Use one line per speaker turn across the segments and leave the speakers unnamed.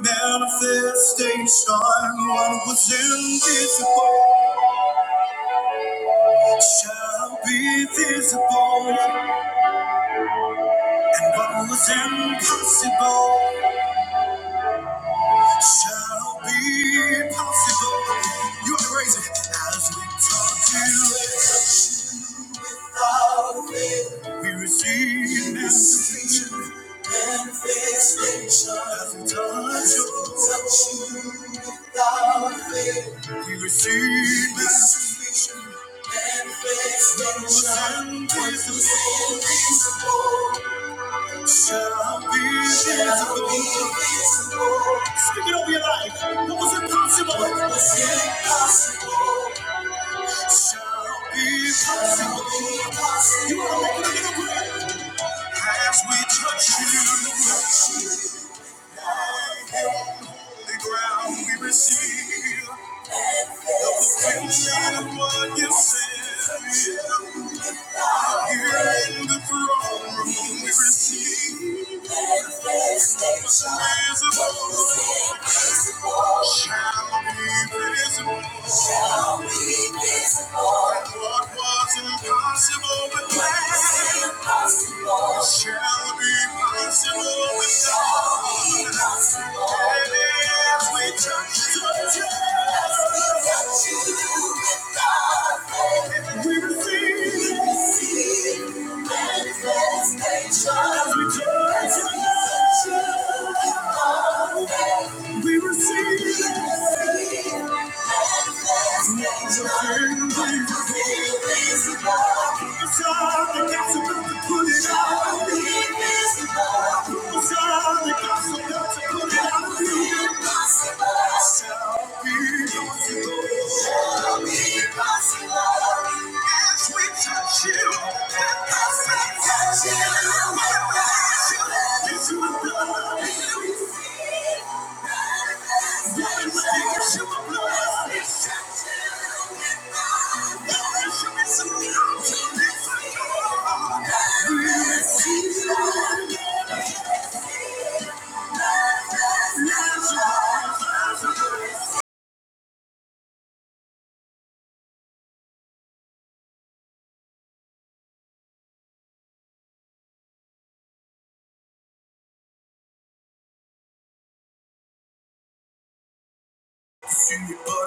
Manifestation, what was invisible shall be visible, and what was impossible. shall be possible. You are crazy as we talk to you. Without faith, we receive manifestation. Manifestation as we touch you. Touch you without faith, we receive manifestation. Manifestation is invisible. Speak it over your life. What was impossible? What was impossible? Shall be possible. You want to make it a little prayer. As we touch you, the ground we receive. The perfection of what you said. Here in the throne room, we receive manifestation. Shall be visible shall be visible. What was impossible with man impossible. shall be possible with God. Shall be possible. And as we touch the as we touch you with God's faith, we receive, we receive manifestation. As we touch you as we touch you with God's faith. We receive it. Shall be possible. As we touch you. See it, but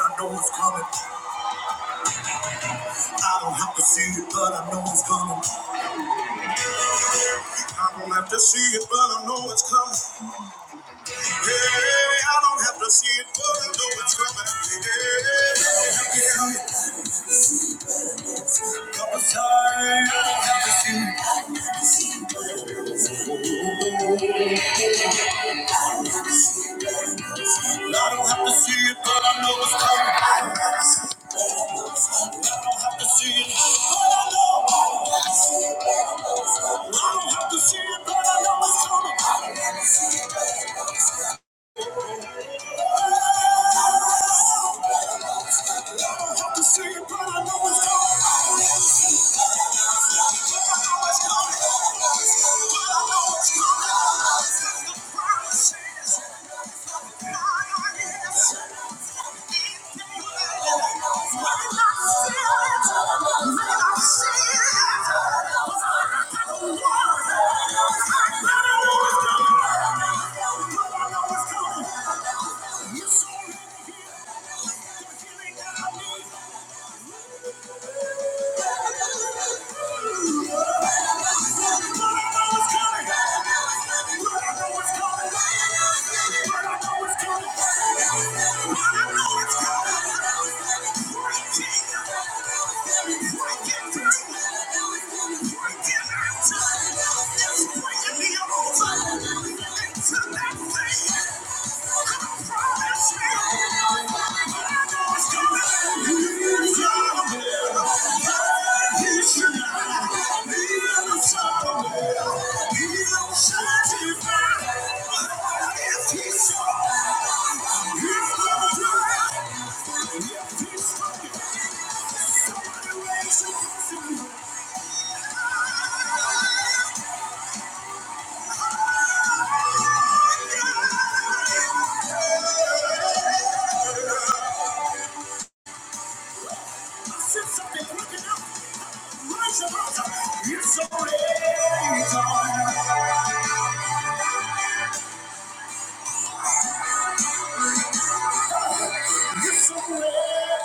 I know it's coming. I don't have to see it, but I know it's coming. I don't have to see it, but I know it's coming. Hey, I don't have to see it, but I know it's coming. Hey, I don't have to see it, but I know it's coming. I don't have to see it. I don't have to see it, but I know it's coming. I don't have to see it, but I know it's coming. Yes, sir. Break it down! You're so ready, darling. You're so ready.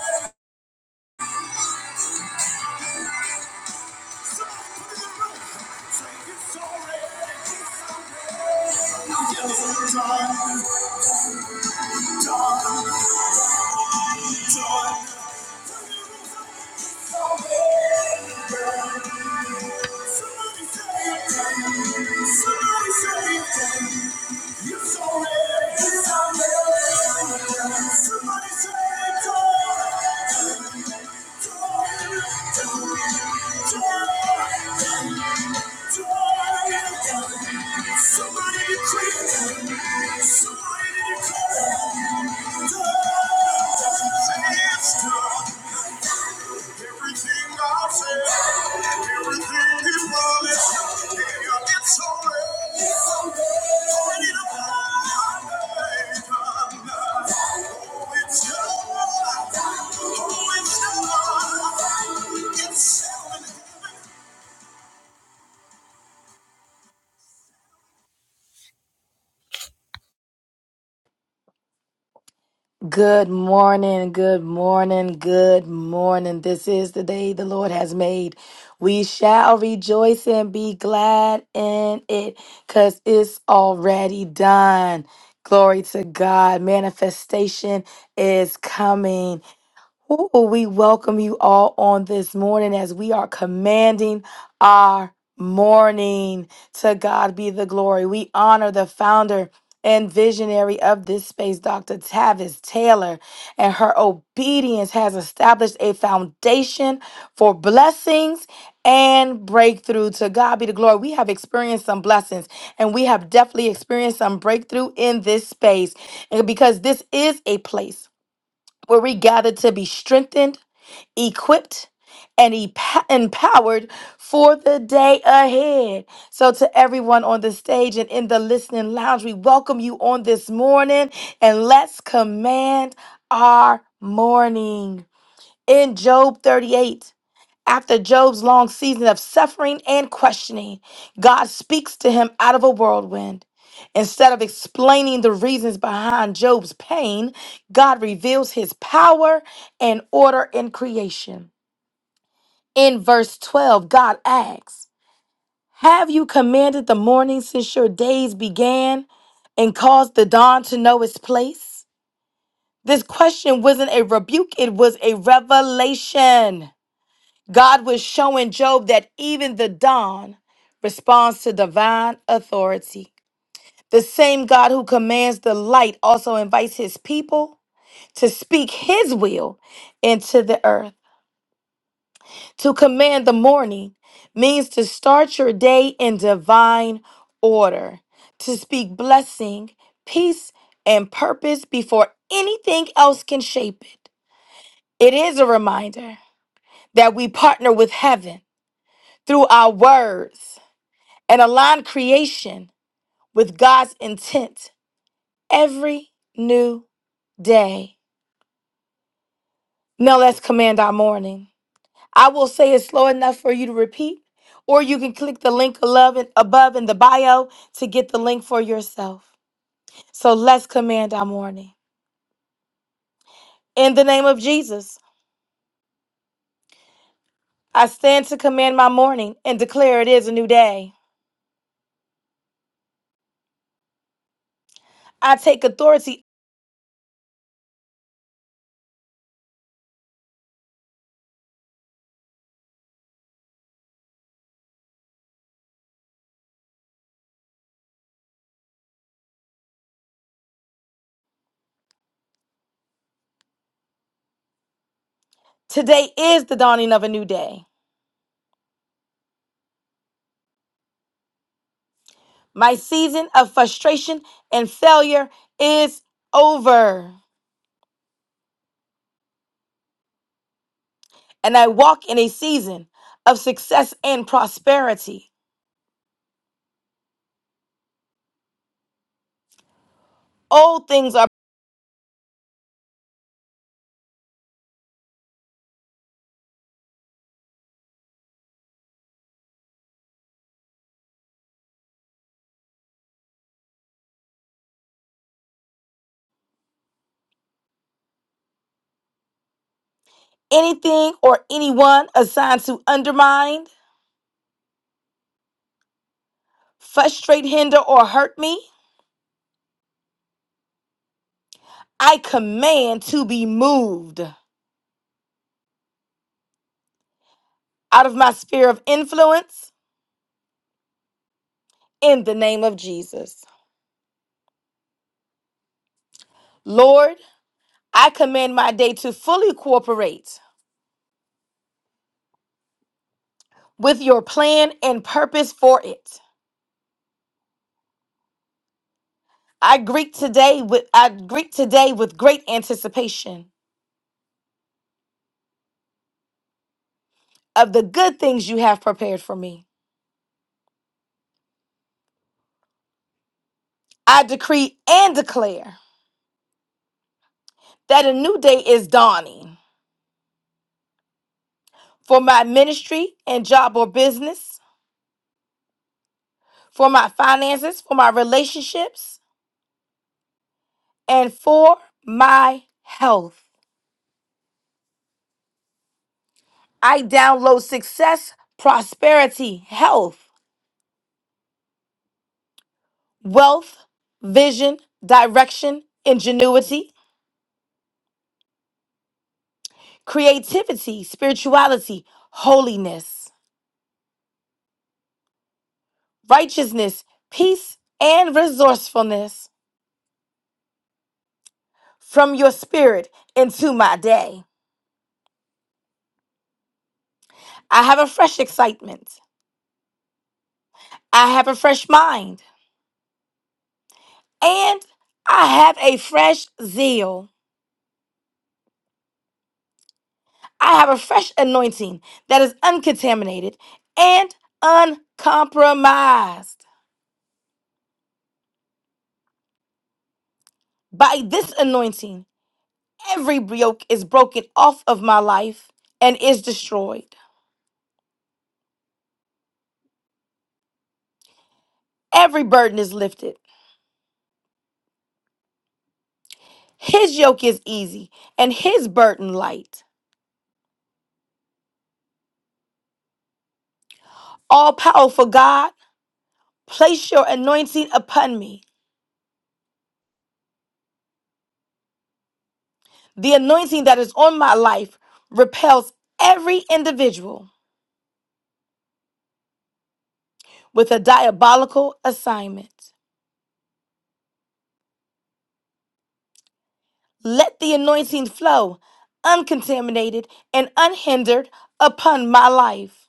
Somebody decree, somebody declare.
Good morning, good morning, good morning. This is the day the Lord has made. We shall rejoice and be glad in it because it's already done. Glory to God. Manifestation is coming. Ooh, we welcome you all on this morning as we are commanding our morning. To God be the glory. We honor the founder and visionary of this space, Dr. Tavis Taylor, and her obedience has established a foundation for blessings and breakthrough. To God be the glory. We have experienced some blessings and we have definitely experienced some breakthrough in this space and because this is a place where we gather to be strengthened, equipped, and epa- empowered for the day ahead. So, to everyone on the stage and in the listening lounge, we welcome you on this morning and let's command our morning. In Job 38, after Job's long season of suffering and questioning, God speaks to him out of a whirlwind. Instead of explaining the reasons behind Job's pain, God reveals his power and order in creation. In verse 12, God asks, Have you commanded the morning since your days began and caused the dawn to know its place? This question wasn't a rebuke, it was a revelation. God was showing Job that even the dawn responds to divine authority. The same God who commands the light also invites his people to speak his will into the earth. To command the morning means to start your day in divine order, to speak blessing, peace, and purpose before anything else can shape it. It is a reminder that we partner with heaven through our words and align creation with God's intent every new day. Now let's command our morning. I will say it slow enough for you to repeat, or you can click the link above in above in the bio to get the link for yourself. So let's command our morning. In the name of Jesus, I stand to command my morning and declare it is a new day. I take authority. Today is the dawning of a new day. My season of frustration and failure is over, and I walk in a season of success and prosperity. Old things are anything or anyone assigned to undermine, frustrate, hinder, or hurt me. I command to be moved out of my sphere of influence in the name of Jesus. Lord, I command my day to fully cooperate with your plan and purpose for it. I greet today with I greet today with great anticipation of the good things you have prepared for me. I decree and declare that a new day is dawning for my ministry and job or business, for my finances, for my relationships, and for my health. I download success, prosperity, health, wealth, vision, direction, ingenuity, creativity, spirituality, holiness. righteousness, peace, and resourcefulness from your spirit into my day. I have a fresh excitement. I have a fresh mind. And I have a fresh zeal. I have a fresh anointing that is uncontaminated and uncompromised. By this anointing, every yoke is broken off of my life and is destroyed. Every burden is lifted. His yoke is easy and his burden light. All powerful God, place your anointing upon me. The anointing that is on my life repels every individual with a diabolical assignment. Let the anointing flow uncontaminated and unhindered upon my life.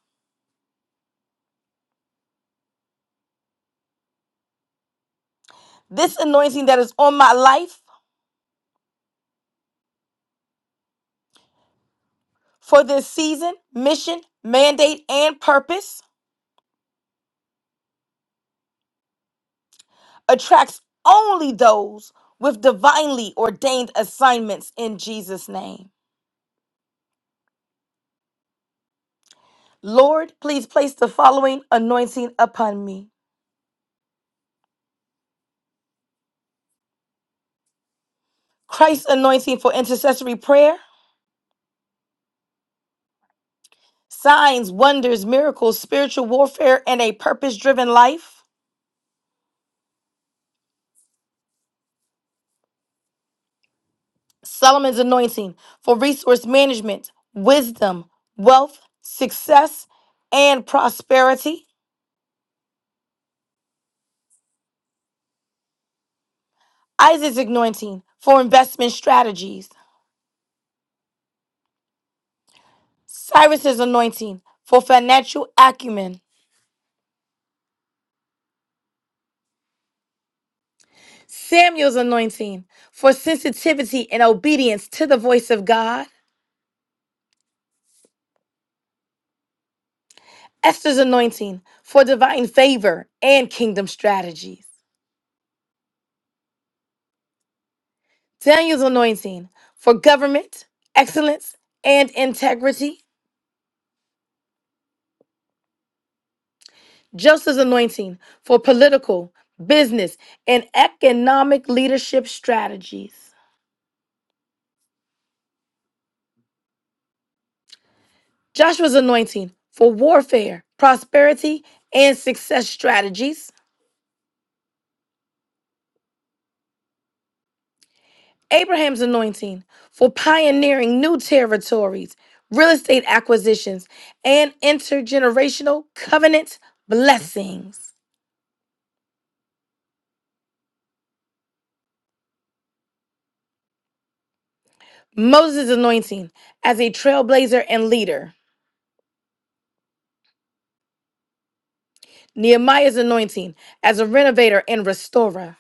This anointing that is on my life for this season, mission, mandate, and purpose attracts only those with divinely ordained assignments in Jesus' name. Lord, please place the following anointing upon me Christ's anointing for intercessory prayer, signs, wonders, miracles, spiritual warfare, and a purpose driven life. Solomon's anointing for resource management, wisdom, wealth, success, and prosperity. Isaac's anointing for investment strategies. Cyrus's anointing for financial acumen. Samuel's anointing for sensitivity and obedience to the voice of God. Esther's anointing for divine favor and kingdom strategies. Daniel's anointing for government, excellence, and integrity. Joseph's anointing for political, business, and economic leadership strategies. Joshua's anointing for warfare, prosperity, and success strategies. Abraham's anointing for pioneering new territories, real estate acquisitions, and intergenerational covenant blessings. Moses' anointing as a trailblazer and leader. Nehemiah's anointing as a renovator and restorer.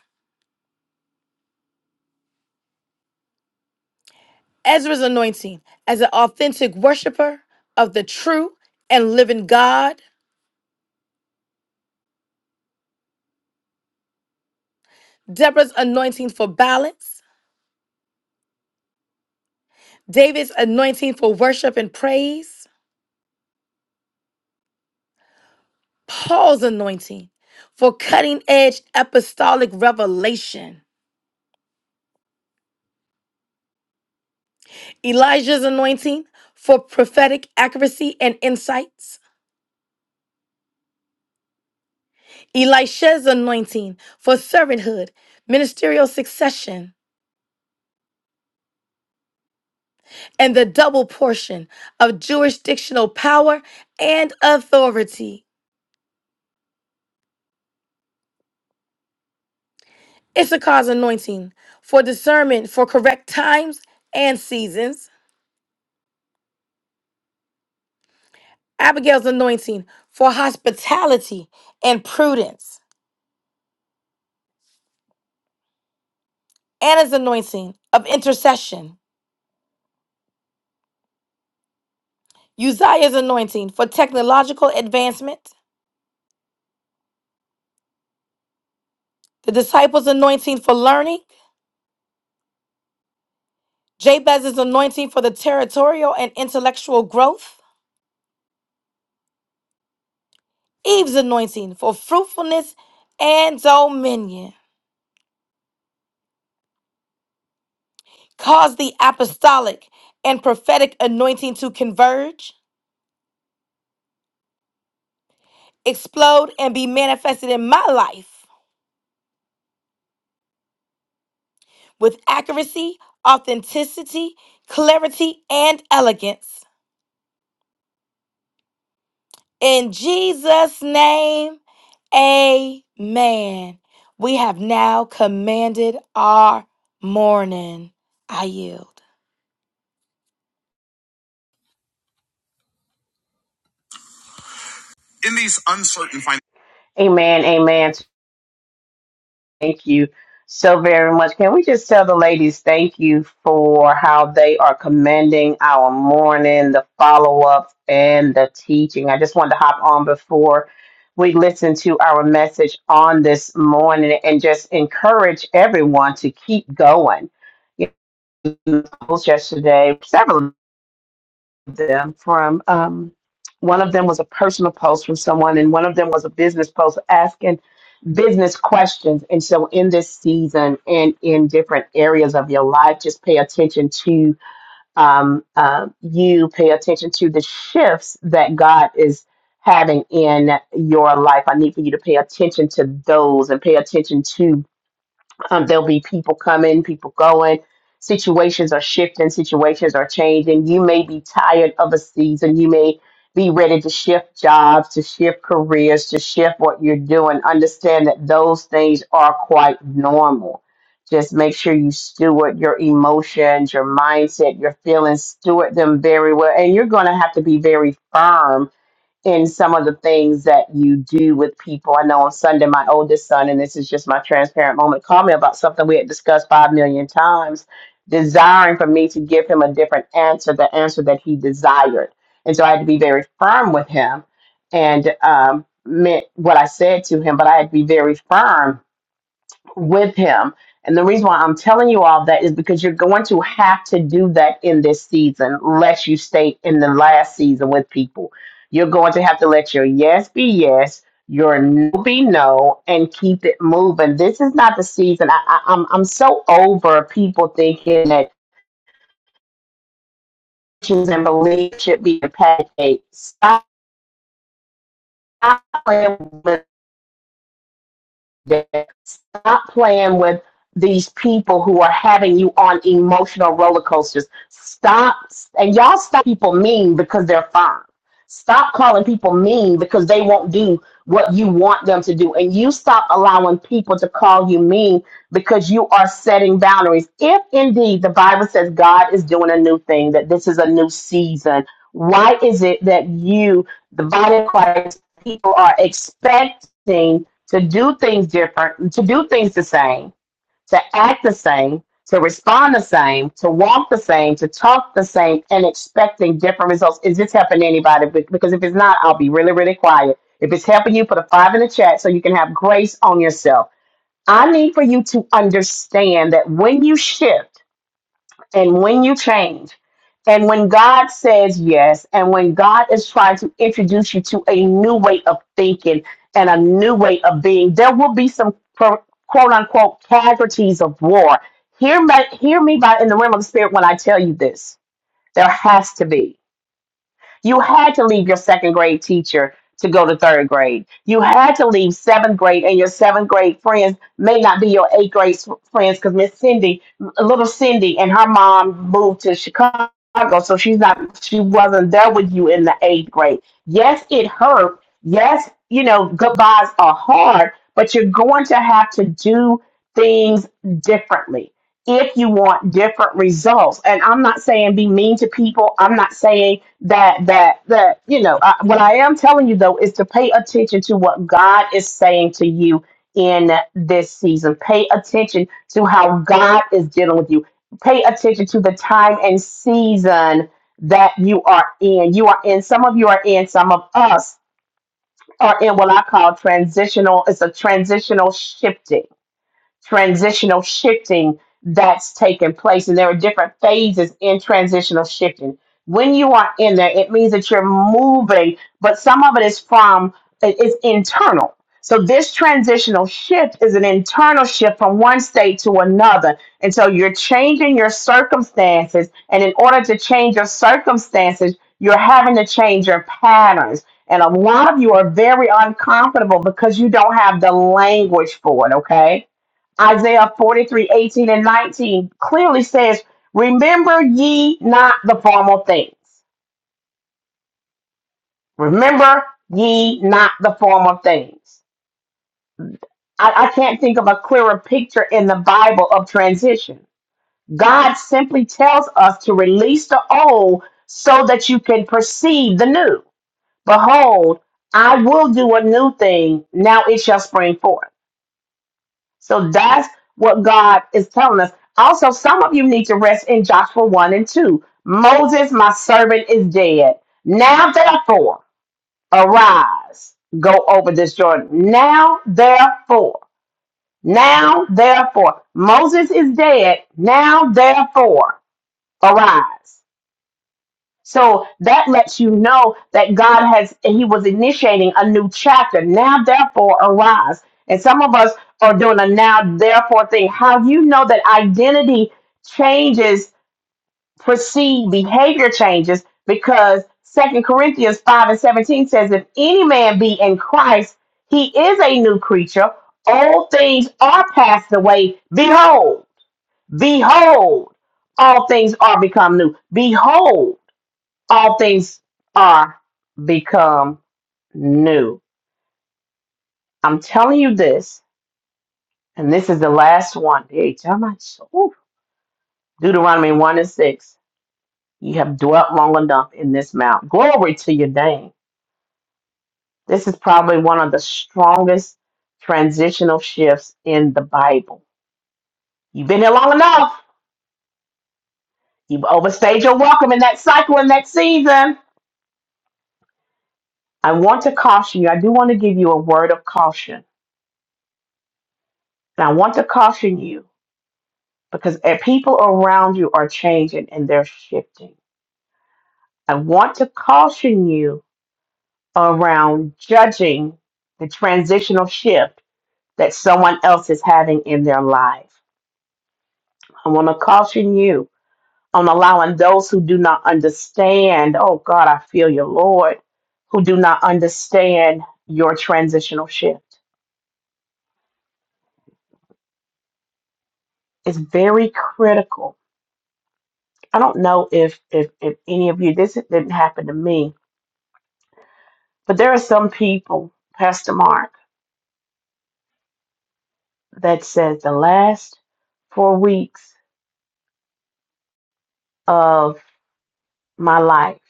Ezra's anointing as an authentic worshiper of the true and living God. Deborah's anointing for balance. David's anointing for worship and praise. Paul's anointing for cutting edge apostolic revelation, Elijah's anointing for prophetic accuracy and insights, Elisha's anointing for servanthood, ministerial succession, and the double portion of jurisdictional power and authority, Issachar's anointing for discernment for correct times and seasons, Abigail's anointing for hospitality and prudence. Anna's anointing of intercession, Uzziah's anointing for technological advancement, the disciples' anointing for learning, Jabez's anointing for the territorial and intellectual growth, Eve's anointing for fruitfulness and dominion. Cause the apostolic and prophetic anointing to converge, explode, and be manifested in my life with accuracy, authenticity, clarity, and elegance. In Jesus' name, amen. We have now commanded our morning. I yield.
In these uncertain finances,
Amen, amen. Thank you so very much. Can we just tell the ladies thank you for how they are commending our morning, the follow up, and the teaching? I just wanted to hop on before we listen to our message on this morning and just encourage everyone to keep going. You know, post yesterday, several them from um, one of them was a personal post from someone, and one of them was a business post asking business questions. And so, in this season and in different areas of your life, just pay attention to um, uh, you, pay attention to the shifts that God is having in your life. I need for you to pay attention to those and pay attention to um, there'll be people coming, people going. Situations are shifting, situations are changing. You may be tired of a season. You may be ready to shift jobs, to shift careers, to shift what you're doing. Understand that those things are quite normal. Just make sure you steward your emotions, your mindset, your feelings, steward them very well. And you're going to have to be very firm in some of the things that you do with people. I know on Sunday, my oldest son, and this is just my transparent moment, called me about something we had discussed five million times, desiring for me to give him a different answer, the answer that he desired. And so I had to be very firm with him and um, meant what I said to him, but I had to be very firm with him. And the reason why I'm telling you all that is because you're going to have to do that in this season, unless you stay in the last season with people. You're going to have to let your yes be yes, your no be no, and keep it moving. This is not the season. I, I, I'm I'm so over people thinking that Christians and belief should be a pancake. Stop playing with that stop playing with these people who are having you on emotional roller coasters. Stop and y'all stop people mean because they're fine. Stop calling people mean because they won't do what you want them to do. And you stop allowing people to call you mean because you are setting boundaries. If indeed the Bible says God is doing a new thing, that this is a new season, why is it that you, the body of Christ, people are expecting? to do things different, to do things the same, to act the same, to respond the same, to walk the same, to talk the same, and expecting different results. Is this helping anybody? Because if it's not, I'll be really, really quiet. If it's helping you, put a five in the chat so you can have grace on yourself. I need for you to understand that when you shift, and when you change and when god says yes and when god is trying to introduce you to a new way of thinking and a new way of being there will be some quote unquote casualties of war hear me hear me by in the realm of the spirit when i tell you this there has to be you had to leave your second grade teacher to go to third grade. You had to leave seventh grade, and your seventh grade friends may not be your eighth grade s- friends because Miss Cindy, little Cindy, and her mom moved to Chicago, so she's not, she wasn't there with you in the eighth grade. Yes, it hurt. Yes, you know, goodbyes are hard, but you're going to have to do things differently if you want different results and i'm not saying be mean to people i'm not saying that that that you know I, what i am telling you though is to pay attention to what god is saying to you in this season pay attention to how god is dealing with you pay attention to the time and season that you are in you are in some of you are in some of us are in what i call transitional it's a transitional shifting transitional shifting that's taking place. And there are different phases in transitional shifting. When you are in there, it means that you're moving, but some of it is from, it- it's internal. So this transitional shift is an internal shift from one state to another. And so you're changing your circumstances. And in order to change your circumstances, you're having to change your patterns. And a lot of you are very uncomfortable because you don't have the language for it, okay? Isaiah 43 18 and 19 clearly says, Remember ye not the former things. Remember ye not the former things. I, I can't think of a clearer picture in the Bible of transition. God simply tells us to release the old so that you can perceive the new. Behold, I will do a new thing. Now it shall spring forth. So that's what God is telling us. Also, some of you need to rest in Joshua 1 and 2. Moses, my servant, is dead. Now, therefore, arise, go over this Jordan. Now, therefore, now, therefore, Moses is dead. Now, therefore, arise. So that lets you know that God has, He was initiating a new chapter. Now, therefore, arise. And some of us are doing a now, therefore thing. How you know that identity changes, precede behavior changes, because Second Corinthians 5 and 17 says, If any man be in Christ, he is a new creature. All things are passed away. Behold, behold, all things are become new. Behold all things are become new. I'm telling you this, and this is the last one. Hey, how much? Ooh. Deuteronomy 1 and 6. You have dwelt long enough in this mount. Glory to your name. This is probably one of the strongest transitional shifts in the Bible. You've been here long enough. You've overstayed your welcome in that cycle in that season. I want to caution you. I do want to give you a word of caution. And I want to caution you because eh, people around you are changing and they're shifting. I want to caution you around judging the transitional shift that someone else is having in their life. I want to caution you on allowing those who do not understand, oh God, I feel you, Lord, who do not understand your transitional shift. It's very critical. I don't know if if, if any of you this didn't happen to me, but there are some people, Pastor Mark. that says the last four weeks of my life,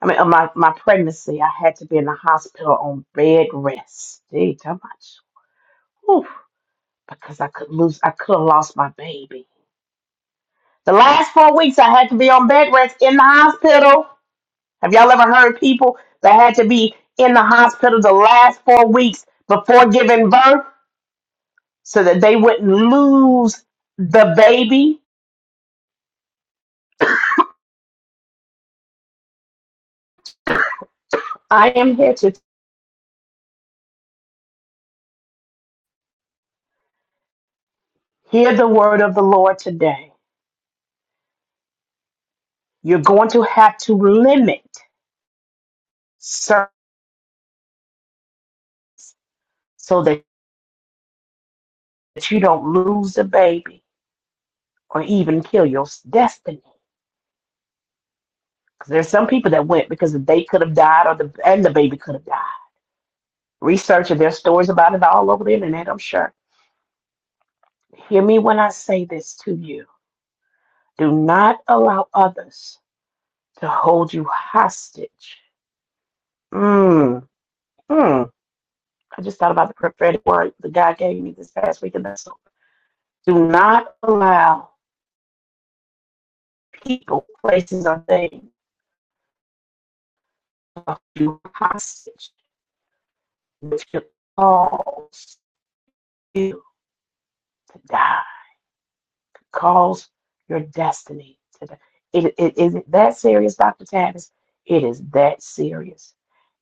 I mean, of my, my pregnancy, I had to be in the hospital on bed rest. Gee, how much? Oof, because I could lose, I could have lost my baby. The last four weeks, I had to be on bed rest in the hospital. Have y'all ever heard people that had to be in the hospital the last four weeks before giving birth so that they wouldn't lose the baby? I am here to hear the word of the Lord today You're going to have to limit certain so that you don't lose the baby or even kill your destiny. Because there's some people that went because they could have died or the and the baby could have died. Research and there's stories about it all over the internet, I'm sure. Hear me when I say this to you. Do not allow others to hold you hostage. Mm, mm. I just thought about the prophetic word that God gave me this past week, and that's do not allow people, places, or things of you hostage, which could cause you to die, cause your destiny to die. It, it, is it that serious, Dr. Tavis? It is that serious.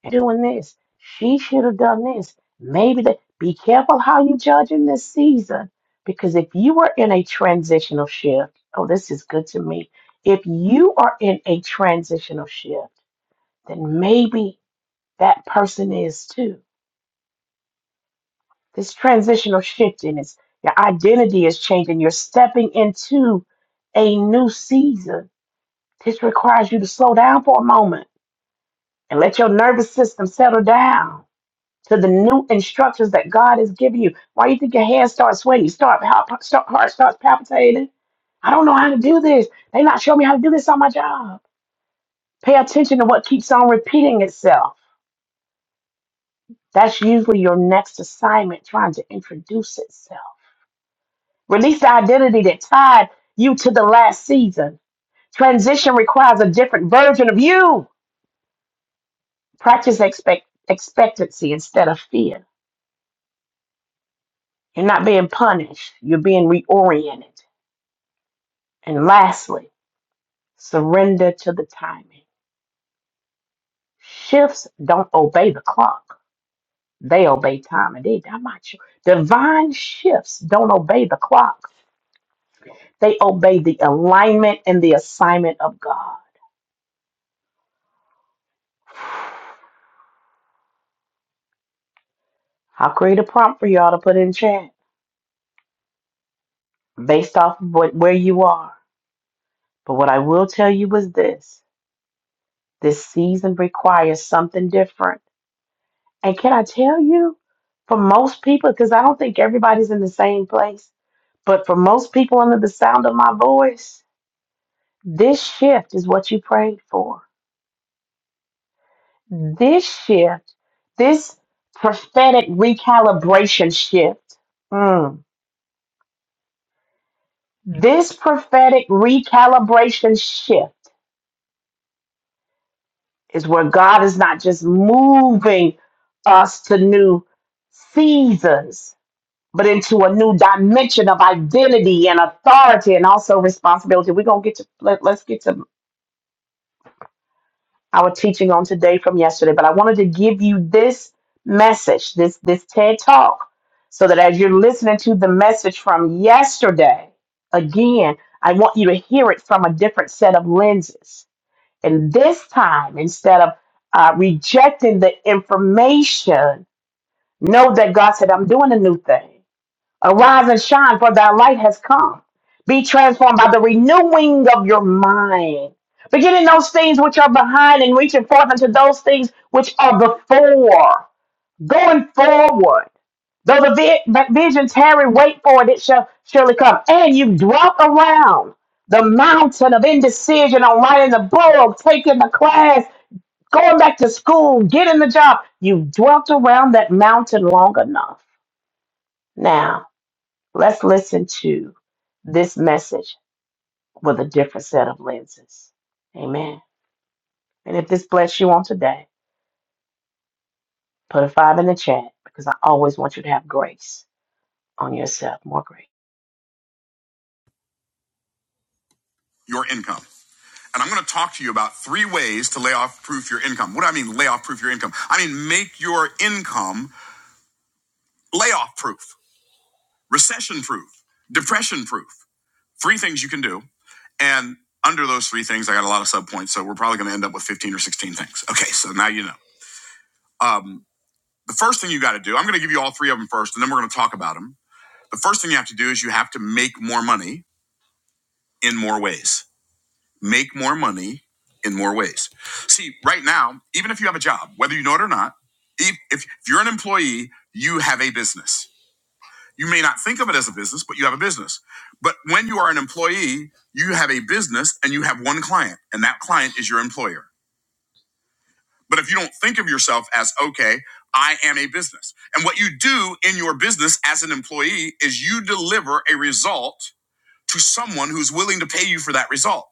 And doing this, she should have done this. Maybe that. Be careful how you judge in this season, because if you are in a transitional shift, oh, this is good to me. If you are in a transitional shift, then maybe that person is too. This transitional shifting is your identity is changing. You're stepping into a new season. This requires you to slow down for a moment and let your nervous system settle down to the new instructions that God has given you. Why you think your hands start sweating? You start, palp- start heart starts palpitating. I don't know how to do this. They not showing me how to do this on my job. Pay attention to what keeps on repeating itself. That's usually your next assignment trying to introduce itself Release the identity that tied you to the last season. Transition requires a different version of you. Practice expect- expectancy instead of fear. You're not being punished, you're being reoriented. And lastly, surrender to the timing. Shifts don't obey the clock, they obey time. And they, I'm not sure. Divine shifts don't obey the clock, they obey the alignment and the assignment of God. I'll create a prompt for y'all to put in chat. based off of what, where you are. But what I will tell you is this this season requires something different. And can I tell you, for most people, because I don't think everybody's in the same place, but for most people under the sound of my voice, this shift is what you prayed for. This shift, this prophetic recalibration shift, mm, this prophetic recalibration shift. is where God is not just moving us to new seasons, but into a new dimension of identity and authority and also responsibility. We're gonna get to let, let's get to our teaching on today from yesterday, but I wanted to give you this message, this this TED talk, so that as you're listening to the message from yesterday, again, I want you to hear it from a different set of lenses and this time, instead of uh, rejecting the information, know that God said, I'm doing a new thing. Arise and shine, for thy light has come. Be transformed by the renewing of your mind. Beginning those things which are behind and reaching forth unto those things which are before going forward. Though the vi- the vision tarry, wait for it, it shall surely come. And you drop around the mountain of indecision on writing the bull, taking the class, going back to school, getting the job. You've dwelt around that mountain long enough. Now, let's listen to this message with a different set of lenses. Amen. And if this bless you on today, put a five in the chat because I always want you to have grace on yourself, more grace.
your income. And I'm going to talk to you about three ways to lay off proof your income. What do I mean, lay off proof your income? I mean, make your income layoff proof, recession proof, depression proof. Three things you can do. And under those three things, I got a lot of subpoints. So we're probably going to end up with 15 or 16 things. Okay. So now you know. Um, the first thing you got to do, I'm going to give you all three of them first, and then we're going to talk about them. The first thing you have to do is you have to make more money in more ways. Make more money in more ways. See, right now, even if you have a job, whether you know it or not, if if you're an employee, you have a business You may not think of it as a business, but you have a business. But when you are an employee, you have a business and you have one client, and that client is your employer. But if you don't think of yourself as, okay, I am a business. And what you do in your business as an employee is you deliver a result to someone who's willing to pay you for that result.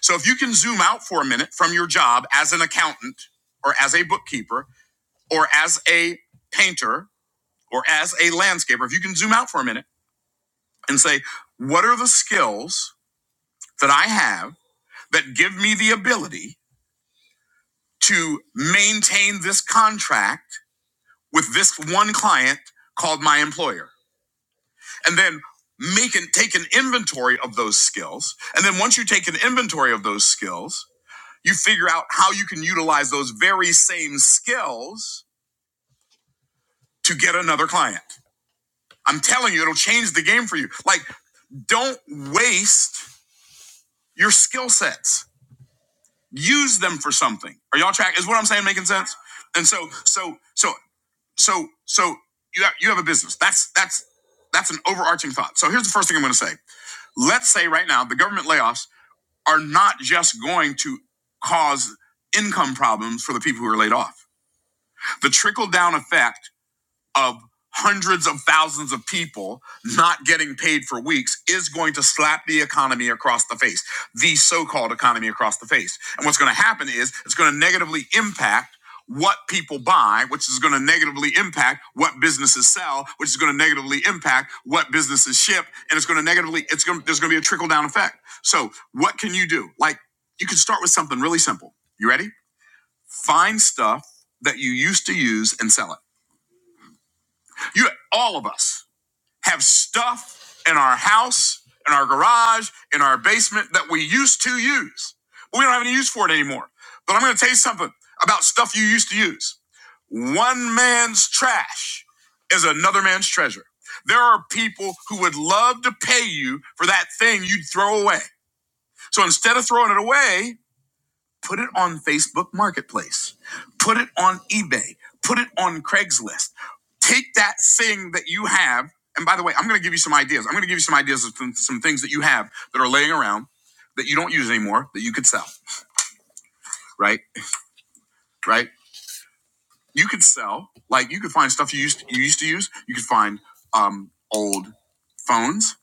So if you can zoom out for a minute from your job as an accountant or as a bookkeeper or as a painter or as a landscaper, if you can zoom out for a minute, and say, what are the skills that I have that give me the ability to maintain this contract with this one client called my employer? And then make and take an inventory of those skills. And then once you take an inventory of those skills, you figure out how you can utilize those very same skills to get another client. I'm telling you, it'll change the game for you. Like, don't waste your skill sets use them for something. Are y'all track? Is what I'm saying making sense? And so, so, so, so, so you have, you have a business. That's that's that's an overarching thought. So here's the first thing I'm going to say. Let's say right now the government layoffs are not just going to cause income problems for the people who are laid off. The trickle down effect of hundreds of thousands of people not getting paid for weeks is going to slap the economy across the face, the so called economy across the face. And what's going to happen is it's going to negatively impact what people buy, which is going to negatively impact what businesses sell, which is going to negatively impact what businesses ship. And it's going to negatively, it's going to, there's going to be a trickle down effect. So what can you do? Like you can start with something really simple. You ready? Find stuff that you used to use and sell it. You, all of us have stuff in our house, in our garage, in our basement that we used to use. But we don't have any use for it anymore. But I'm going to tell you something about stuff you used to use. One man's trash is another man's treasure. There are people who would love to pay you for that thing you'd throw away. So instead of throwing it away, Put it on Facebook Marketplace. Put it on eBay. Put it on Craigslist. Take that thing that you have. And by the way, I'm going to give you some ideas. I'm going to give you some ideas of some, some things that you have that are laying around that you don't use anymore that you could sell, right? Right? You could sell, like you could find stuff you used you used to use. You could find um, old phones.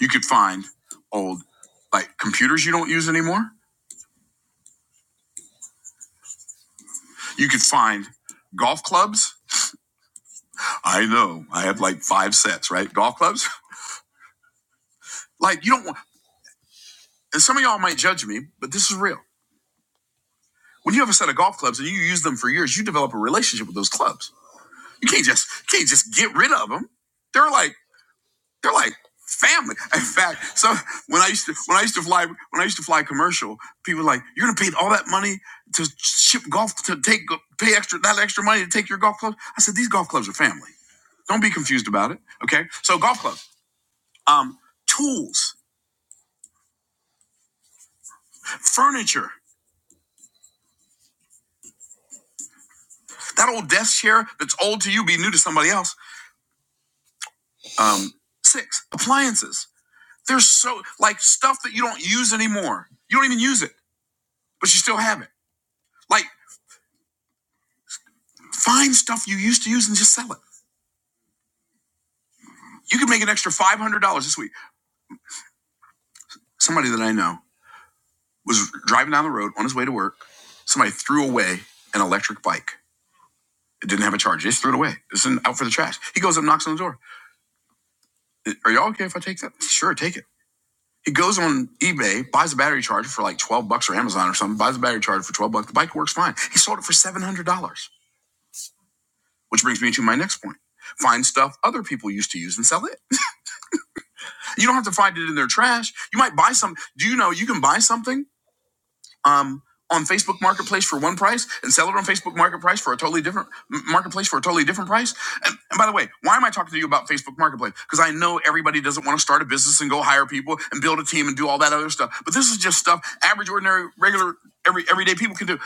You could find old like computers you don't use anymore. You could find golf clubs I know. I have like five sets, right? Golf clubs. Like you don't want and some of y'all might judge me, but this is real. When you have a set of golf clubs and you use them for years, you develop a relationship with those clubs. You can't just can't just get rid of them. They're like they're like family. In fact, so when I used to when I used to fly when I used to fly commercial, people were like, "You're gonna pay all that money to ship golf to take pay extra that extra money to take your golf clubs." I said, "These golf clubs are family. Don't be confused about it." Okay, so golf clubs, um, tools, furniture. That old desk chair that's old to you be new to somebody else. Um, six, appliances. There's so, like, stuff that you don't use anymore. You don't even use it, but you still have it. Like, find stuff you used to use and just sell it. You could make an extra $500 this week. Somebody that I know was driving down the road on his way to work. Somebody threw away an electric bike. It didn't have a charge. They just threw it away. It's out for the trash. He goes up, knocks on the door. Are y'all okay if I take that? Sure, take it. He goes on eBay, buys a battery charger for like 12 bucks or Amazon or something, buys a battery charger for 12 bucks. The bike works fine. He sold it for $700, which brings me to my next point. Find stuff other people used to use and sell it. You don't have to find it in their trash. You might buy some. Do you know you can buy something? um, on Facebook Marketplace for one price and sell it on Facebook Marketplace for a totally different m- marketplace for a totally different price. And, and by the way, why am I talking to you about Facebook Marketplace? Because I know everybody doesn't want to start a business and go hire people and build a team and do all that other stuff. But this is just stuff average, ordinary, regular, every everyday people can do.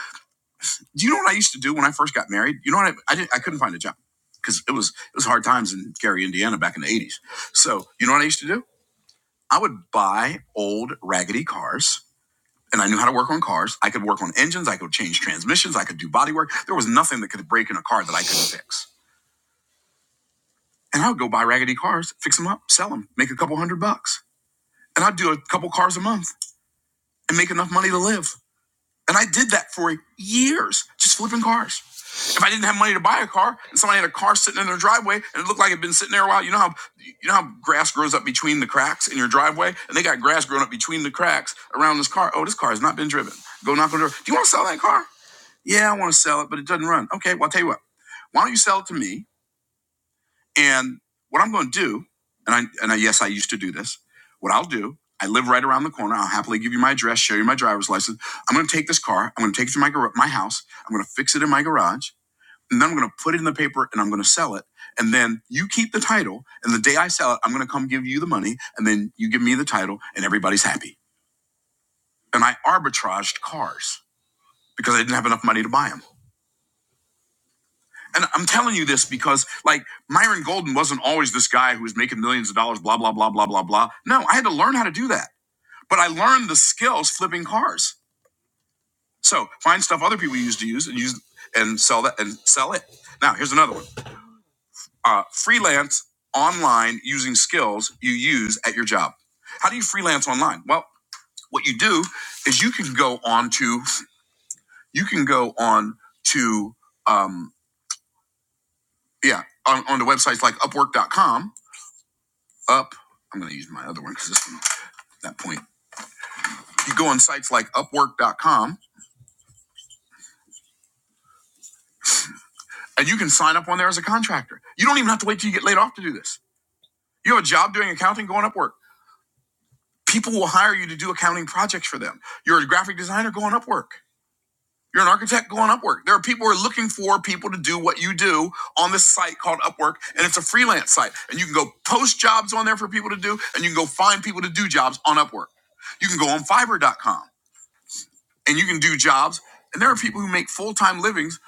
Do you know what I used to do when I first got married? You know what I I, didn't, I couldn't find a job because it was it was hard times in Gary, Indiana, back in the eighties. So you know what I used to do? I would buy old raggedy cars and I knew how to work on cars. I could work on engines. I could change transmissions. I could do body work. There was nothing that could break in a car that I couldn't fix. And I would go buy raggedy cars, fix them up, sell them, make a couple hundred bucks. And I'd do a couple cars a month and make enough money to live. And I did that for years, just flipping cars. If I didn't have money to buy a car and somebody had a car sitting in their driveway and it looked like it'd been sitting there a while, you know how you know how grass grows up between the cracks in your driveway? And they got grass growing up between the cracks around this car. Oh, this car has not been driven. Go knock on the door. Do you want to sell that car? Yeah, I want to sell it, but it doesn't run. Okay, well, I'll tell you what. Why don't you sell it to me? And what I'm going to do, and I, and I, yes, I used to do this. What I'll do, I live right around the corner. I'll happily give you my address, show you my driver's license. I'm going to take this car. I'm going to take it to my gar- my house. I'm going to fix it in my garage, and then I'm going to put it in the paper and I'm going to sell it. And then you keep the title. And the day I sell it, I'm going to come give you the money, and then you give me the title, and everybody's happy. And I arbitraged cars because I didn't have enough money to buy them. And I'm telling you this because, like, Myron Golden wasn't always this guy who was making millions of dollars, blah, blah, blah, blah, blah, blah. No, I had to learn how to do that. But I learned the skills flipping cars. So find stuff other people used to use and use and sell that and sell it. Now, here's another one uh, freelance online using skills you use at your job. How do you freelance online? Well, what you do is you can go on to, you can go on to, um, yeah, on, on to websites like upwork.com up. I'm going to use my other one because this one, that point. You go on sites like upwork.com and you can sign up on there as a contractor. You don't even have to wait till you get laid off to do this. You have a job doing accounting, go on Upwork. People will hire you to do accounting projects for them. You're a graphic designer, go on Upwork. You're an architect, go on Upwork. There are people who are looking for people to do what you do on this site called Upwork, and it's a freelance site. And you can go post jobs on there for people to do, and you can go find people to do jobs on Upwork. You can go on Fiverr.com. and you can do jobs. And there are people who make full time livings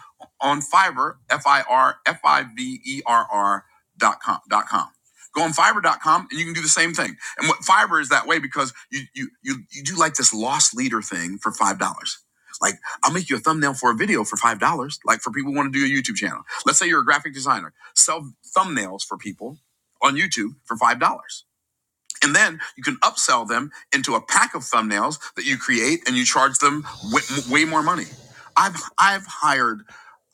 on Fiverr, F I R F I V E R R dot com dot com. Go on Fiverr dot com, and you can do the same thing. And what Fiverr is that way because you you you you do like this lost leader thing for five dollars. Like I'll make you a thumbnail for a video for five dollars. Like for people who want to do a YouTube channel. Let's say you're a graphic designer, sell thumbnails for people on YouTube for five dollars and then you can upsell them into a pack of thumbnails that you create and you charge them way, way more money. I've I've hired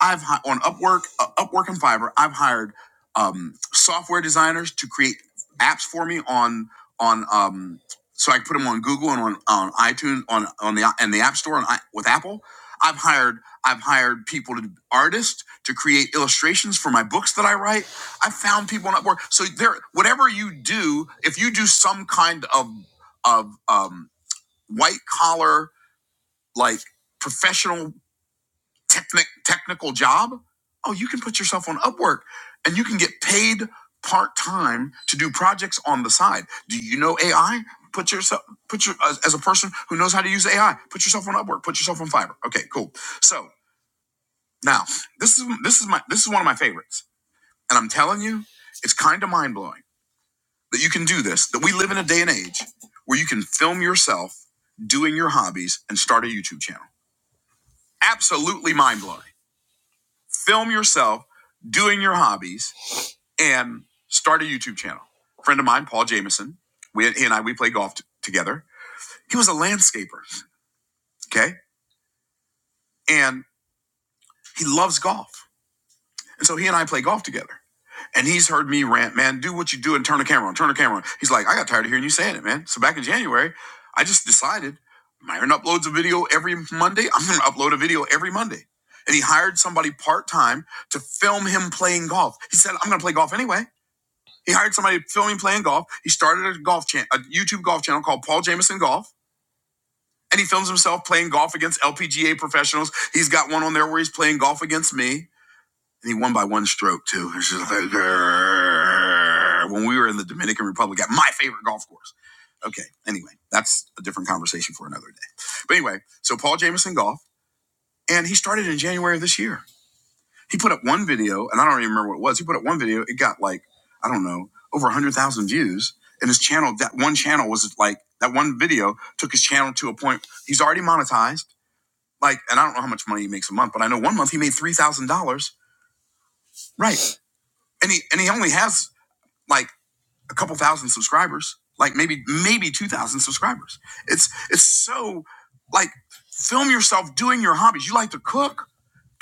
I've hi- on Upwork uh, Upwork and Fiverr I've hired um, software designers to create apps for me on on um, so I can put them on Google and on, on iTunes on on the and the App Store and I, with Apple. I've hired I've hired people to artists to create illustrations for my books that I write. I found people not work. So there, whatever you do, if you do some kind of of um, white collar, like professional technic technical job, oh, you can put yourself on Upwork, and you can get paid part time to do projects on the side. Do you know AI? Put yourself, put your as, as a person who knows how to use AI. Put yourself on Upwork. Put yourself on Fiverr. Okay, cool. So now this is this is my this is one of my favorites, and I'm telling you, it's kind of mind blowing that you can do this, that we live in a day and age where you can film yourself doing your hobbies and start a YouTube channel. Absolutely mind blowing. Film yourself doing your hobbies and start a YouTube channel. Friend of mine, Paul Jameson, we, he and I, we play golf t- together. He was a landscaper, okay? And he loves golf. And so he and I play golf together. And he's heard me rant, man, do what you do and turn the camera on, turn the camera on. He's like, I got tired of hearing you saying it, man. So back in January, I just decided Myron uploads a video every Monday. I'm going to upload a video every Monday. And he hired somebody part time to film him playing golf. He said, I'm going to play golf anyway. He hired somebody to film him playing golf. He started a golf chan- a YouTube golf channel called Paul Jameson Golf. And he films himself playing golf against LPGA professionals. He's got one on there where he's playing golf against me. And he won by one stroke too. It's just like, grrr. when we were in the Dominican Republic at my favorite golf course. Okay. Anyway, that's a different conversation for another day. But anyway, so Paul Jameson golf, and he started in January of this year. He put up one video, and I don't even remember what it was. He put up one video. It got like I don't know over one hundred thousand views, and his channel that one channel was like that one video took his channel to a point. He's already monetized. Like, and I don't know how much money he makes a month, but I know one month he made three thousand dollars. Right. And he and he only has like a couple thousand subscribers, like maybe maybe 2000 subscribers. It's it's so like film yourself doing your hobbies. You like to cook,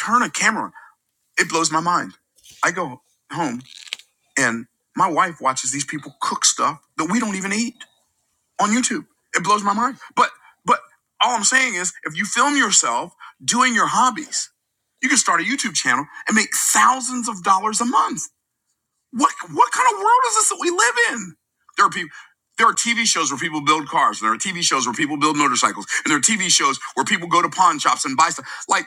turn a camera. on. It blows my mind. I go home and my wife watches these people cook stuff that we don't even eat on YouTube. It blows my mind. But but all I'm saying is if you film yourself doing your hobbies, you can start a YouTube channel and make thousands of dollars a month. What what kind of world is this that we live in? There are people. There are TV shows where people build cars, and there are TV shows where people build motorcycles, and there are TV shows where people go to pawn shops and buy stuff. Like,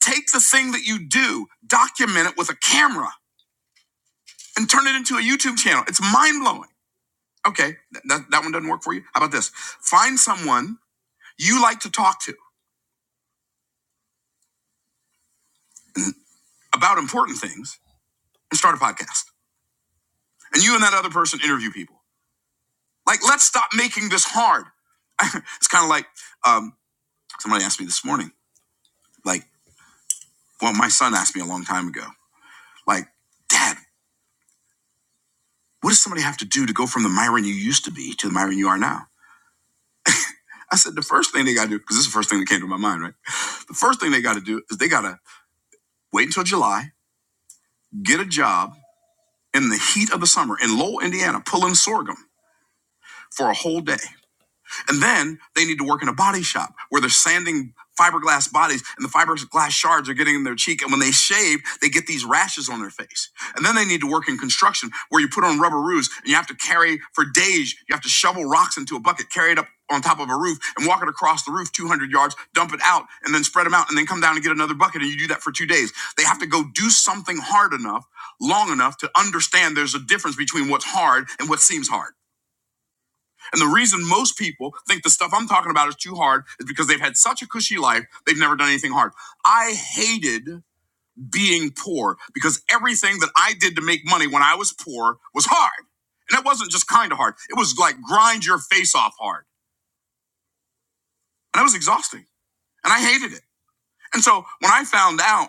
take the thing that you do, document it with a camera, and turn it into a YouTube channel. It's mind blowing. Okay, that, that that one doesn't work for you. How about this? Find someone you like to talk to about important things and start a podcast. And you and that other person interview people. Like, let's stop making this hard. it's kind of like um, somebody asked me this morning Like, well, my son asked me a long time ago, like, Dad, what does somebody have to do to go from the Myron you used to be to the Myron you are now? I said, the first thing they got to do, because this is the first thing that came to my mind, right? The first thing they got to do is they got to wait until July, get a job in the heat of the summer in Lowell, Indiana, pulling sorghum for a whole day. And then they need to work in a body shop where they're sanding fiberglass bodies and the fiberglass shards are getting in their cheek. And when they shave, they get these rashes on their face. And then they need to work in construction where you put on rubber roofs and you have to carry for days, you have to shovel rocks into a bucket, carry it up on top of a roof and walk it across the roof 200 yards, dump it out and then spread them out and then come down and get another bucket. And you do that for two days. They have to go do something hard enough, long enough to understand there's a difference between what's hard and what seems hard. And the reason most people think the stuff I'm talking about is too hard is because they've had such a cushy life, they've never done anything hard. I hated being poor because everything that I did to make money when I was poor was hard. And it wasn't just kind of hard, it was like grind your face off hard. And it was exhausting. And I hated it. And so when I found out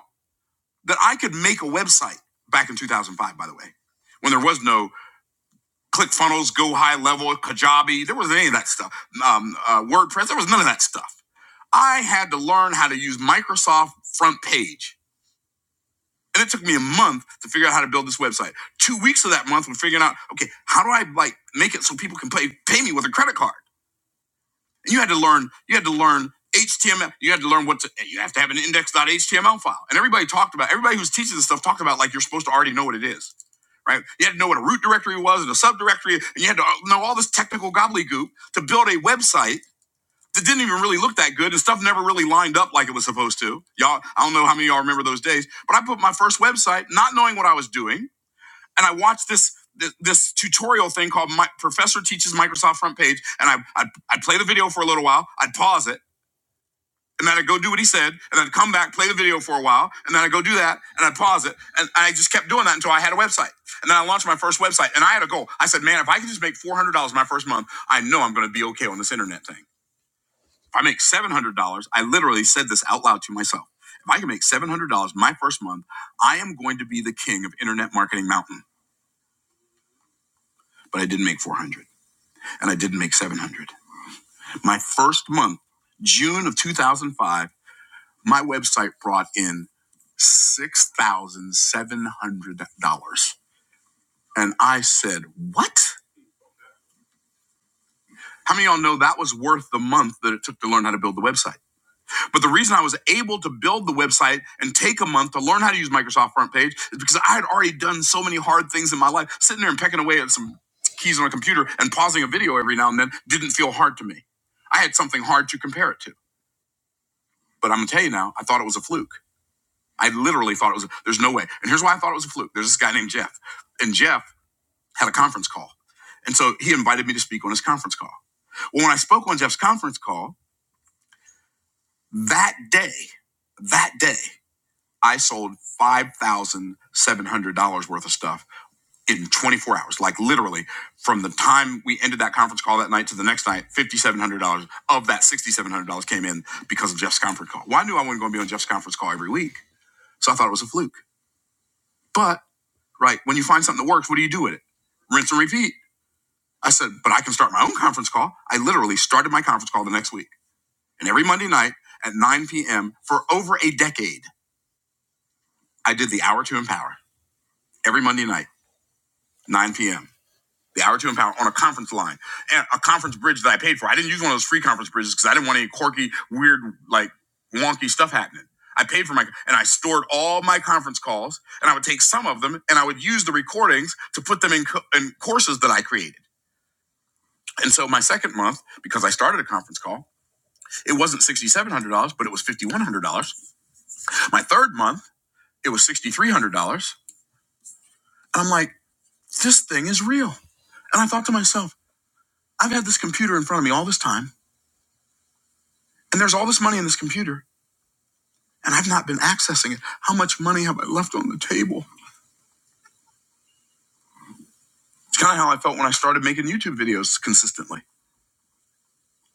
that I could make a website back in 2005, by the way, when there was no ClickFunnels, Go High Level, Kajabi. There wasn't any of that stuff. Um, uh, WordPress. There was none of that stuff. I had to learn how to use Microsoft Front Page. And it took me a month to figure out how to build this website. Two weeks of that month was figuring out, okay, how do I like make it so people can pay pay me with a credit card? And You had to learn. You had to learn HTML. You had to learn what to. You have to have an index.html file. And everybody talked about. Everybody who's teaching this stuff talked about like you're supposed to already know what it is, right? You had to know what a root directory was and a subdirectory, and you had to know all this technical gobbledygook to build a website that didn't even really look that good, and stuff never really lined up like it was supposed to. Y'all, I don't know how many of y'all remember those days, but I put my first website, not knowing what I was doing and I watched this this, this tutorial thing called My Professor Teaches Microsoft Front Page, and I I'd, I'd play the video for a little while, I'd pause it, and then I'd go do what he said, and then I'd come back, play the video for a while, and then I'd go do that, and I'd pause it, and I just kept doing that until I had a website, and then I launched my first website, and I had a goal. I said, man, if I can just make four hundred dollars my first month, I know I'm going to be okay on this internet thing. If I make seven hundred dollars, I literally said this out loud to myself. If I can make seven hundred dollars my first month, I am going to be the king of internet marketing mountain. But I didn't make four hundred. and I didn't make 700. My first month, June of 2005, my website brought in $6,700. And I said, What? How many of y'all know that was worth the month that it took to learn how to build the website? But the reason I was able to build the website and take a month to learn how to use Microsoft Front Page is because I had already done so many hard things in my life. Sitting there and pecking away at some keys on a computer and pausing a video every now and then didn't feel hard to me. I had something hard to compare it to. But I'm gonna tell you now, I thought it was a fluke. I literally thought it was. There's no way. And here's why I thought it was a fluke. There's this guy named Jeff, and Jeff had a conference call, and so he invited me to speak on his conference call. Well, when I spoke on Jeff's conference call that day, that day I sold five thousand seven hundred dollars worth of stuff in 24 hours. Like literally, from the time we ended that conference call that night to the next night, $5,700 of that $6,700 came in because of Jeff's conference call. Well, I knew I wasn't going to be on Jeff's conference call every week, so I thought it was a fluke. But, right, when you find something that works, what do you do with it? Rinse and repeat. I said, but I can start my own conference call. I literally started my conference call the next week. And every Monday night at 9 p.m. for over a decade, I did the hour to empower every Monday night, 9 p.m. The hour to empower on a conference line and a conference bridge that I paid for. I didn't use one of those free conference bridges because I didn't want any quirky, weird, like wonky stuff happening. I paid for my and I stored all my conference calls and I would take some of them and I would use the recordings to put them in, co- in courses that I created. And so my second month, because I started a conference call, it wasn't $6,700, but it was $5,100. My third month, it was $6,300. And I'm like, this thing is real. And I thought to myself, I've had this computer in front of me all this time, and there's all this money in this computer, and I've not been accessing it. How much money have I left on the table? It's kind of how I felt when I started making YouTube videos consistently.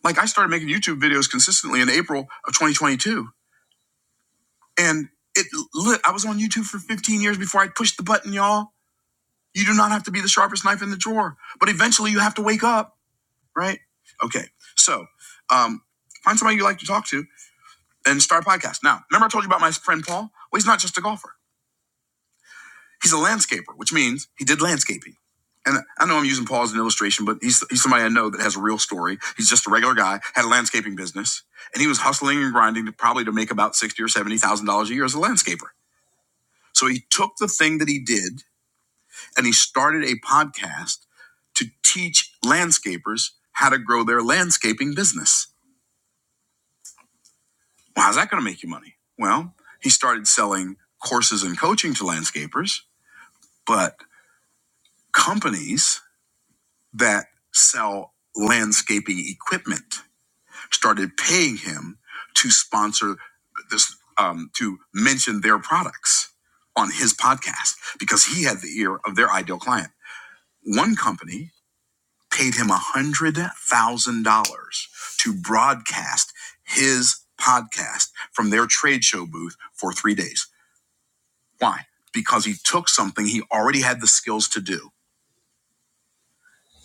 Like I started making YouTube videos consistently in April of 2022. And it lit, I was on YouTube for 15 years before I pushed the button, y'all You do not have to be the sharpest knife in the drawer, but eventually you have to wake up, right? Okay, so um, find somebody you like to talk to and start a podcast. Now, remember I told you about my friend Paul? Well, he's not just a golfer. He's a landscaper, which means he did landscaping. And I know I'm using Paul as an illustration, but he's, he's somebody I know that has a real story. He's just a regular guy, had a landscaping business, and he was hustling and grinding to probably to make about sixty or seventy thousand dollars a year as a landscaper. So he took the thing that he did and he started a podcast to teach landscapers how to grow their landscaping business. Well, how's that going to make you money? Well, he started selling courses and coaching to landscapers, but companies that sell landscaping equipment started paying him to sponsor this, um, to mention their products on his podcast because he had the ear of their ideal client. One company paid him $100,000 to broadcast his podcast from their trade show booth for three days. Why? Because he took something he already had the skills to do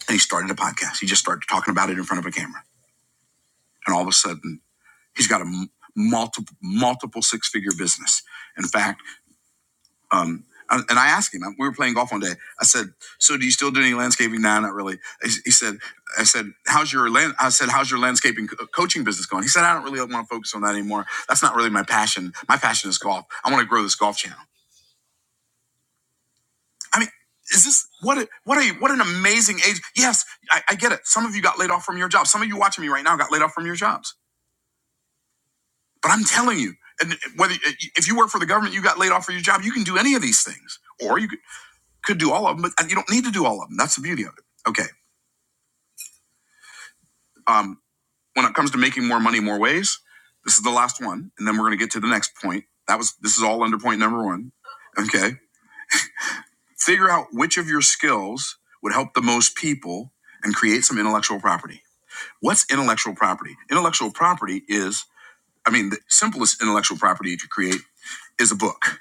and he started a podcast. He just started talking about it in front of a camera. And all of a sudden, he's got a multiple, multiple six figure business. In fact, Um, and and I asked him, we were playing golf one day. I said, so do you still do any landscaping? Nah, not really. He he said, I said, how's your land? I said, how's your landscaping co- coaching business going? He said, I don't really want to focus on that anymore. That's not really my passion. My passion is golf. I want to grow this golf channel. I mean, is this what a, what a what an amazing age? Yes, I, I get it. Some of you got laid off from your jobs. Some of you watching me right now got laid off from your jobs. But I'm telling you, and whether if you work for the government, you got laid off from your job. You can do any of these things, or you can could do all of them, but uh, you don't need to do all of them. That's the beauty of it. Okay. Um, when it comes to making more money more ways, this is the last one, and then we're going to get to the next point. That was this is all under point number one. Okay. Figure out which of your skills would help the most people and create some intellectual property. What's intellectual property? Intellectual property is, I mean, the simplest intellectual property you could create is a book.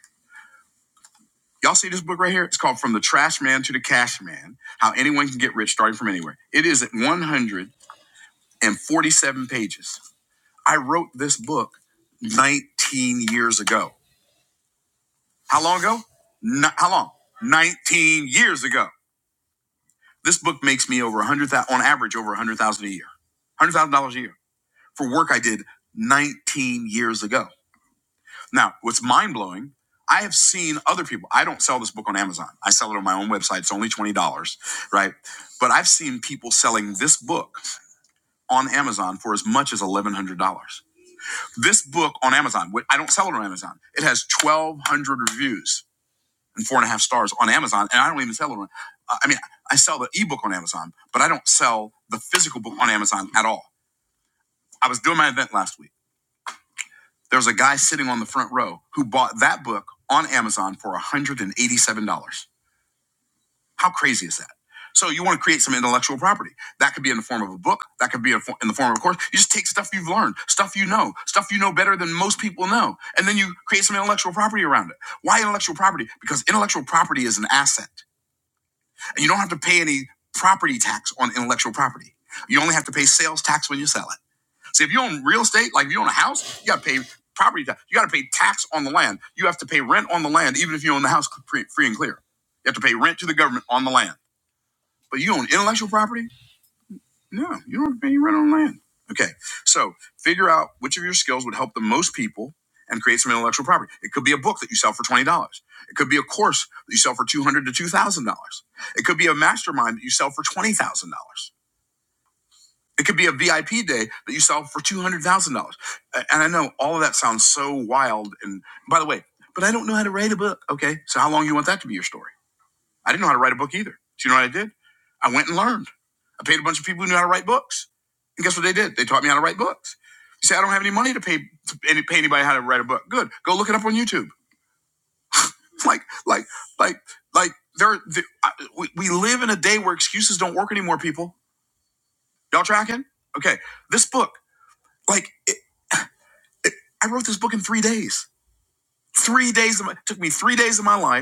Y'all see this book right here? It's called From the Trash Man to the Cash Man How Anyone Can Get Rich Starting from Anywhere. It is 100 and 47 pages. I wrote this book 19 years ago. How long ago? N- how long? 19 years ago. This book makes me over 100,000 on average over 100,000 a year. $100,000 a year for work I did 19 years ago. Now, what's mind-blowing, I have seen other people. I don't sell this book on Amazon. I sell it on my own website. It's only $20, right? But I've seen people selling this book on Amazon for as much as $1100. This book on Amazon, I don't sell it on Amazon. It has 1,200 reviews and four and a half stars on Amazon, and I don't even sell it on. uh, I mean, I sell the ebook on Amazon, but I don't sell the physical book on Amazon at all. I was doing my event last week. There was a guy sitting on the front row who bought that book on Amazon for $187. How crazy is that? So you want to create some intellectual property. That could be in the form of a book. That could be in the form of a course. You just take stuff you've learned, stuff you know, stuff you know better than most people know, and then you create some intellectual property around it. Why intellectual property? Because intellectual property is an asset, and you don't have to pay any property tax on intellectual property. You only have to pay sales tax when you sell it. See, if you own real estate, like if you own a house, you got to pay property tax. You got to pay tax on the land. You have to pay rent on the land, even if you own the house free and clear. You have to pay rent to the government on the land. But you own intellectual property? No, you don't have to pay you rent on land. Okay, so figure out which of your skills would help the most people and create some intellectual property. It could be a book that you sell for $20. It could be a course that you sell for $200 to $2,000. It could be a mastermind that you sell for $20,000. It could be a VIP day that you sell for $200,000. And I know all of that sounds so wild. And by the way, but I don't know how to write a book. Okay, so how long you want that to be your story? I didn't know how to write a book either. So you know what I did? I went and learned. I paid a bunch of people who knew how to write books. And guess what they did? They taught me how to write books. You say, I don't have any money to pay to any, pay anybody how to write a book. Good. Go look it up on YouTube. Like, like, like, like, there, the, I, we, we live in a day where excuses don't work anymore, people. Y'all tracking? Okay. This book, like, it, it, I wrote this book in three days. Three days of my, it took me three days of my life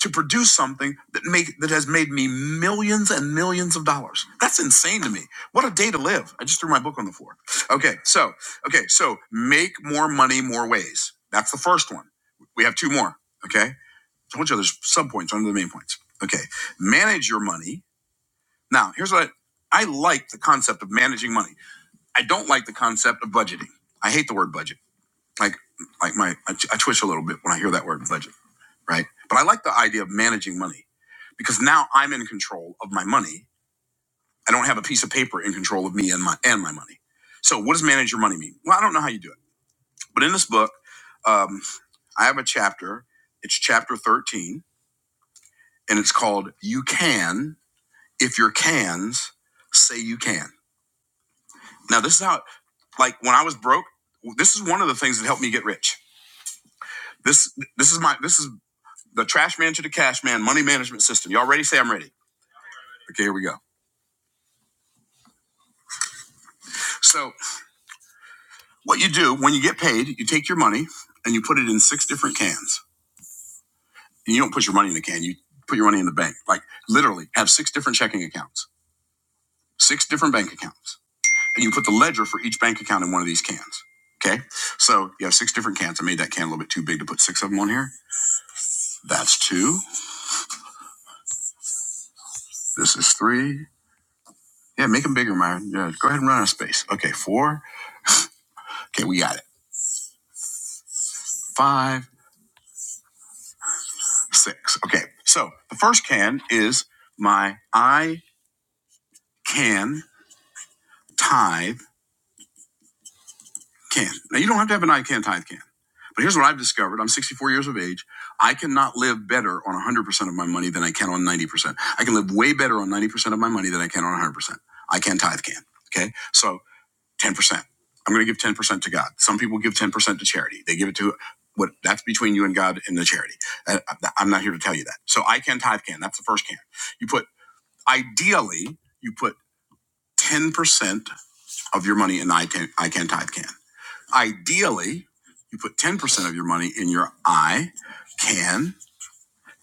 to produce something that make that has made me millions and millions of dollars. That's insane to me. What a day to live. I just threw my book on the floor. Okay, so okay, so make more money more ways. That's the first one. We have two more. Okay. I told you there's sub points under the main points. Okay. Manage your money. Now here's what I I like the concept of managing money. I don't like the concept of budgeting. I hate the word budget. Like like my I, I twitch a little bit when I hear that word budget right? But I like the idea of managing money because now I'm in control of my money. I don't have a piece of paper in control of me and my and my money. So what does manage your money mean? Well, I don't know how you do it, but in this book, um, I have a chapter. It's chapter 13, and it's called "You Can If Your Cans Say You Can." Now this is how, like when I was broke, this is one of the things that helped me get rich. This this is my this is the trash man to the cash man money management system. Y'all ready? Say I'm ready. Okay, here we go. So What you do when you get paid, you take your money and you put it in six different cans. And you don't put your money in the can, you put your money in the bank. Like literally have six different checking accounts, six different bank accounts. And you put the ledger for each bank account in one of these cans. Okay. So you have six different cans. I made that can a little bit too big to put six of them on here. That's two. This is three. Yeah, make them bigger, Myron. Yeah, go ahead and run out of space. Okay, four. Okay, we got it. Five, six. Okay. So the first can is my I can tithe can. Now, you don't have to have an I can tithe can. But here's what I've discovered. I'm 64 years of age. I cannot live better on 100% of my money than I can on 90%. I can live way better on 90% of my money than I can on 100%. I can tithe can. Okay. So 10%. I'm going to give 10% to God. Some people give 10% to charity. They give it to what that's between you and God and the charity. Uh, I'm not here to tell you that. So I can tithe can. That's the first can. You put, ideally, you put 10% of your money in I can, I can tithe can. Ideally, you put 10% of your money in your I can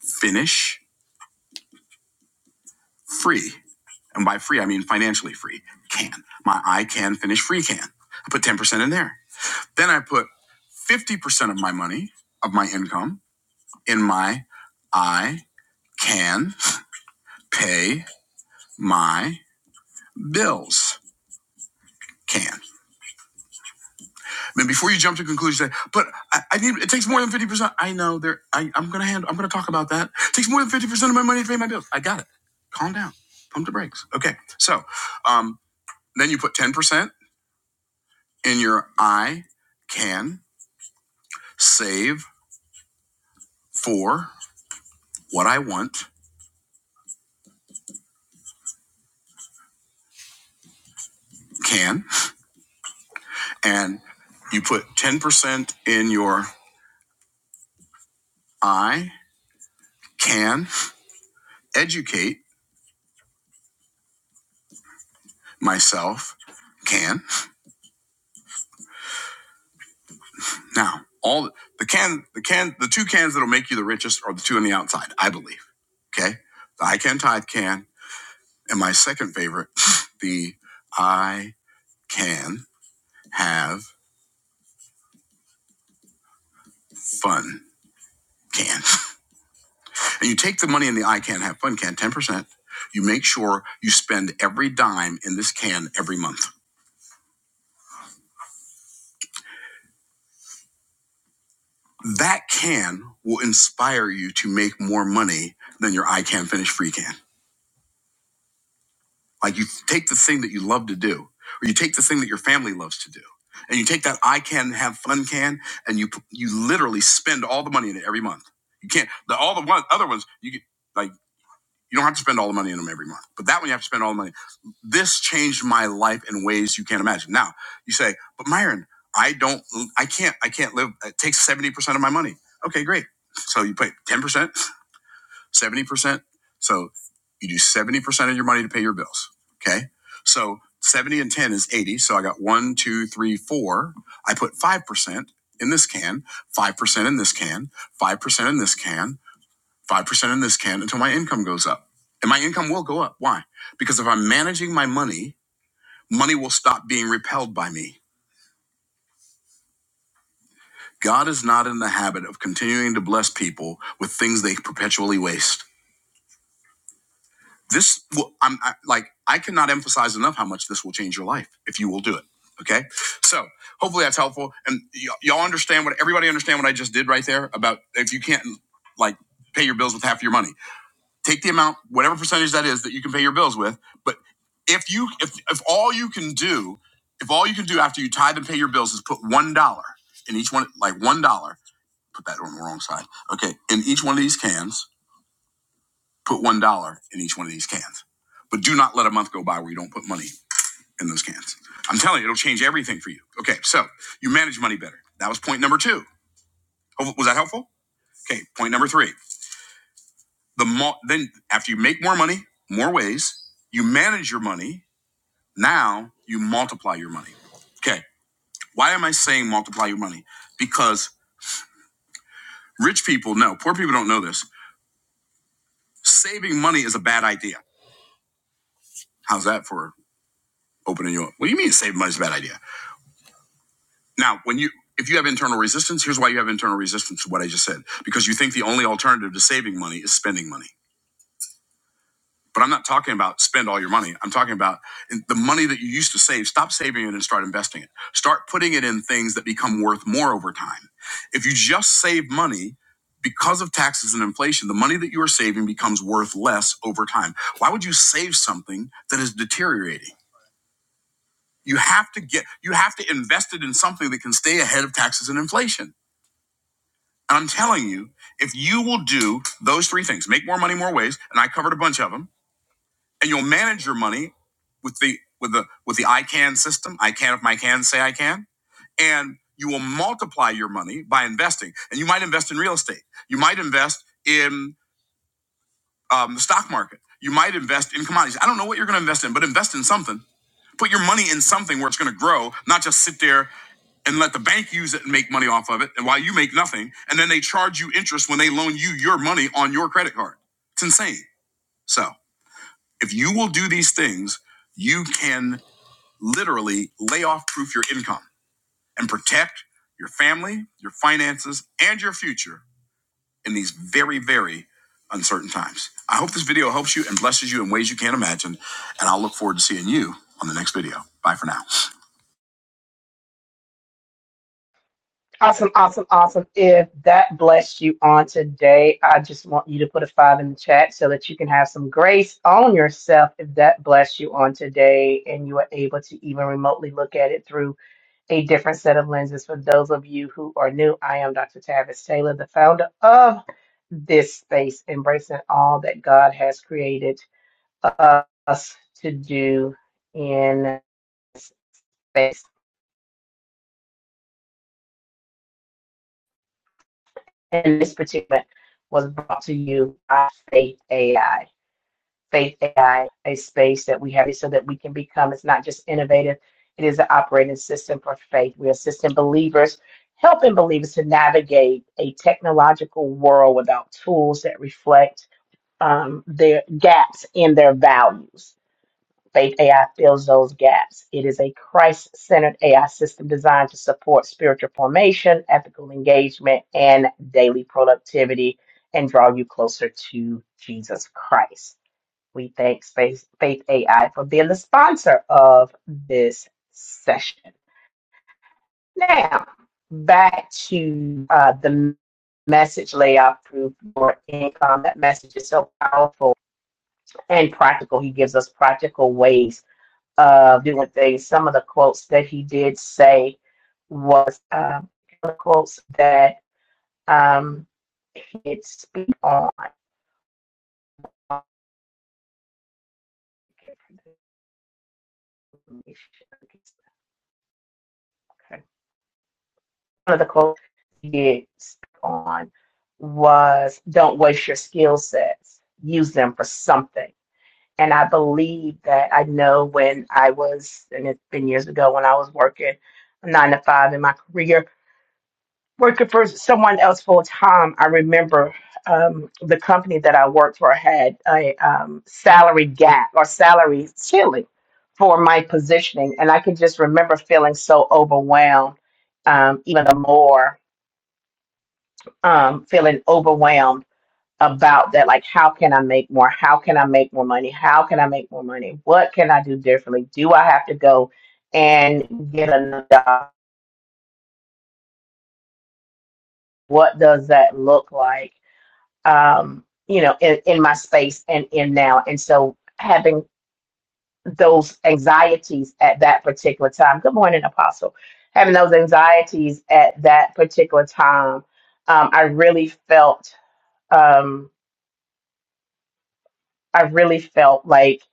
finish free. And by free, I mean financially free. Can. My I can finish free can. I put 10% in there. Then I put 50% of my money, of my income, in my I can pay my bills can. I before you jump to conclusion, say, but I, I need. It takes more than fifty percent. I know there. I, I'm gonna hand. I'm gonna talk about that. It takes more than fifty percent of my money to pay my bills. I got it. Calm down. Pump the brakes. Okay. So, um, then you put ten percent in your I can save for what I want can, and you put ten percent in your I can educate myself can. Now, all the can the can the two cans that'll make you the richest are the two on the outside, I believe. Okay, the I can tithe can, and my second favorite, the I can have fun can. And you take the money in the I can have fun can, ten percent. You make sure you spend every dime in this can every month. That can will inspire you to make more money than your I can finish free can. Like you take the thing that you love to do, or you take the thing that your family loves to do, and you take that I can have fun can, and you you literally spend all the money in it every month. You can't the all the one, other ones you get, like you don't have to spend all the money in them every month, but that one you have to spend all the money. This changed my life in ways you can't imagine. Now you say, but Myron, I don't, I can't, I can't live. It takes seventy percent of my money. Okay, great. So you pay ten percent. 70%. So you do 70% of your money to pay your bills. Okay. So 70 and 10 is 80. So I got one, two, three, four. I put 5% in this can, 5% in this can, 5% in this can, 5% in this can until my income goes up. And my income will go up. Why? Because if I'm managing my money, money will stop being repelled by me. God is not in the habit of continuing to bless people with things they perpetually waste. This, will, I'm I, like, I cannot emphasize enough how much this will change your life if you will do it. Okay, so hopefully that's helpful, and y- y'all understand what everybody understand what I just did right there about if you can't like pay your bills with half your money, take the amount, whatever percentage that is that you can pay your bills with, but if you if if all you can do if all you can do after you tithe and pay your bills is put one dollar in each one like one dollar put that on the wrong side okay in each one of these cans Put one dollar in each one of these cans, but do not let a month go by where you don't put money in those cans. I'm telling you, it'll change everything for you. Okay, so you manage money better. That was point number two. Ho- Was that helpful? Okay, point number three. The more then after you make more money, more ways you manage your money. Now you multiply your money. Okay, why am I saying multiply your money? Because rich people know, poor people don't know this. Saving money is a bad idea. How's that for opening you up? What do you mean saving money is a bad idea? Now, when you if you have internal resistance, here's why you have internal resistance to what I just said. Because you think the only alternative to saving money is spending money. But I'm not talking about spend all your money. I'm talking about the money that you used to save. Stop saving it and start investing it. Start putting it in things that become worth more over time. If you just save money because of taxes and inflation, the money that you are saving becomes worth less over time. Why would you save something that is deteriorating? You have to get you have to invest it in something that can stay ahead of taxes and inflation And I'm telling you, if you will do those three things, make more money more ways, and I covered a bunch of them, and you'll manage your money with the with the with the I can system, I can if my can say I can, and you will multiply your money by investing. And you might invest in real estate. You might invest in um, the stock market. You might invest in commodities. I don't know what you're going to invest in, but invest in something Put your money in something where it's going to grow, not just sit there and let the bank use it and make money off of it, and while you make nothing, and then they charge you interest when they loan you your money on your credit card. It's insane. So if you will do these things, you can literally lay off proof your income and protect your family, your finances, and your future in these very, very uncertain times. I hope this video helps you and blesses you in ways you can't imagine, and I'll look forward to seeing you on the next video. Bye for now.
Awesome, awesome, awesome. If that blessed you on today, I just want you to put a five in the chat so that you can have some grace on yourself if that blessed you on today and you are able to even remotely look at it through a different set of lenses. For those of you who are new, I am Dr. Tavis Taylor, the founder of this space, embracing all that God has created us to do in space. and this particular was brought to you by Faith AI. Faith AI, a space that we have so that we can become, it's not just innovative, it is an operating system for faith. We're assisting believers, helping believers to navigate a technological world without tools that reflect um, their gaps in their values. Faith AI fills those gaps. It is a Christ centered AI system designed to support spiritual formation, ethical engagement, and daily productivity and draw you closer to Jesus Christ. We thank Faith, Faith AI for being the sponsor of this session. Now, back to uh, the message layout proof for income. That message is so powerful and practical. He gives us practical ways of doing things. Some of the quotes that he did say was uh, the quotes that um, he did speak on. Okay. One of the quotes he did speak on was "Don't waste your skill sets; use them for something." And I believe that I know when I was, and it's been years ago when I was working nine to five in my career, working for someone else full time, I remember um, the company that I worked for had a um, salary gap or salary ceiling for my positioning, and I can just remember feeling so overwhelmed, um, even the more um, feeling overwhelmed about that. Like, how can I make more? How can I make more money? How can I make more money? What can I do differently? Do I have to go and get another job? What does that look like? um, you know, in, in my space and in now. And so having those anxieties at that particular time. Good morning, Apostle. Having those anxieties at that particular time, um, I really felt, um, I really felt like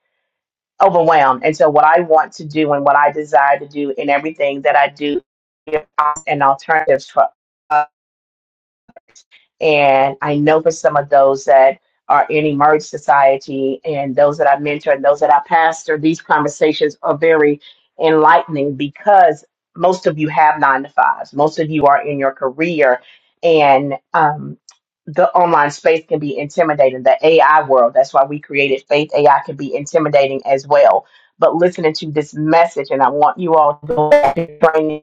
overwhelmed. And so, what I want to do and what I desire to do in everything that I do, give us an alternative for And I know for some of those that are in Emerge Society and those that I mentor and those that I pastor, these conversations are very enlightening because most of you have nine to fives. Most of you are in your career and um, the online space can be intimidating. The AI world, that's why we created Faith AI, can be intimidating as well. But listening to this message, and I want you all to go back to training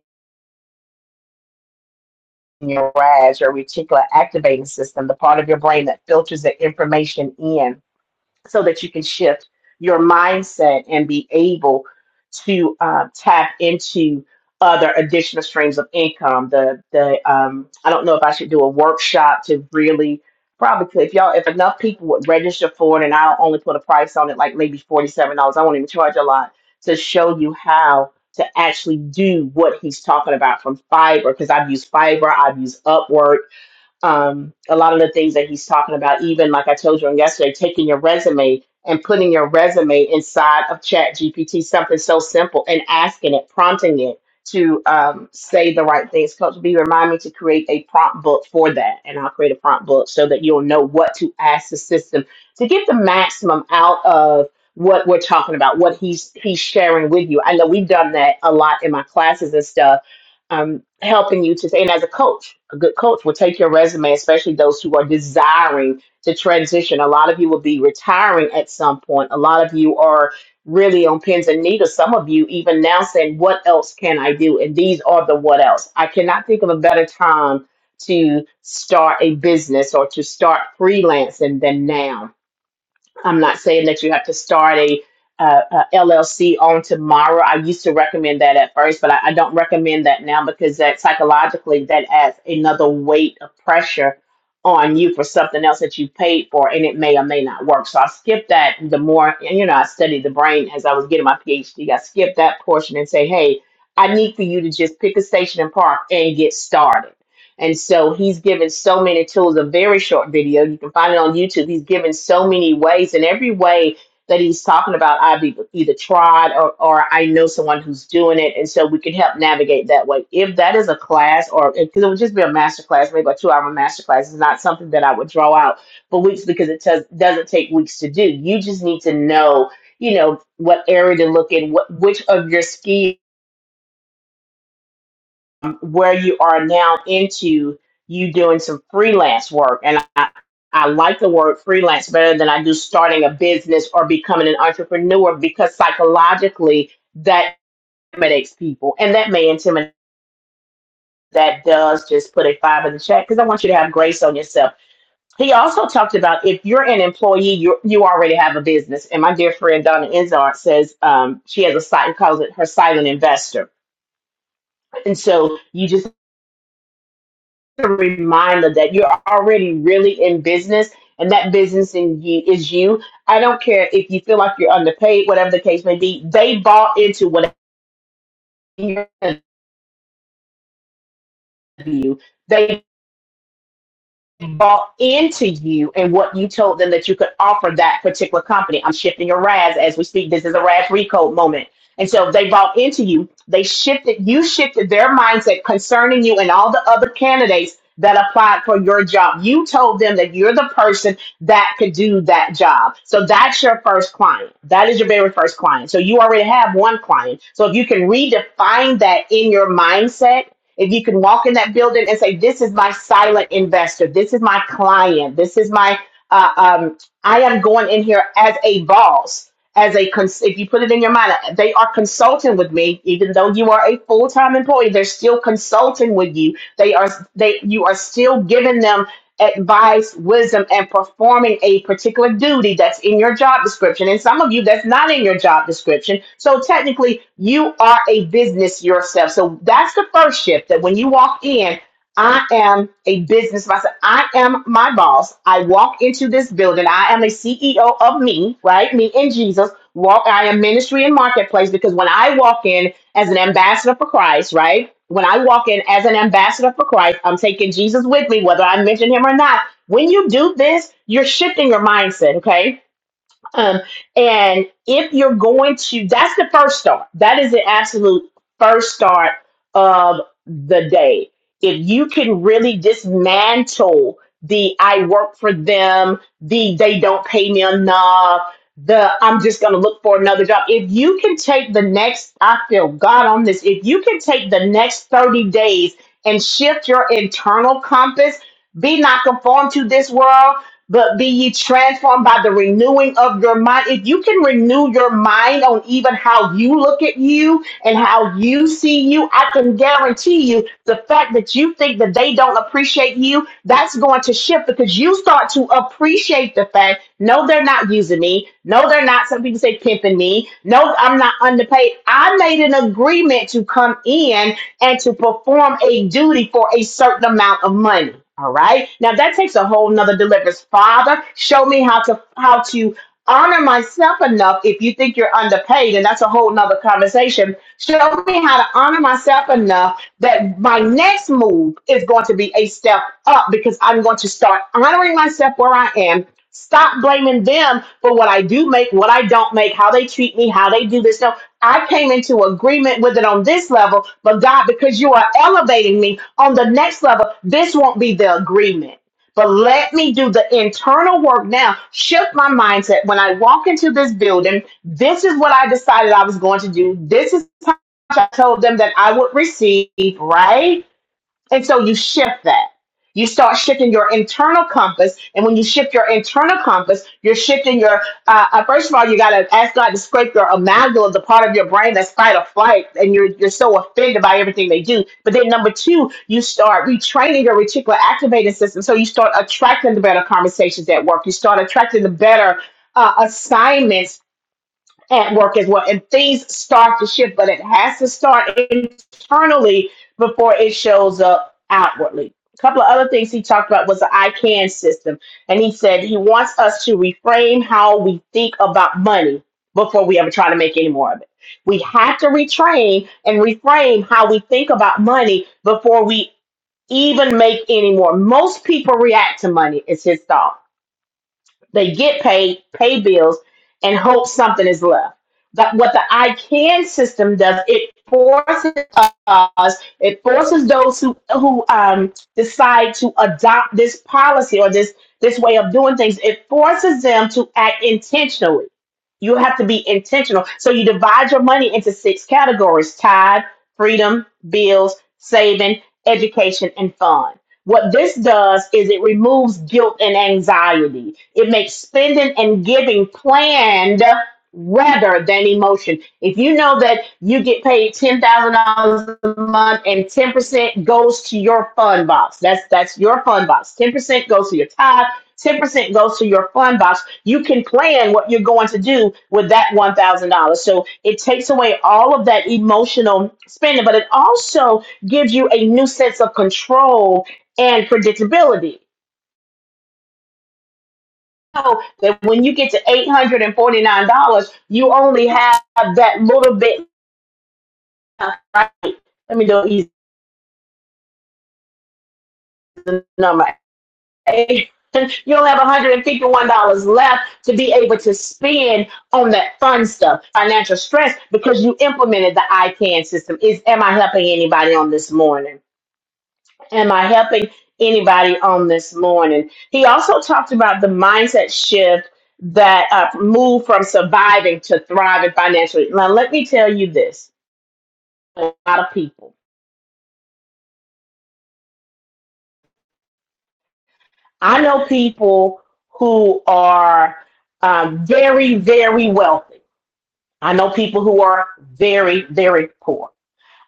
your RAS, your reticular activating system, the part of your brain that filters the information in so that you can shift your mindset and be able to uh, tap into other additional streams of income. The the um, I don't know if I should do a workshop to really probably could- if y'all if enough people would register for it and I'll only put a price on it like maybe forty seven dollars. I won't even charge a lot to show you how to actually do what he's talking about from Fiverr because I've used Fiverr. I've used Upwork, um, a lot of the things that he's talking about, even like I told you on yesterday, taking your resume and putting your resume inside of Chat GPT, something so simple, and asking it, prompting it to um, say the right things. Coach B, remind me to create a prompt book for that, and I'll create a prompt book so that you'll know what to ask the system to get the maximum out of what we're talking about, what he's he's sharing with you. I know we've done that a lot in my classes and stuff um, helping you to, and as a coach, a good coach will take your resume, especially those who are desiring to transition. A lot of you will be retiring at some point. A lot of you are really on pins and needles. Some of you even now saying, what else can I do? And these are the what else. I cannot think of a better time to start a business or to start freelancing than now I'm not saying that you have to start a, uh a LLC on tomorrow. I used to recommend that at first, but I, I don't recommend that now because that psychologically that adds another weight of pressure on you for something else that you paid for, and it may or may not work. So I skipped that. The more and, you know, I studied the brain as I was getting my PhD. I skipped that portion and say, hey, I need for you to just pick a station and park and get started and so he's given so many tools, a very short video. You can find it on YouTube. He's given so many ways, and every way that he's talking about, I've e- either tried or, or I know someone who's doing it. And so we can help navigate that way. If that is a class, or because it would just be a master class, maybe a two hour master class, it's not something that I would draw out for weeks because it does, doesn't take weeks to do. You just need to know, you know, what area to look in, what, which of your skills um, where you are now into you doing some freelance work and I, I like the word freelance better than I do starting a business or becoming an entrepreneur because psychologically that intimidates people and that may intimidate that does just put a five in the chat because I want you to have grace on yourself. He also talked about if you're an employee, you you already have a business. And my dear friend Donna Enzard says um, she has a site and calls it her silent investor. And so you just a reminder that you're already really in business and that business in you is you. I don't care if you feel like you're underpaid, whatever the case may be. They bought into whatever you. bought into you and what you told them that you could offer that particular company. I'm shifting your RAS as we speak. This is a RAS recode moment. And so they bought into you. They shifted, you shifted their mindset concerning you and all the other candidates that applied for your job. You told them that you're the person that could do that job. So that's your first client. That is your very first client. So you already have one client. So if you can redefine that in your mindset, if you can walk in that building and say, "This is my silent investor. This is my client. This is my uh, um, I am going in here as a boss." as a cons- if you put it in your mind they are consulting with me even though you are a full-time employee they're still consulting with you they are they you are still giving them advice wisdom and performing a particular duty that's in your job description and some of you that's not in your job description so technically you are a business yourself so that's the first shift that when you walk in I am a business myself. I am my boss. I walk into this building. I am a CEO of me, right? Me and Jesus. Walk. I am ministry and marketplace because when I walk in as an ambassador for Christ, right? When I walk in as an ambassador for Christ, I'm taking Jesus with me, whether I mention him or not. When you do this, you're shifting your mindset, okay? Um, and if you're going to, that's the first start. That is the absolute first start of the day. If you can really dismantle the I work for them, the they don't pay me enough, the I'm just going to look for another job. If you can take the next, I feel God on this, if you can take the next 30 days and shift your internal compass, be not conformed to this world, but be ye transformed by the renewing of your mind. If you can renew your mind on even how you look at you and how you see you, I can guarantee you the fact that you think that that they don't appreciate you, that's going to shift because you start to appreciate the fact, no, they're not using me. No, they're not. Some people say pimping me. No, I'm not underpaid. I made an agreement to come in and to perform a duty for a certain amount of money. All right. Now that takes a whole nother deliverance. Father, show me how to how to honor myself enough if you think you're underpaid, and that's a whole nother conversation. Show me how to honor myself enough that my next move is going to be a step up because I'm going to start honoring myself where I am. Stop blaming them for what I do make, what I don't make, how they treat me, how they do this. No, I came into agreement with it on this level, but God, because you are elevating me on the next level, this won't be the agreement. But let me do the internal work now. Shift my mindset. When I walk into this building, this is what I decided I was going to do. This is how I told them that I would receive, right? And so you shift that. You start shifting your internal compass. And when you shift your internal compass, you're shifting your, uh, uh, first of all, you got to ask God to scrape your amygdala, the part of your brain that's fight or flight. And you're, you're so offended by everything they do. But then number two, you start retraining your reticular activating system. So you start attracting the better conversations at work. You start attracting the better uh, assignments at work as well. And things start to shift, but it has to start internally before it shows up outwardly. A couple of other things he talked about was the I can system. And he said he wants us to reframe how we think about money before we ever try to make any more of it. We have to retrain and reframe how we think about money before we even make any more. Most people react to money, is his thought they get paid, pay bills, and hope something is left. But what the I can system does, it forces us, it forces those who who um, decide to adopt this policy or this this way of doing things, it forces them to act intentionally. You have to be intentional. So you divide your money into six categories: tithe, freedom, bills, saving, education, and fun what this does is it removes guilt and anxiety. It makes spending and giving planned rather than emotion. If you know that you get paid ten thousand dollars a month and ten percent goes to your fund box, that's that's your fund box. Ten percent goes to your tithe. Ten percent goes to your fund box. You can plan what you're going to do with that one thousand dollars. So it takes away all of that emotional spending, but it also gives you a new sense of control and predictability. So that when you get to eight hundred and forty nine dollars, you only have that little bit. Right? Let me do easy number. Eight- You only have one hundred and fifty one dollars left to be able to spend on that fun stuff, financial stress, because you implemented the ICANN system. Is am I helping anybody on this morning? Am I helping anybody on this morning? He also talked about the mindset shift that uh, moved from surviving to thriving financially. Now, let me tell you this a lot of people. I know people who are um, very, very wealthy. I know people who are very, very poor.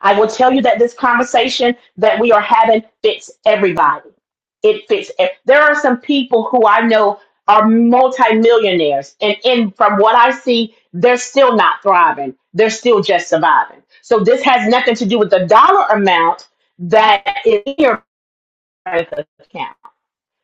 I will tell you that this conversation that we are having fits everybody. It fits. ev- There are some people who I know are multimillionaires, and in from what I see, they're still not thriving. They're still just surviving. So this has nothing to do with the dollar amount that is in your bank account.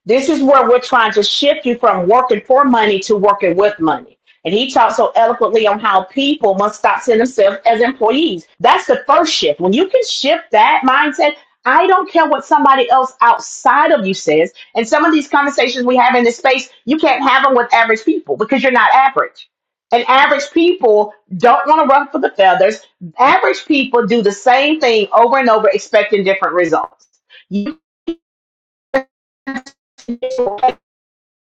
This is where we're trying to shift you from working for money to working with money. And he talked so eloquently on how people must stop seeing themselves as employees. That's the first shift. When you can shift that mindset, I don't care what somebody else outside of you says. And some of these conversations we have in this space, you can't have them with average people because you're not average. And average people don't want to run for the feathers. Average people do the same thing over and over, expecting different results. You can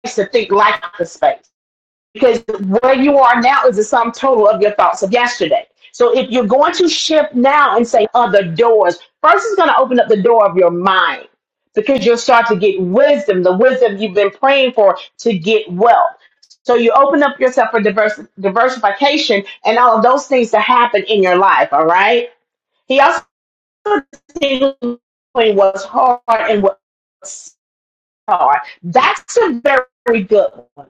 to think like the space because where you are now is the sum total of your thoughts of yesterday. So if you're going to shift now and say other doors, first is going to open up the door of your mind because you'll start to get wisdom, the wisdom you've been praying for to get wealth. So you open up yourself for divers- diversification and all of those things to happen in your life. All right. He also knew what was hard and what's hard. That's a very good one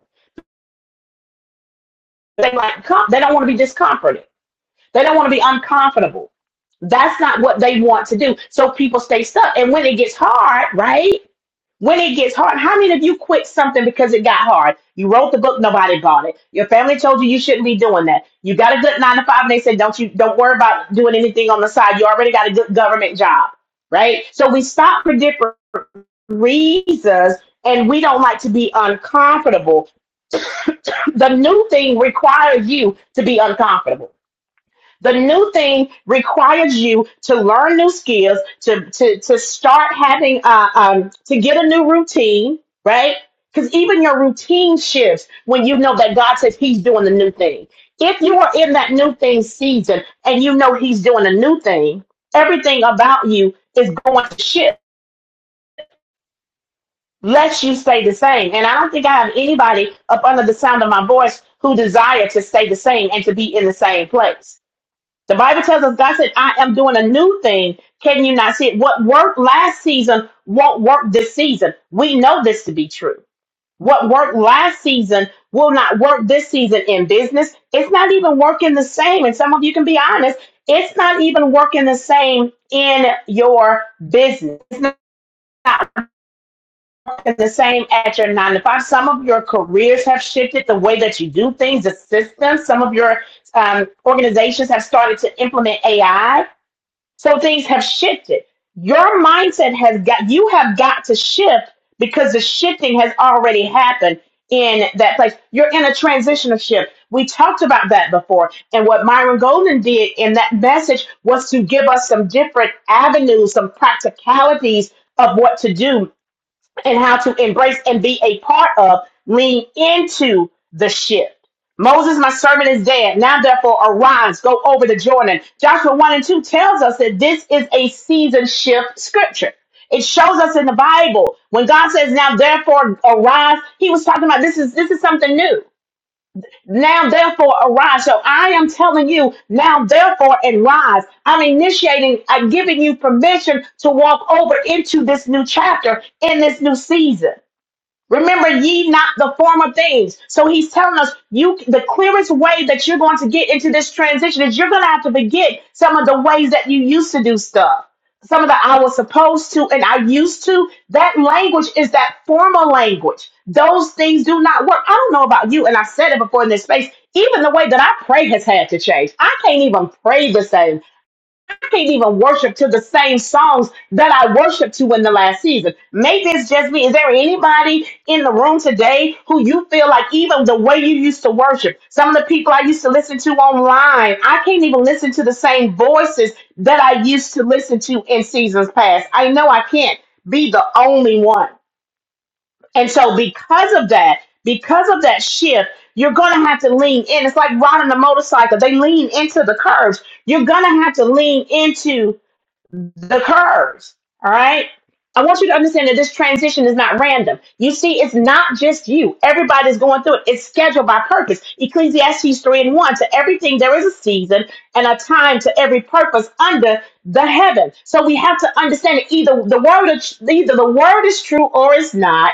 They like they don't want to be discomforted. They don't want to be uncomfortable. That's not what they want to do. So people stay stuck. And when it gets hard, right? When it gets hard, how many of you quit something because it got hard? You wrote the book, nobody bought it. Your family told you you shouldn't be doing that. You got a good nine to five, and they said, "Don't you? Don't worry about doing anything on the side. You already got a good government job, right?" So we stop for different reasons, and we don't like to be uncomfortable the new thing requires you to be uncomfortable. The new thing requires you to learn new skills, to to to start having uh, um to get a new routine, right? Because even your routine shifts when you know that God says He's doing the new thing. If you are in that new thing season and you know He's doing a new thing, everything about you is going to shift lest you stay the same. And I don't think I have anybody up under the sound of my voice who desire to stay the same and to be in the same place. The Bible tells us God said, I am doing a new thing. Can you not see it? What worked last season won't work this season. We know this to be true. What worked last season will not work this season in business. It's not even working the same. And some of you can be honest, it's not even working the same in your business. It's not working the same at your nine to five. Some of your careers have shifted, the way that you do things, the systems. Some of your um, organizations have started to implement AI. So things have shifted. Your mindset has got, you have got to shift because the shifting has already happened in that place. You're in a transitional shift. We talked about that before. And what Myron Golden did in that message was to give us some different avenues, some practicalities of what to do and how to embrace and be a part of, lean into the shift. Moses, my servant, is dead. Now, therefore, arise, go over the Jordan. Joshua 1 and 2 tells us that this is a season shift scripture. It shows us in the Bible when God says, "Now, therefore, arise," He was talking about this is this is something new. Now, therefore, arise. So I am telling you, now, therefore, and rise. I'm initiating, I'm giving you permission to walk over into this new chapter in this new season. Remember ye not the former things. So he's telling us you the clearest way that you're going to get into this transition is you're going to have to forget some of the ways that you used to do stuff. Some of the I was supposed to and I used to. That language is that formal language. Those things do not work. I don't know about you, and I've said it before in this space. Even the way that I pray has had to change. I can't even pray the same. I can't even worship to the same songs that I worshiped to in the last season. Maybe it's just me. Is there anybody in the room today who you feel like even the way you used to worship, some of the people I used to listen to online, I can't even listen to the same voices that I used to listen to in seasons past. I know I can't be the only one. And so because of that, because of that shift, you're going to have to lean in. It's like riding a motorcycle. They lean into the curves. You're going to have to lean into the curves. All right. I want you to understand that this transition is not random. You see, it's not just you. Everybody's going through it. It's scheduled by purpose. Ecclesiastes 3 and 1. To everything, there is a season and a time to every purpose under the heaven. So we have to understand that either the word, either the word is true or it's not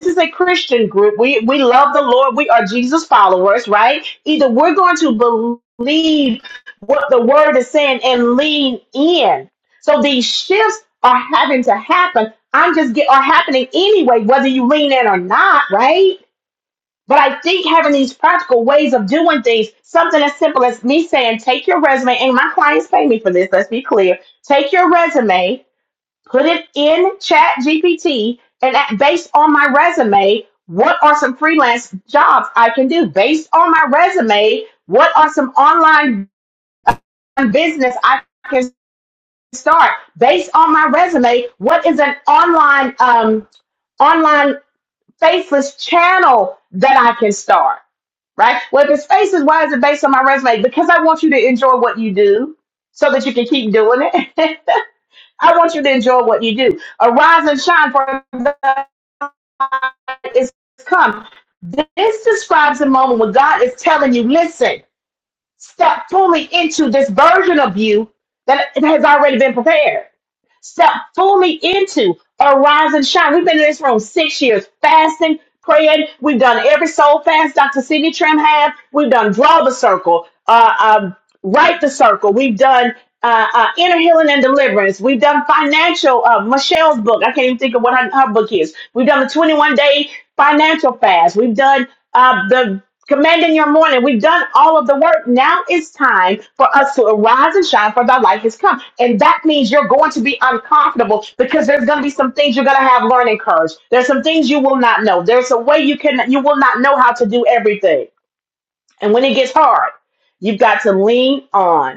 this is a Christian group. We we love the Lord. We are Jesus followers, right? Either we're going to believe what the word is saying and lean in. So these shifts are having to happen. I'm just get are happening anyway, whether you lean in or not, right? But I think having these practical ways of doing things, something as simple as me saying, take your resume, and my clients pay me for this, let's be clear. Take your resume put it in chat gpt and at, based on my resume what are some freelance jobs i can do based on my resume what are some online business i can start based on my resume what is an online um, online faceless channel that i can start right well if it's faces why is it based on my resume because i want you to enjoy what you do so that you can keep doing it I want you to enjoy what you do. Arise and shine, for the light is come. This describes a moment when God is telling you, listen, step fully into this version of you that has already been prepared. Step fully into Arise and Shine. We've been in this room six years, fasting, praying. We've done every soul fast Dr. Sidney Trim had. We've done Draw the Circle, uh, um, Write the Circle. We've done uh, uh, Inner Healing and Deliverance. We've done financial, uh, Michelle's book. I can't even think of what her, her book is. We've done the 21 day financial fast. We've done uh, the commanding your morning. We've done all of the work. Now it's time for us to arise and shine, for thy light has come. And that means you're going to be uncomfortable because there's going to be some things you're going to have learning curves. There's some things you will not know. There's a way you can you will not know how to do everything. And when it gets hard, you've got to lean on.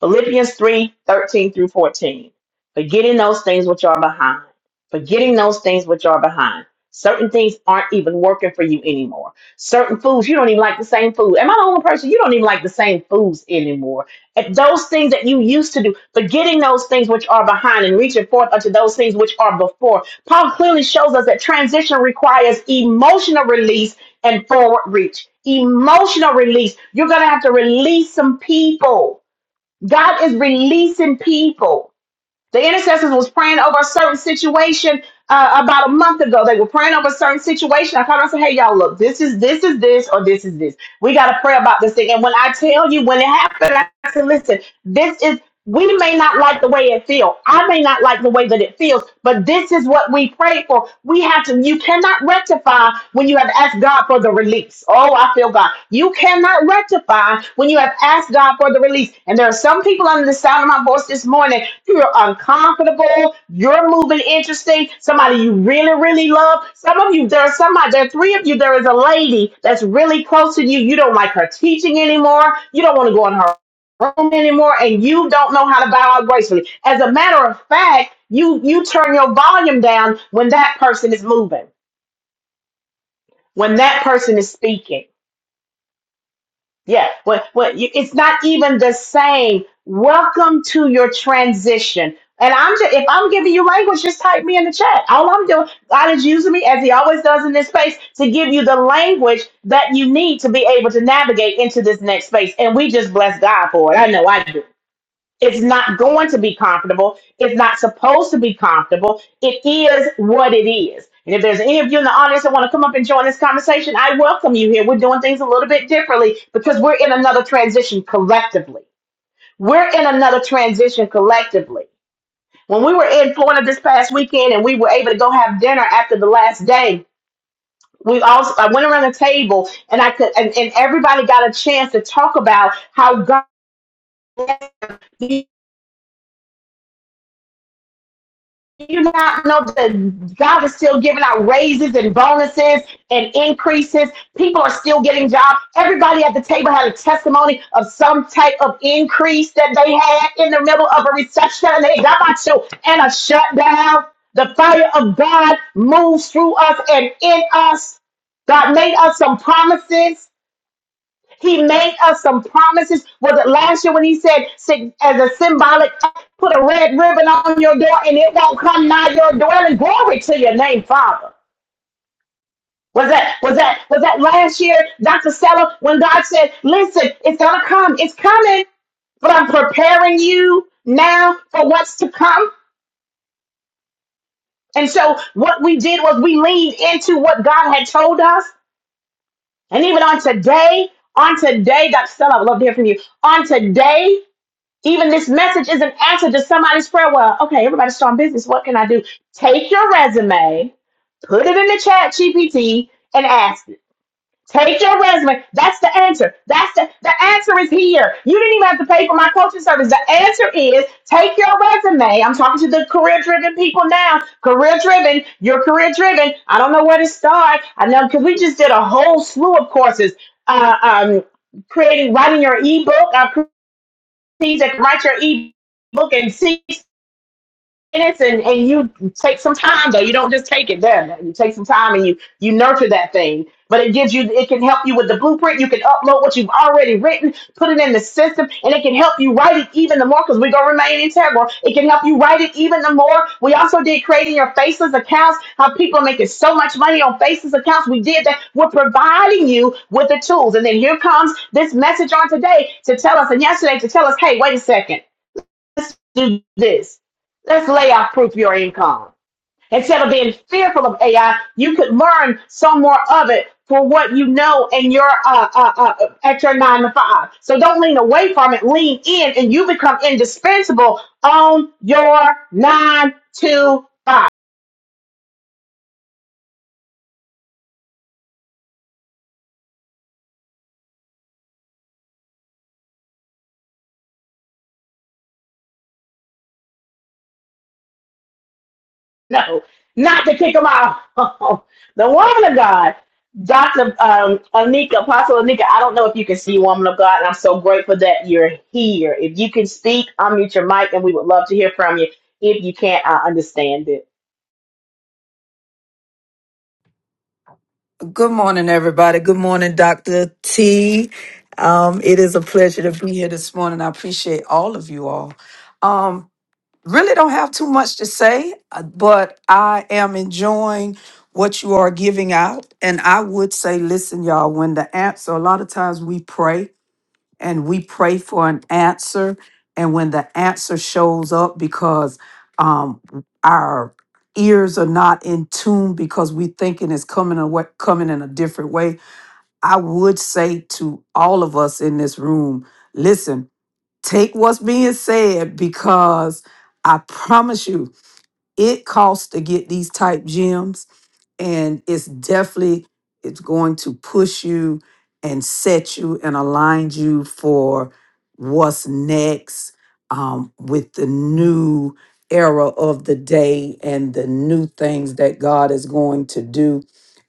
Philippians 3 13 through 14. Forgetting those things which are behind. Forgetting those things which are behind. Certain things aren't even working for you anymore. Certain foods, you don't even like the same food. Am I the only person? You don't even like the same foods anymore. At those things that you used to do, forgetting those things which are behind and reaching forth unto those things which are before. Paul clearly shows us that transition requires emotional release and forward reach. Emotional release. You're going to have to release some people God is releasing people. The intercessors was praying over a certain situation uh, about a month ago. They were praying over a certain situation. I called and I said, "Hey, y'all, look, this is this is this or this is this. We got to pray about this thing." And when I tell you when it happened, I said, "Listen, this is." We may not like the way it feels. I may not like the way that it feels, but this is what we pray for. We have to. You cannot rectify when you have asked God for the release. Oh, I feel God. You cannot rectify when you have asked God for the release. And there are some people under the sound of my voice this morning who are uncomfortable. You're moving interesting. Somebody you really, really love. Some of you, there are somebody, there are three of you. There is a lady that's really close to you. You don't like her teaching anymore. You don't want to go in her room anymore and you don't know how to bow out gracefully. As a matter of fact, you you turn your volume down when that person is moving when that person is speaking. Yeah, when, when you, it's not even the same. Welcome to your transition. And I'm just, if I'm giving you language, just type me in the chat. All I'm doing, God is using me as He always does in this space to give you the language that you need to be able to navigate into this next space. And we just bless God for it. I know I do. It's not going to be comfortable. It's not supposed to be comfortable. It is what it is. And if there's any of you in the audience that want to come up and join this conversation, I welcome you here. We're doing things a little bit differently because we're in another transition collectively. We're in another transition collectively. When we were in Florida this past weekend and we were able to go have dinner after the last day, we all I went around the table and I could and, and everybody got a chance to talk about how God you not know that God is still giving out raises and bonuses and increases? People are still getting jobs. Everybody at the table had a testimony of some type of increase that they had in the middle of a recession. They got my show and a shutdown. The fire of God moves through us and in us. God made us some promises. He made us some promises. Was it last year when he said, "Sy- as a symbolic, put a red ribbon on your door and it won't come nigh your dwelling? Glory to your name, Father. Was that was that was that last year, Dr. Stella, when God said, "Listen, it's gonna come, it's coming." but I'm preparing you now for what's to come. And so what we did was we leaned into what God had told us. And even on today, on today, Dr. Stella, I would love to hear from you. On today, Even this message is an answer to somebody's prayer. Well, okay, everybody's starting business. What can I do? Take your resume, put it in the chat GPT, and ask it. Take your resume. That's the answer. That's the the answer is here. You didn't even have to pay for my coaching service. The answer is take your resume. I'm talking to the career driven people now. Career driven. You're career driven. I don't know where to start. I know because we just did a whole slew of courses. Uh, um, creating writing your ebook. I need to write your ebook in six minutes and, and you take some time though. You don't just take it then. You take some time and you you nurture that thing. But it gives you it can help you with the blueprint. You can upload what you've already written, put it in the system, and it can help you write it even the more because we're gonna remain integral. It can help you write it even the more. We also did creating your faceless accounts, how people are making so much money on faceless accounts. We did that. We're providing you with the tools. And then here comes this message on today to tell us, and yesterday to tell us, hey, wait a second let's do this. Let's layoff proof your income. Instead of being fearful of AI, you could learn some more of it for what you know in your uh, uh, uh, at your nine to five. So don't lean away from it. Lean in, and you become indispensable on your nine to five. no, not to kick them out. the woman of God, Dr. Um, Anika, Apostle Anika, I don't know if you can see woman of God, and I'm so grateful that you're here. If you can speak, unmute your mic, and we would love to hear from you. If you can't, I understand it.
Good morning, everybody. Good morning, Dr. T. Um, it is a pleasure to be here this morning. I appreciate all of you all. Um, really don't have too much to say, uh, but I am enjoying what you are giving out. And I would say, listen, y'all, when the answer, a lot of times we pray and we pray for an answer. And when the answer shows up, because um, our ears are not in tune, because we thinking it's coming away, coming in a different way, I would say to all of us in this room, listen, take what's being said, because I promise you, it costs to get these type gems, and it's definitely it's going to push you and set you and align you for what's next um, with the new era of the day and the new things that god is going to do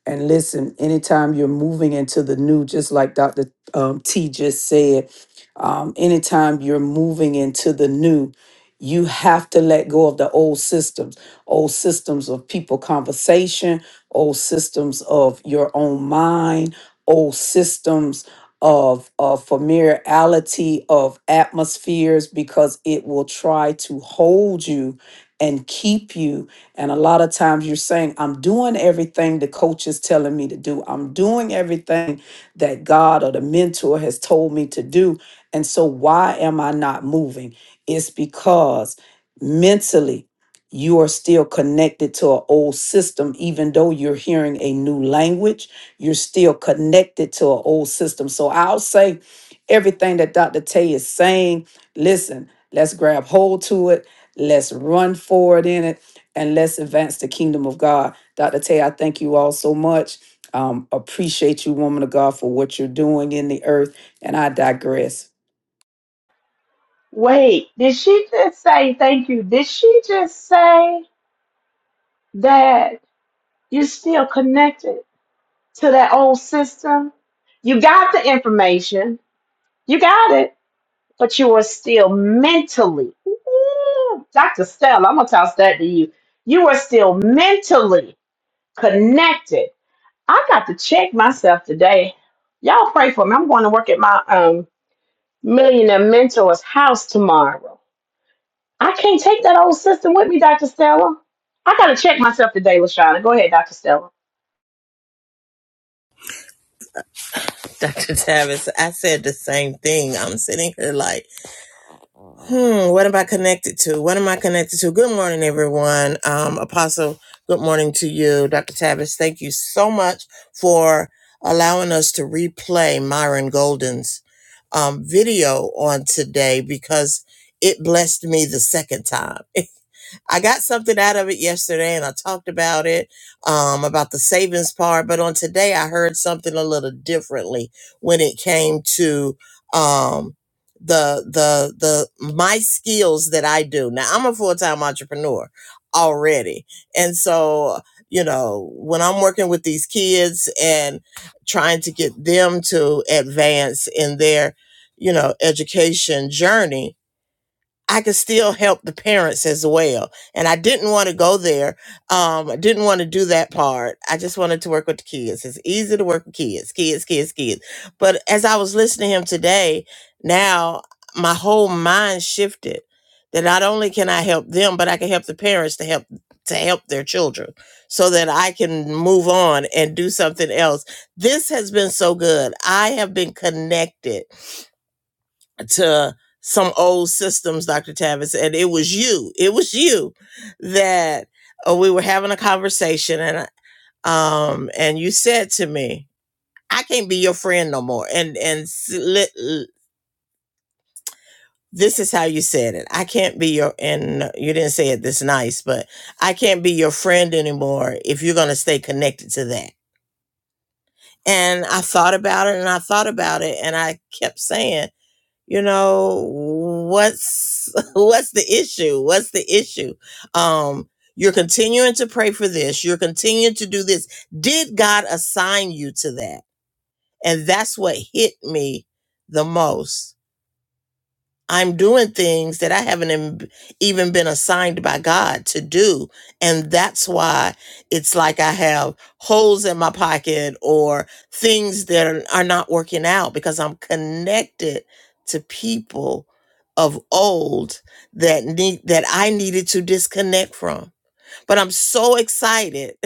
and listen anytime you're moving into the new just like dr um, t just said um, anytime you're moving into the new you have to let go of the old systems old systems of people conversation, old systems of your own mind, old systems of, of familiarity of atmospheres because it will try to hold you and keep you. And a lot of times you're saying, I'm doing everything the coach is telling me to do. I'm doing everything that God or the mentor has told me to do. And so why am I not moving? It's because mentally you are still connected to an old system, even though you're hearing a new language, you're still connected to an old system. So I'll say everything that Dr. Tay is saying, listen, let's grab hold to it, let's run forward in it, and let's advance the kingdom of God. Dr. Tay, I thank you all so much. Um, appreciate you, woman of God, for what you're doing in the earth. And I digress.
Wait, did she just say thank you? Did she just say that you're still connected to that old system? You got the information. You got it but you are still mentally, Ooh, Dr. Stella, I'm going to toss that to you. You are still mentally connected. I got to check myself today. Y'all pray for me. I'm going to work at my um, millionaire mentor's house tomorrow. I can't take that old system with me, Dr. Stella. I got to check myself today, Lashana. Go ahead, Dr. Stella.
Dr. Tavis, I said the same thing. I'm sitting here like, Hmm, what am I connected to? What am I connected to? Good morning, everyone. Um, Apostle, good morning to you. Dr. Tavis, thank you so much for allowing us to replay Myron Golden's um, video on today because it blessed me the second time. I got something out of it yesterday and I talked about it, um, about the savings part. But on today, I heard something a little differently when it came to, um, the the the my skills that I do. Now I'm a full-time entrepreneur already. And so, you know, when I'm working with these kids and trying to get them to advance in their, you know, education journey, I could still help the parents as well. And I didn't want to go there. Um, I didn't want to do that part. I just wanted to work with the kids. It's easy to work with kids, kids, kids, kids. But as I was listening to him today, now my whole mind shifted that not only can I help them, but I can help the parents to help to help their children so that I can move on and do something else. This has been so good. I have been connected to some old systems, Dr. Tavis, and it was you. It was you that uh, we were having a conversation, and um, and you said to me, "I can't be your friend no more." And and s- li- l- this is how you said it. I can't be your and uh, you didn't say it this nice, but I can't be your friend anymore if you're gonna stay connected to that. And I thought about it, and I thought about it, and I kept saying. you know what's what's the issue what's the issue um you're continuing to pray for this you're continuing to do this did god assign you to that and that's what hit me the most I'm doing things that I haven't em- even been assigned by God to do. And that's why it's like I have holes in my pocket or things that are, are not working out because I'm connected to people of old that need that I needed to disconnect from. But I'm so excited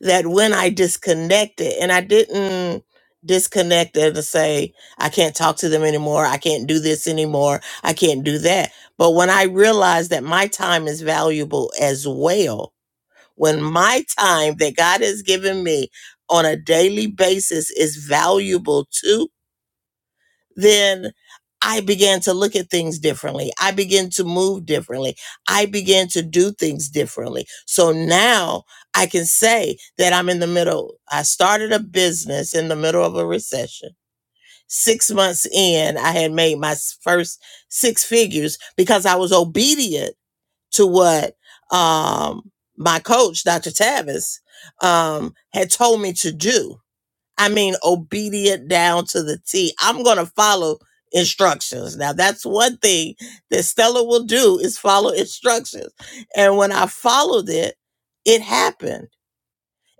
that when I disconnected, and I didn't disconnect and to say, I can't talk to them anymore, I can't do this anymore, I can't do that. But when I realized that my time is valuable as well, when my time that God has given me on a daily basis is valuable too, then I began to look at things differently. I began to move differently. I began to do things differently. So now I can say that I'm in the middle. I started a business in the middle of a recession. Six months in, I had made my first six figures because I was obedient to what um, my coach, Dr. Tavis, um, had told me to do I mean, obedient down to the T. I'm going to follow instructions. Now, that's one thing that Stella will do is follow instructions. And when I followed it, it happened.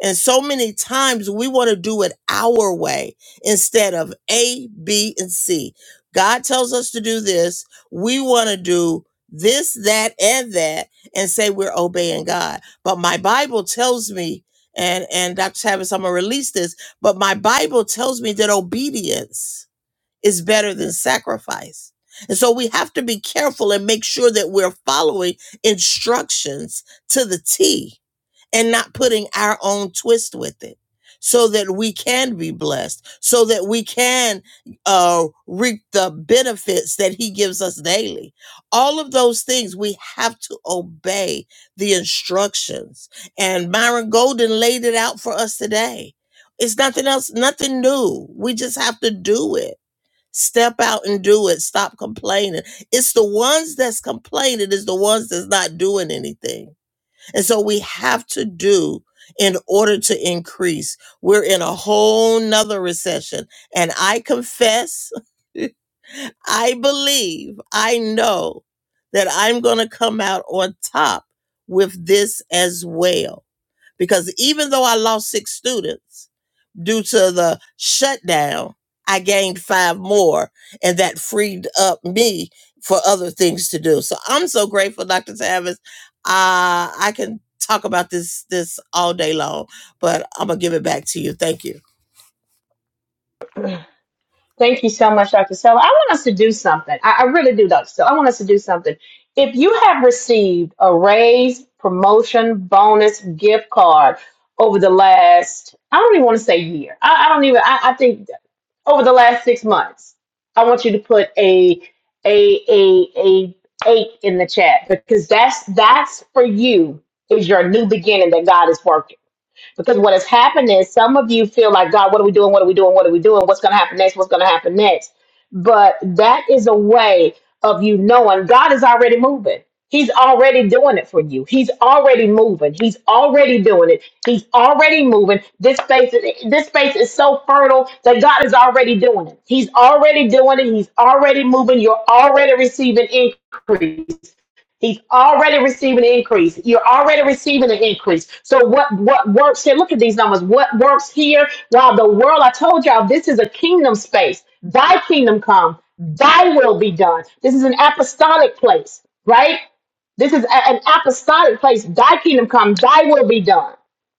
And so many times we want to do it our way instead of A, B, and C. God tells us to do this. We want to do this, that, and that, and say we're obeying God. But my Bible tells me, and and Dr. Tavis, I'm gonna release this, but my Bible tells me that obedience is better than sacrifice. And so we have to be careful and make sure that we're following instructions to the T and not putting our own twist with it so that we can be blessed, so that we can uh, reap the benefits that He gives us daily. All of those things, we have to obey the instructions. And Myron Golden laid it out for us today. It's nothing else, nothing new. We just have to do it. Step out and do it. Stop complaining. It's the ones that's complaining is the ones that's not doing anything. And so we have to do in order to increase. We're in a whole nother recession. And I confess, I believe, I know that I'm going to come out on top with this as well. Because even though I lost six students, due to the shutdown, I gained five more, and that freed up me for other things to do. So I'm so grateful, Dr. Tavis. Uh, I can talk about this this all day long, but I'm gonna give it back to you. Thank you.
Thank you so much, Dr. Stella. I want us to do something. I, I really do, Dr. Stella. I want us to do something. If you have received a raise, promotion, bonus, gift card over the last, I don't even want to say year. I, I don't even, I, I think over the last six months, I want you to put a, a, a, a eight in the chat because that's, that's for you is your new beginning that God is working. Because what has happened is some of you feel like, God, what are we doing? What are we doing? What are we doing? What's going to happen next? What's going to happen next? But that is a way of you knowing God is already moving. He's already doing it for you. He's already moving. He's already doing it. He's already moving. This space, this space is so fertile that God is already doing it. He's already doing it. He's already moving. You're already receiving increase. He's already receiving an increase. You're already receiving an increase. So what what works here? Look at these numbers. What works here? While the world, I told y'all, this is a kingdom space. Thy kingdom come. Thy will be done. This is an apostolic place, right? This is a- an apostolic place. Thy kingdom come. Thy will be done.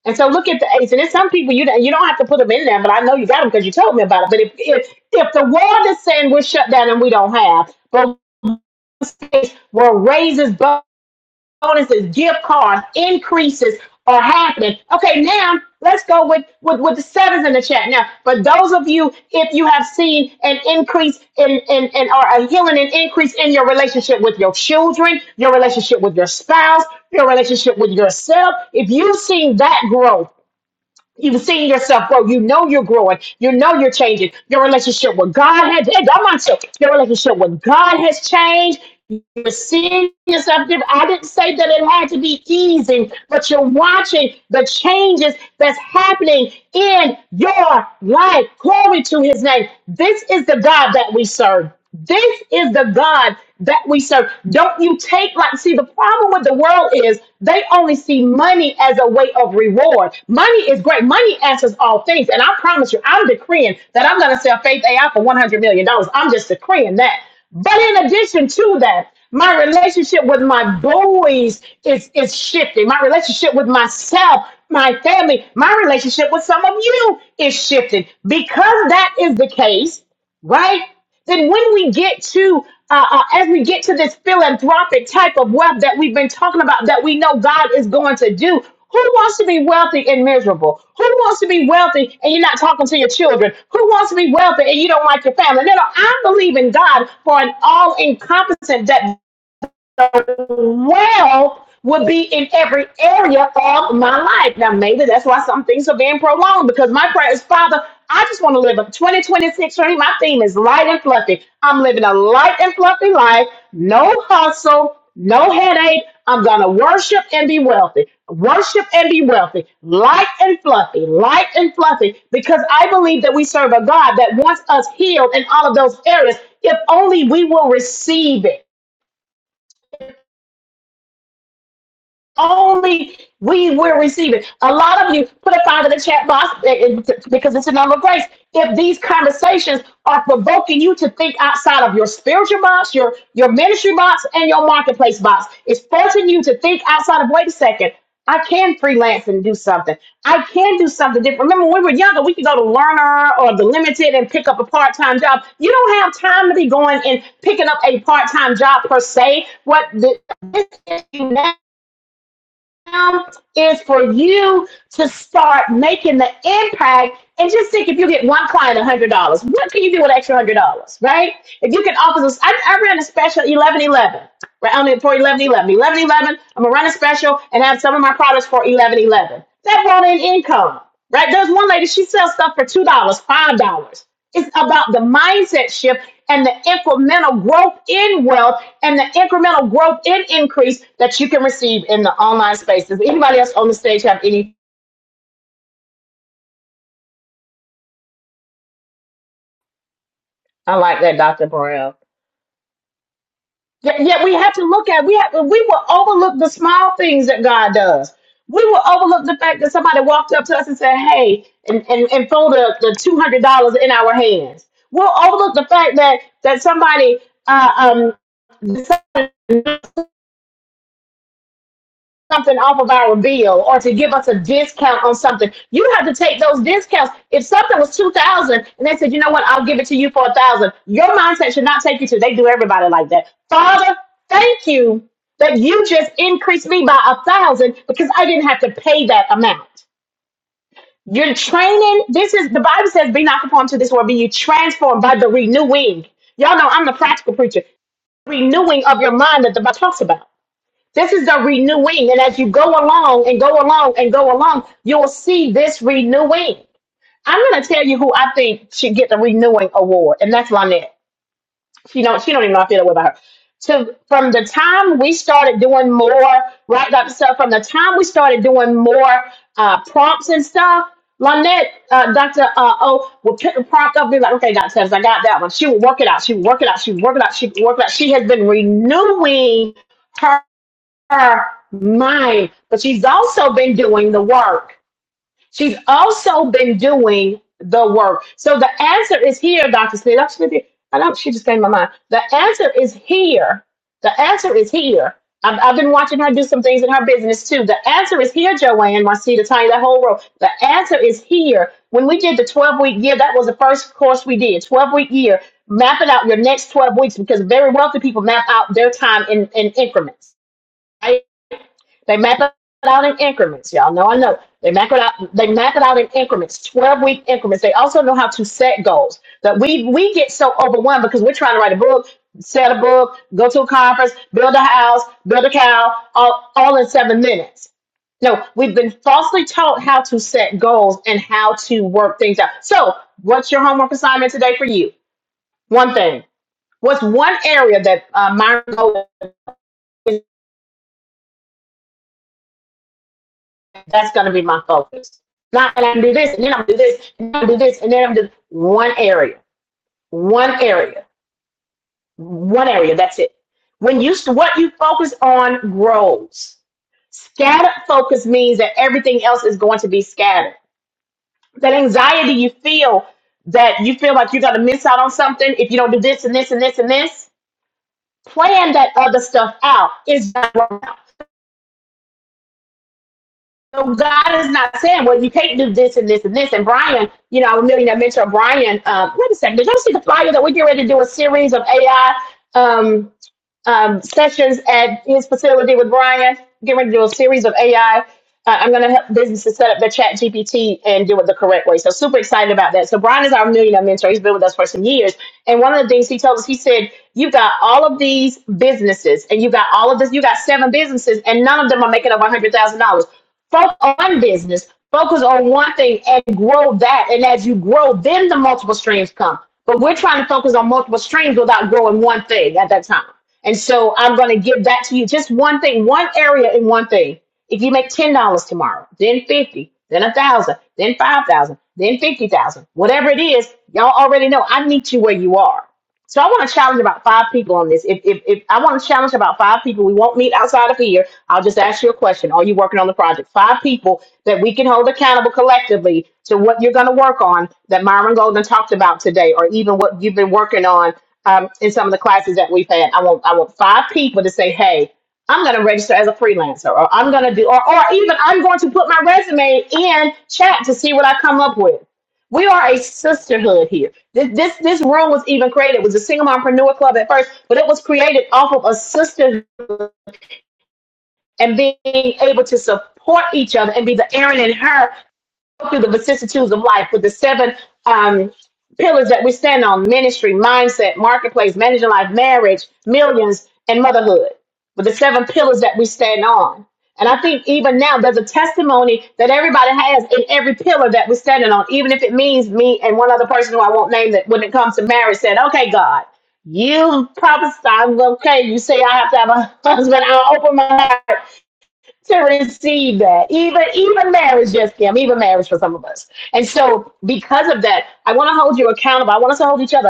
And so look at the eights. And there's some people you don't- you don't have to put them in there, but I know you got them because you told me about it. But if if if the world is saying we're shut down and we don't have, but we're raises both bonuses, gift cards, increases are happening. Okay, now let's go with, with, with the sevens in the chat. Now, for those of you, if you have seen an increase in, in, in or a healing and increase in your relationship with your children, your relationship with your spouse, your relationship with yourself, if you've seen that growth, You've seen yourself grow. You know you're growing. You know you're changing. Your relationship with God has changed. I'm on to your relationship with God has changed. You're seeing yourself different. I didn't say that it had to be easy, but you're watching the changes that's happening in your life. Glory to his name. This is the God that we serve. This is the God that we serve. Don't you take like see the problem with the world is they only see money as a way of reward. Money is great. Money answers all things. And I promise you, I'm decreeing that I'm gonna sell Faith AI for $100 million. dollars. I'm just decreeing that. But in addition to that, my relationship with my boys is, is shifting. My relationship with myself, my family, my relationship with some of you is shifting. Because that is the case, right? Then when we get to uh, uh, as we get to this philanthropic type of wealth that we've been talking about, that we know God is going to do. Who wants to be wealthy and miserable? Who wants to be wealthy and you're not talking to your children? Who wants to be wealthy and you don't like your family? No, no, I believe in God for an all encompassing that wealth would be in every area of my life. Now, maybe that's why some things are being prolonged because my prayer is, Father, I just want to live a 2026 dream. My theme is light and fluffy. I'm living a light and fluffy life, no hustle, no headache. I'm going to worship and be wealthy. Worship and be wealthy. Light and fluffy. Light and fluffy. Because I believe that we serve a God that wants us healed in all of those areas if only we will receive it. only we will receive it. A lot of you put it out in the chat box eh, eh, because it's a number of grace. If these conversations are provoking you to think outside of your spiritual box, your your ministry box, and your marketplace box, it's forcing you to think outside of. Wait a second. I can freelance and do something. I can do something different. Remember, when we were younger, we could go to Learner or The Limited and pick up a part time job. You don't have time to be going and picking up a part time job per se. What the, this is you now is for you to start making the impact and just think if you get one client $100 what can you do with extra $100 right if you can offer this i, I ran a special 1111 right on it for 1111 1111 i'm gonna run a special and have some of my products for 1111 that brought in income right there's one lady she sells stuff for $2 dollars, $5 It's about the mindset shift and the incremental growth in wealth and the incremental growth in increase that you can receive in the online space. Does anybody else on the stage have any? I like that, Dr. Burrell. Yet, yet we have to look at we have we will overlook the small things that God does. We will overlook the fact that somebody walked up to us and said, "Hey," and and, and throw the, the two hundred dollars in our hands. We'll overlook the fact that that somebody uh, um something off of our bill or to give us a discount on something. You have to take those discounts. If something was two thousand dollars and they said, you know what, I'll give it to you for a thousand, dollars, your mindset should not take you to. They do everybody like that. Father, thank you that you just increased me by a thousand dollars because I didn't have to pay that amount. You're training. This is the Bible says, "Be not conformed to this world, be you transformed by the renewing." Y'all know I'm the practical preacher. Renewing of your mind that the Bible talks about. This is the renewing. And as you go along and go along and go along, you'll see this renewing. I'm going to tell you who I think should get the renewing award, and that's Lynette. She don't, she don't even know I feel that way about her. To, from the time we started doing more, right? Like, so from the time we started doing more uh, prompts and stuff, Lynette, uh, Dr. Uh, O would pick a prompt up and be like, okay, Dr. Evans, I got that one. She would work it out. She would work it out. She would work it out. She would work it out. She has been renewing her mind, but she's also been doing the work. She's also been doing the work. So the answer is here, Dr. Smith. Dr. Smith, I don't, she just came to my mind. The answer is here. The answer is here. I've, I've been watching her do some things in her business too. The answer is here, Joanne, Marcita, Tanya, that whole row. The answer is here. When we did the 12 week year, that was the first course we did, 12 week year, mapping out your next 12 weeks because very wealthy people map out their time in, in increments. Right? They map it out in increments. Y'all know I know. They map it out, they map it out in increments, 12 week increments. They also know how to set goals. That we we get so overwhelmed because we're trying to write a book, set a book, go to a conference, build a house, build a cow, all, all in seven minutes. No, we've been falsely taught how to set goals and how to work things out. So, what's your homework assignment today for you? One thing. What's one area that uh, Myron Gold That's gonna be my focus. Not and I do this and then I'm going to do this and then I'm going to do this and then I'm going to do one area, one area, one area. That's it. When you what you focus on grows. Scattered focus means that everything else is going to be scattered. That anxiety you feel that you feel like you're gonna miss out on something if you don't do this and this and this and this. Plan that other stuff out. Is So God is not saying, well, you can't do this and this and this. And Brian, you know, our millionaire mentor Brian, um, wait a second, did y'all see the flyer that we get ready to do a series of AI um, um, sessions at his facility with Brian? Get ready to do a series of AI. I- I'm going to help businesses set up their chat GPT and do it the correct way. So super excited about that. So Brian is our millionaire mentor. He's been with us for some years. And one of the things he told us, he said, you've got all of these businesses and you have got all of this, you got seven businesses and none of them are making over $100,000. Focus on business, focus on one thing and grow that. And as you grow, then the multiple streams come. But we're trying to focus on multiple streams without growing one thing at that time. And so I'm going to give that to you. Just one thing, one area in one thing if you make ten dollars tomorrow, then fifty, then a thousand, then five thousand, then fifty thousand, whatever it is, y'all already know I meet you where you are. So I want to challenge about five people on this. If, if, if I want to challenge about five people, we won't meet outside of here. I'll just ask you a question. Are you working on the project? Five people that we can hold accountable collectively to what you're going to work on that Myron Golden talked about today, or even what you've been working on um, in some of the classes that we've had. I want I want five people to say, "Hey." I'm going to register as a freelancer, or I'm going to do, or, or even I'm going to put my resume in chat to see what I come up with. We are a sisterhood here. This, this, this room was even created. It was a single mompreneur club at first, but it was created off of a sisterhood and being able to support each other and be the Aaron and her through the vicissitudes of life with the seven um, pillars that we stand on ministry, mindset, marketplace, managing life, marriage, millions, and motherhood. With the seven pillars that we stand on. And I think even now there's a testimony that everybody has in every pillar that we're standing on, even if it means me and one other person who I won't name that when it comes to marriage said, Okay, God, you prophesied, okay, you say I have to have a husband, I'll open my mouth to receive that. Even even marriage, yes, Kim, even marriage for some of us. And so because of that, I want to hold you accountable. I want us to hold each other.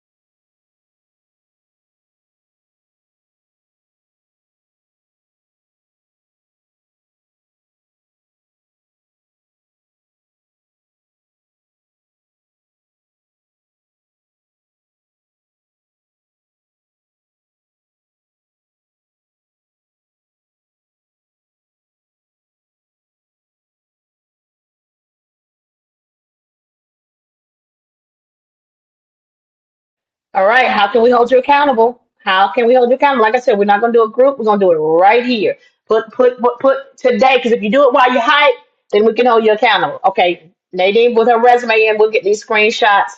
All right, how can we hold you accountable? How can we hold you accountable? Like I said, we're not gonna do a group, we're gonna do it right here. Put put put put today, because if you do it while you're hype, then we can hold you accountable. Okay, Nadine with her resume and we'll get these screenshots.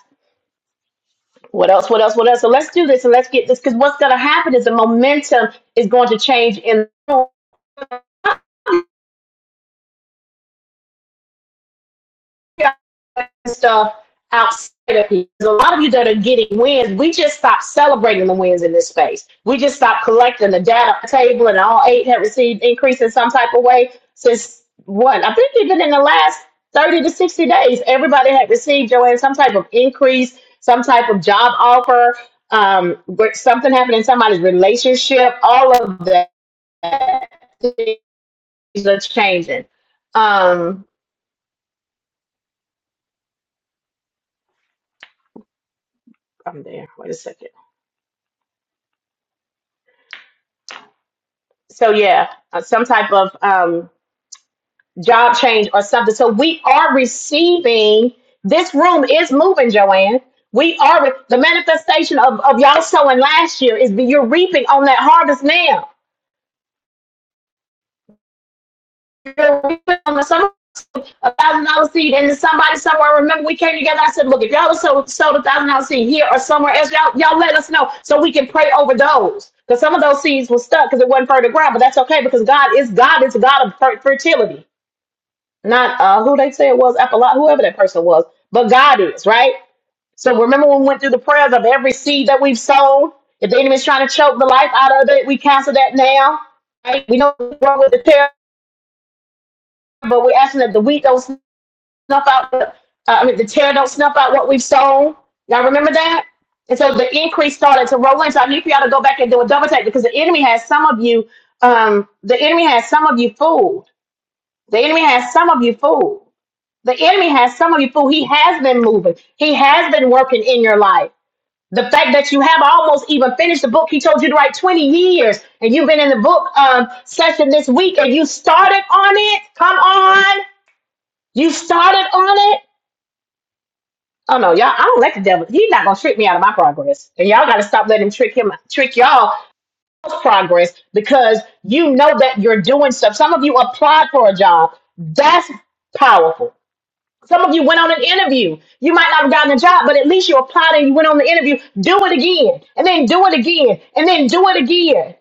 What else? What else? What else? So let's do this and let's get this because what's going to happen is the momentum is going to change in stuff outside of here. There's a lot of you that are getting wins. We just stopped celebrating the wins in this space. We just stopped collecting the data table, and all eight have received increase in some type of way since what? I think even in the last 30 to 60 days, everybody had received, Joanne, some type of increase, some type of job offer, um, but something happened in somebody's relationship. All of that things are changing. Um, I'm there. Wait a second. so yeah, uh, some type of um, job change or something. So we are receiving. This room is moving, Joanne. We are re- the manifestation of, of y'all sowing last year is that you're reaping on that harvest now. You're reaping on the summer a thousand dollar seed, and then somebody somewhere. Remember, we came together. I said, "Look, if y'all sold sold a thousand dollar seed here or somewhere else, y'all y'all let us know so we can pray over those." Because some of those seeds were stuck because it wasn't fertile ground, but that's okay because God is God is a God of fer- fertility. not uh who they say it was, Apollo, whoever that person was, but God is, right? So remember when we went through the prayers of every seed that we've sown? If the enemy's trying to choke the life out of it, we cancel that now. Right? We know we're wrong with the tear, but we're asking that the wheat don't snuff out the uh, I mean the tear don't snuff out what we've sown. Y'all remember that? And so the increase started to roll in. So I need for y'all to go back and do a double take because the enemy has some of you, um, the enemy has some of you fooled. The enemy has some of you fooled The enemy has some of you fool. He has been moving. He has been working in your life. The fact that you have almost even finished the book, he told you to write 20 years, and you've been in the book um, session this week, and you started on it. Come on, you started on it. Oh no, y'all! I don't let the devil. He's not gonna trick me out of my progress, and y'all got to stop letting him trick him, trick y'all out of progress because you know that you're doing stuff. Some of you applied for a job. That's powerful Some of you went on an interview. You might not have gotten a job, but at least you applied and you went on the interview. Do it again, and then do it again, and then do it again.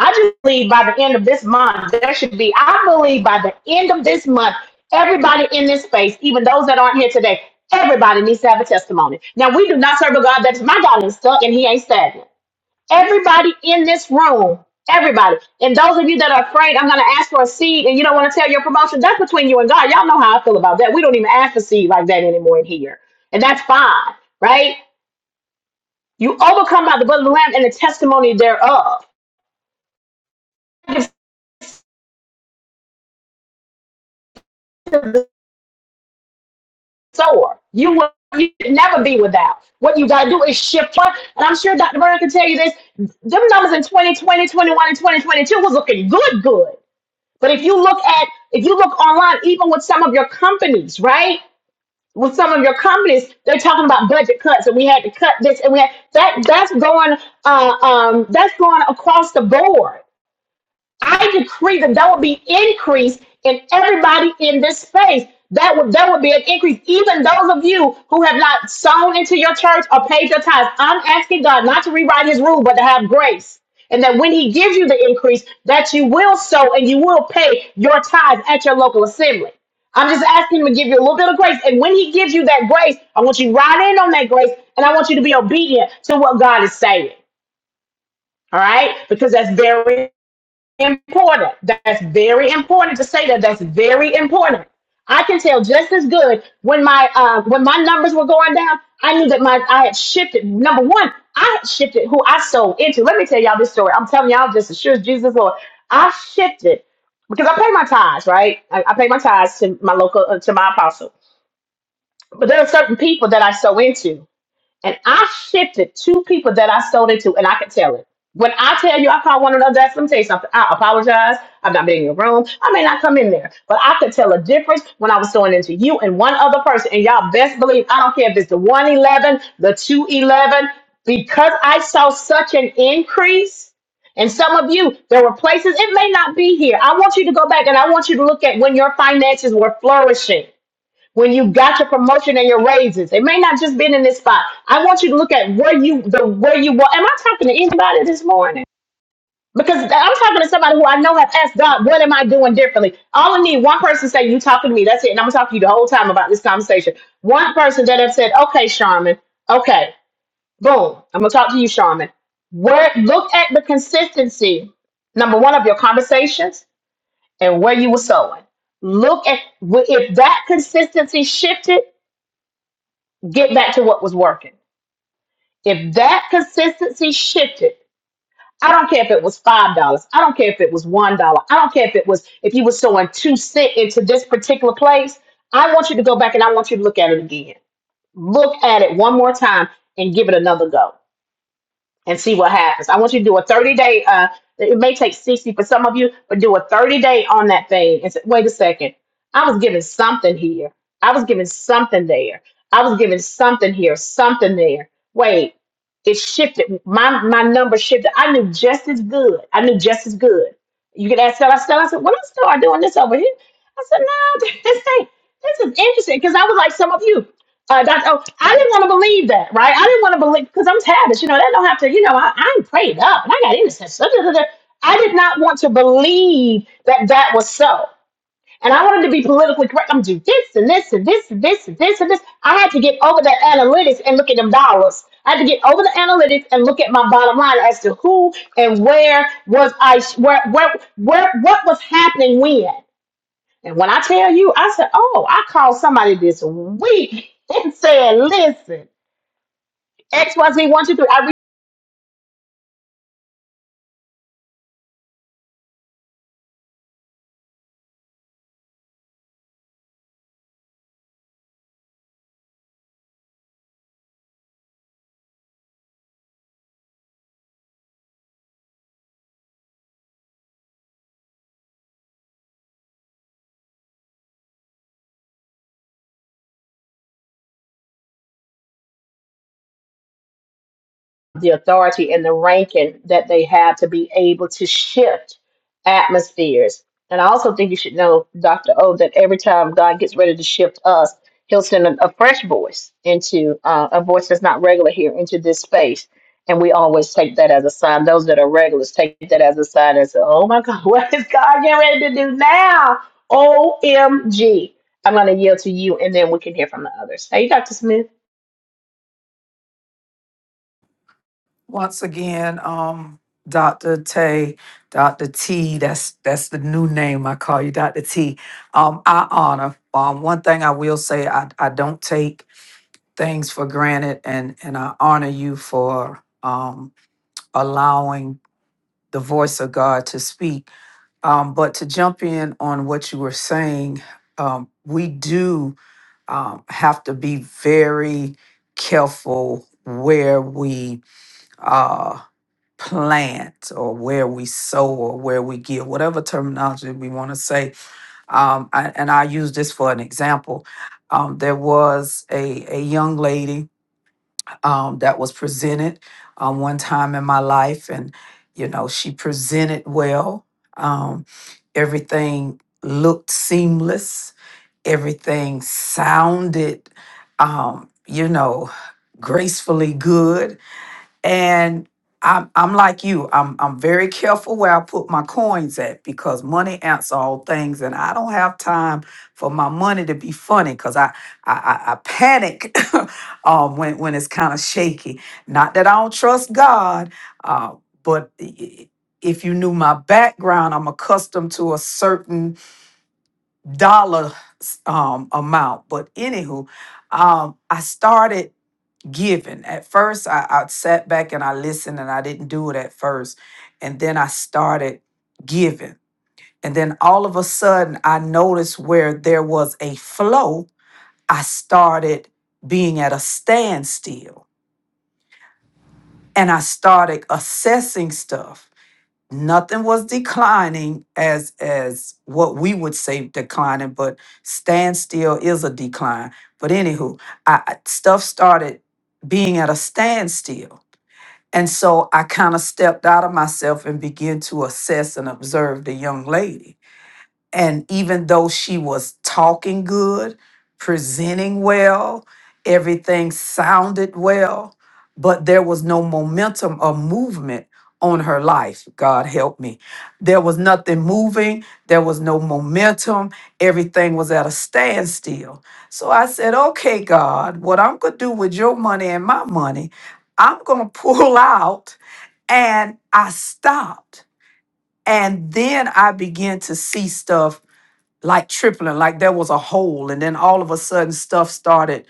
I just believe by the end of this month, there should be, I believe by the end of this month, everybody in this space, even those that aren't here today, everybody needs to have a testimony. Now, we do not serve a God that's my God is stuck and he ain't stagnant. Everybody in this room, everybody. And those of you that are afraid, I'm going to ask for a seed and you don't want to tell your promotion, that's between you and God. Y'all know how I feel about that. We don't even ask for seed like that anymore in here. And that's fine, right? You overcome by the blood of the Lamb and the testimony thereof. So you will you can never be without. What you got to do is shift front. And I'm sure Dr. Vernon can tell you this. Them numbers in 2020, 21, and 2022 was looking good, good. But if you look at, if you look online, even with some of your companies, right? with some of your companies, they're talking about budget cuts, and we had to cut this, and we had that. That's going, uh, um, that's going across the board. I decree that there will be increase in everybody in this space. That would there would be an increase, even those of you who have not sown into your church or paid your tithes. I'm asking God not to rewrite His rule, but to have grace, and that when He gives you the increase, that you will sow and you will pay your tithes at your local assembly. I'm just asking him to give you a little bit of grace. And when he gives you that grace, I want you to ride in on that grace. And I want you to be obedient to what God is saying. All right? Because that's very important. That's very important to say that. That's very important. I can tell just as good when my uh, when my numbers were going down. I knew that my I had shifted. Number one, I had shifted who I sold into. Let me tell y'all this story. I'm telling y'all just as sure as Jesus Lord. I shifted because I pay my tithes, right? I, I pay my tithes to my local uh, to my apostle. But there are certain people that I sow into and I shifted two people that I sold into, and I could tell it. When I tell you I called one another. let me tell you something. I apologize. I've not been in your room. I may not come in there, but I could tell a difference when I was going into you and one other person. And y'all best believe, I don't care if it's the 111, the 211, because I saw such an increase. And some of you, there were places, it may not be here. I want you to go back and I want you to look at when your finances were flourishing when you got your promotion and your raises. It may not just been in this spot. I want you to look at where you the where you were. Am I talking to anybody this morning? Because I'm talking to somebody who I know have asked God, what am I doing differently? All I need one person say, You talking to me, that's it. And I'm gonna talk to you the whole time about this conversation. One person that have said, Okay, Charmin, okay, boom, I'm gonna talk to you, Charmin. Where look at the consistency, number one, of your conversations and where you were sowing. Look at if that consistency shifted get back to what was working. If that consistency shifted, I don't care if it was five dollars. I don't care if it was one dollar. I don't care if it was if you were sowing two cent into this particular place. I want you to go back and I want you to look at it again. Look at it one more time and give it another go and see what happens. I want you to do a 30 day, uh, it may take 60 for some of you, but do a 30 day on that thing and say, wait a second, I was given something here. I was given something there. I was given something here, something there. Wait, it shifted. My my number shifted. I knew just as good. I knew just as good. You could ask Stella. Stella I said, when I started doing this over here, I said, no, this ain't, this is interesting. Because I was like some of you. Uh, Dr. O, I didn't want to believe that, right? I didn't want to believe because I'm Tavish, you know, that don't have to, you know, I, I'm prayed up and I got innocence. Da, da, da, da. I did not want to believe that that was so. And I wanted to be politically correct. I'm do this and this and this and this and this and this. I had to get over the analytics and look at them dollars. I had to get over the analytics and look at my bottom line as to who and where was I, where, where, where, what was happening when. And when I tell you, I said, oh, I called somebody this week and said, listen, X, Y, Z, one, two, three. the authority and the ranking that they have to be able to shift atmospheres. And I also think you should know, Dr. O, that every time God gets ready to shift us, he'll send a, a fresh voice into uh, a voice that's not regular here into this space. And we always take that as a sign. Those that are regulars take that as a sign and say, oh my God, what is God getting ready to do now? O M am going to yield to you and then we can hear from the others. Hey, Dr. Smith.
Once again, um, Dr. Tay, Dr. T, that's that's the new name I call you, Dr. T. Um, I honor. Um, one thing I will say, I, I don't take things for granted and and I honor you for um allowing the voice of God to speak. Um, but to jump in on what you were saying, um, we do um, have to be very careful where we uh, plant or where we sow or where we give, whatever terminology we want to say. Um, I, and I use this for an example. Um, there was a, a young lady um, that was presented um, one time in my life, and you know she presented well. Um, everything looked seamless. Everything sounded, um, you know, gracefully good and I'm I'm like you. I'm I'm very careful where I put my coins at because money answers all things, and I don't have time for my money to be funny because I, I I I panic um, when when it's kind of shaky. Not that I don't trust God, uh, but i- i- if you knew my background, I'm accustomed to a certain dollar um, amount. But anywho, um, I started giving. At first, I, I sat back and I listened and I didn't do it at first. And then I started giving. And then all of a sudden, I noticed where there was a flow, I started being at a standstill and I started assessing stuff. Nothing was declining as as what we would say declining, but standstill is a decline. But anywho, I I- stuff started being at a standstill And so I kind of stepped out of myself and began to assess and observe the young lady. And even though she was talking good, presenting well, everything sounded well, but there was no momentum or movement on her life. God help me. There was nothing moving, there was no momentum, everything was at a standstill. So I said, Okay, God, what I'm going to do with your money and my money, I'm going to pull out. And I stopped. And then I began to see stuff like tripling, like there was a hole, and then all of a sudden stuff started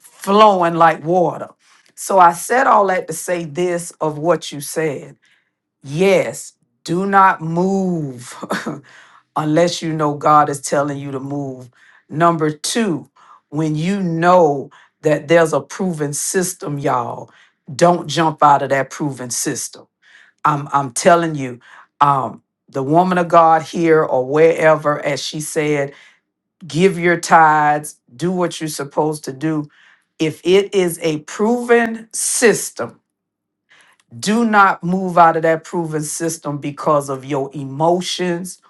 flowing like water. So I said all that to say this of what you said. Yes, do not move unless you know God is telling you to move. Number two, when you know that there's a proven system, y'all, don't jump out of that proven system. I'm I'm telling you, um, the woman of God here or wherever, as she said, give your tithes, do what you're supposed to do. If it is a proven system, do not move out of that proven system because of your emotions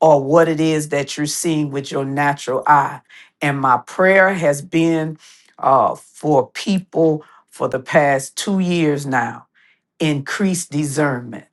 or what it is that you're seeing with your natural eye. And my prayer has been uh, for people for the past two years now increase discernment.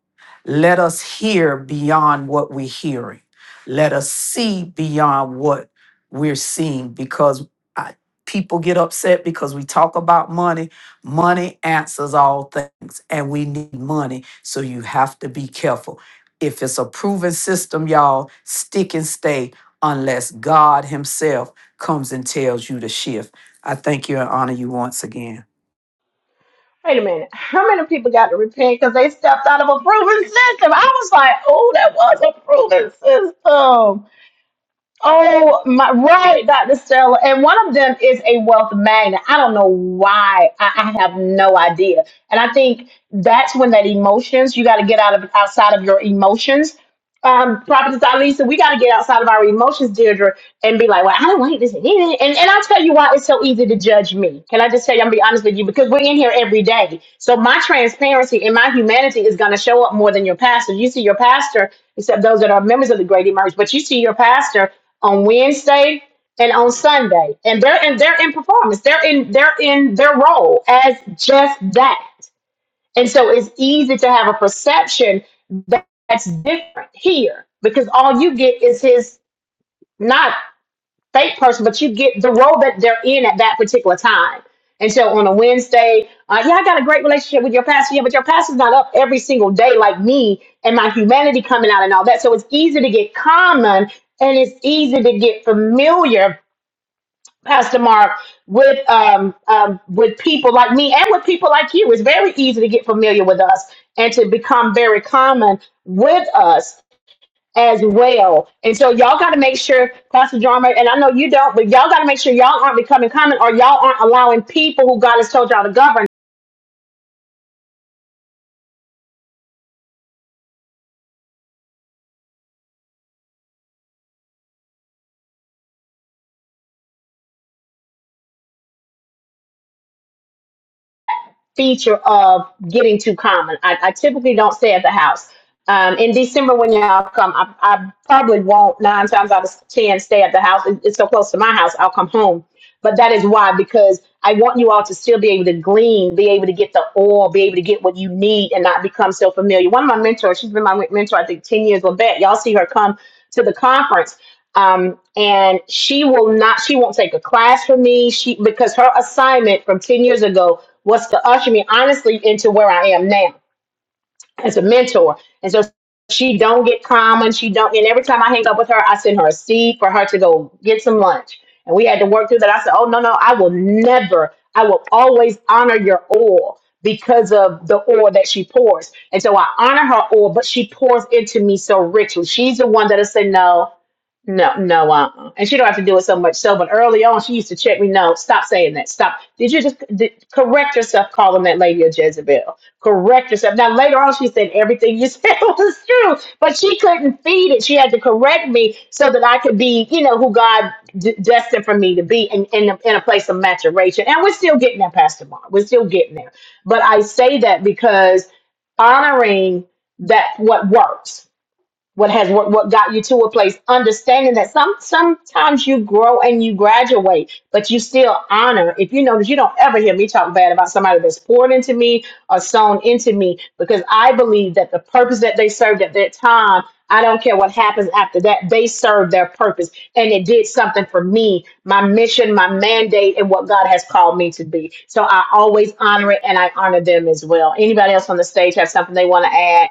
Let us hear beyond what we're hearing. Let us see beyond what we're seeing because I, people get upset because we talk about money. Money answers all things, and we need money. So you have to be careful. If it's a proven system, y'all, stick and stay unless God Himself comes and tells you to shift. I thank you and honor you once again.
Wait a minute. How many people got to repent because they stepped out of a proven system? I was like, oh, that was a proven system. Oh my right, Dr. Sterling. And one of them is a wealth magnet. I don't know why. I, I have no idea. And I think that's when that emotions, you gotta get out of outside of your emotions. Um, Prophetess Alisa, we gotta get outside of our emotions, Deirdre, and be like, Well, I don't like this. And, and I'll tell you why it's so easy to judge me. Can I just tell you, I'm gonna be honest with you, because we're in here every day. So my transparency and my humanity is gonna show up more than your pastor. You see your pastor except those that are members of the Great Emerge. But you see your pastor on Wednesday and on Sunday, and they're and they're in performance. They're in they're in their role as just that. And so it's easy to have a perception that- that's different here because all you get is his not fake person, but you get the role that they're in at that particular time. And so on a Wednesday, uh, yeah, I got a great relationship with your pastor. Yeah, but your pastor's not up every single day like me and my humanity coming out and all that. So it's easy to get common and it's easy to get familiar, Pastor Mark, with um, um, with people like me and with people like you. It's very easy to get familiar with us and to become very common with us as well. And so y'all got to make sure, Pastor Jarmer, and I know you don't, but y'all got to make sure y'all aren't becoming common or y'all aren't allowing people who God has told y'all to govern. feature of getting too common. I, I typically don't stay at the house. Um, in December, when y'all come, I, I probably won't nine times out of ten stay at the house. It- It's so close to my house, I'll come home. But that is why, because I want you all to still be able to glean, be able to get the oil, be able to get what you need and not become so familiar. One of my mentors, she's been my mentor, I think, 10 years, Levette, y'all see her come to the conference um, and she will not she won't take a class from me she because her assignment from 10 years ago was to usher me honestly into where i am now as a mentor and so she don't get common she don't and every time i hang up with her i send her a seed for her to go get some lunch and we had to work through that i said oh no no i will never i will always honor your oil because of the oil that she pours and so i honor her oil but she pours into me so richly she's the one that'll say no no, no, uh-uh. And she don't have to do it so much so, but early on she used to check me, no, stop saying that. Stop. Did you just did, correct yourself calling that lady a Jezebel? Correct yourself. Now later on she said everything you said was true, but she couldn't feed it. She had to correct me so that I could be, you know, who God d- destined for me to be in, in, a, in a place of maturation. And we're still getting there, Pastor Mark. We're still getting there. But I say that because honoring that what works what has what, what got you to a place understanding that some sometimes you grow and you graduate but you still honor if you notice you don't ever hear me talk bad about somebody that's poured into me or sown into me because i believe that the purpose that they served at that time i don't care what happens after that they served their purpose and it did something for me my mission my mandate and what god has called me to be so i always honor it and i honor them as well anybody else on the stage have something they want to add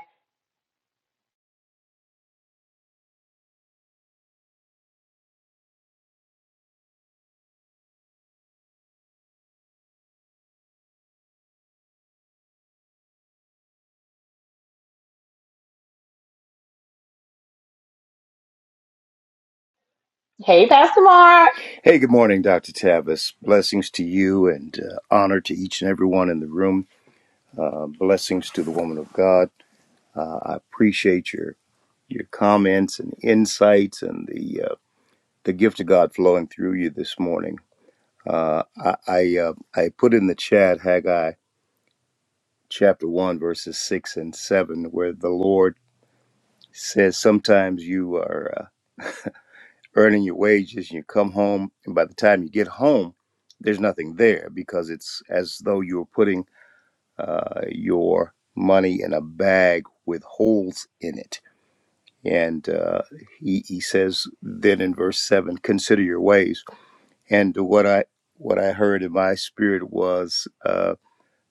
hey pastor mark
Hey, good morning, Dr. Tavis. Blessings to you and uh, honor to each and everyone in the room. Uh, blessings to the woman of God. Uh, I appreciate your your comments and insights and the uh, the gift of God flowing through you this morning. Uh, I I, uh, I put in the chat Haggai chapter one verses six and seven, where the Lord says, "Sometimes you are uh, earning your wages, and you come home, and by the time you get home, there's nothing there because it's as though you were putting uh, your money in a bag with holes in it. And uh, he, he says then in verse seven, consider your ways. And what I what I heard in my spirit was uh,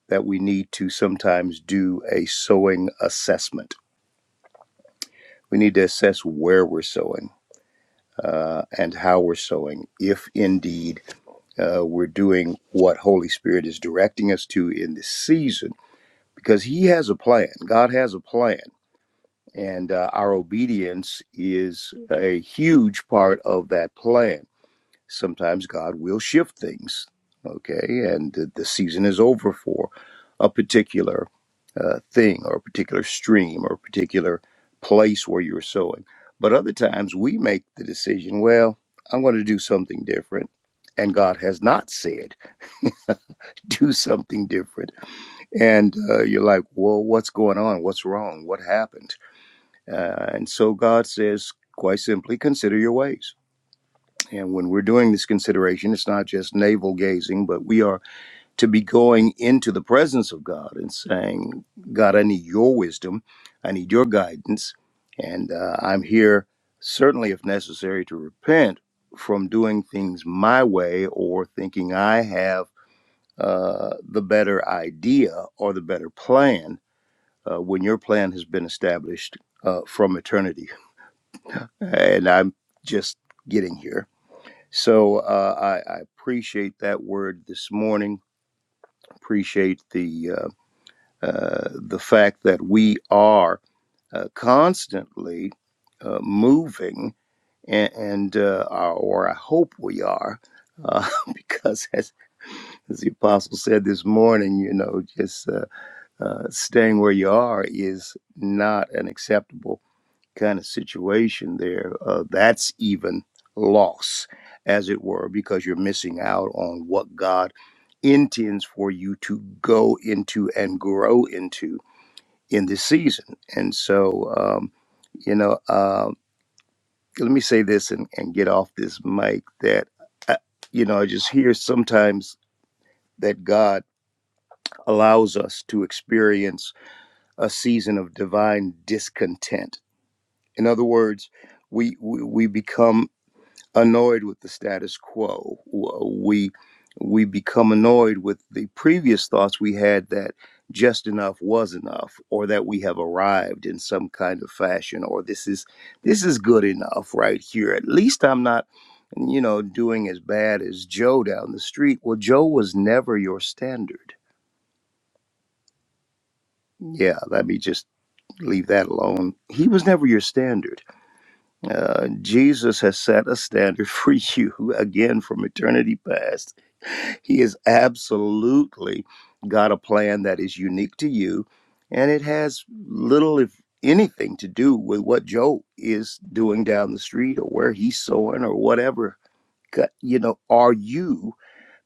that we need to sometimes do a sowing assessment. We need to assess where we're sowing uh, and how we're sowing, if indeed uh, we're doing what Holy Spirit is directing us to in this season, because He has a plan. God has a plan And uh, our obedience is a huge part of that plan. Sometimes God will shift things, okay? And the, season is over for a particular uh, thing or a particular stream or a particular place where you're sowing. But other times we make the decision, well, I'm going to do something different. And God has not said, do something different. And uh, you're like, well, what's going on? What's wrong? What happened? Uh, and so God says, quite simply, consider your ways. And when we're doing this consideration, it's not just navel gazing, but we are to be going into the presence of God and saying, God, I need your wisdom. I need your guidance. And uh, I'm here, certainly, if necessary, to repent from doing things my way or thinking I have uh, the better idea or the better plan uh, when your plan has been established uh, from eternity and I'm just getting here. So uh, I, I appreciate that word this morning. Appreciate the uh, uh, the fact that we are uh, constantly uh, moving, and, and uh, are- or I hope we are. Uh, because as, as the apostle said this morning, you know, just uh, uh, staying where you are is not an acceptable kind of situation there, uh, that's even loss, as it were, because you're missing out on what God intends for you to go into and grow into in this season. And so, um, you know, uh, let me say this and, and get off this mic that, I, you know, I just hear sometimes that God allows us to experience a season of divine discontent. In other words, we, we, we become annoyed with the status quo. We we become annoyed with the previous thoughts we had that just enough was enough, or that we have arrived in some kind of fashion, or this is this is good enough right here. At least I'm not, you know, doing as bad as Joe down the street. Well, Joe was never your standard. Yeah, let me just leave that alone. He was never your standard. Uh, Jesus has set a standard for you again from eternity past He has absolutely got a plan that is unique to you, and it has little, if anything, to do with what Joe is doing down the street or where he's sowing or whatever. Got- You know, are you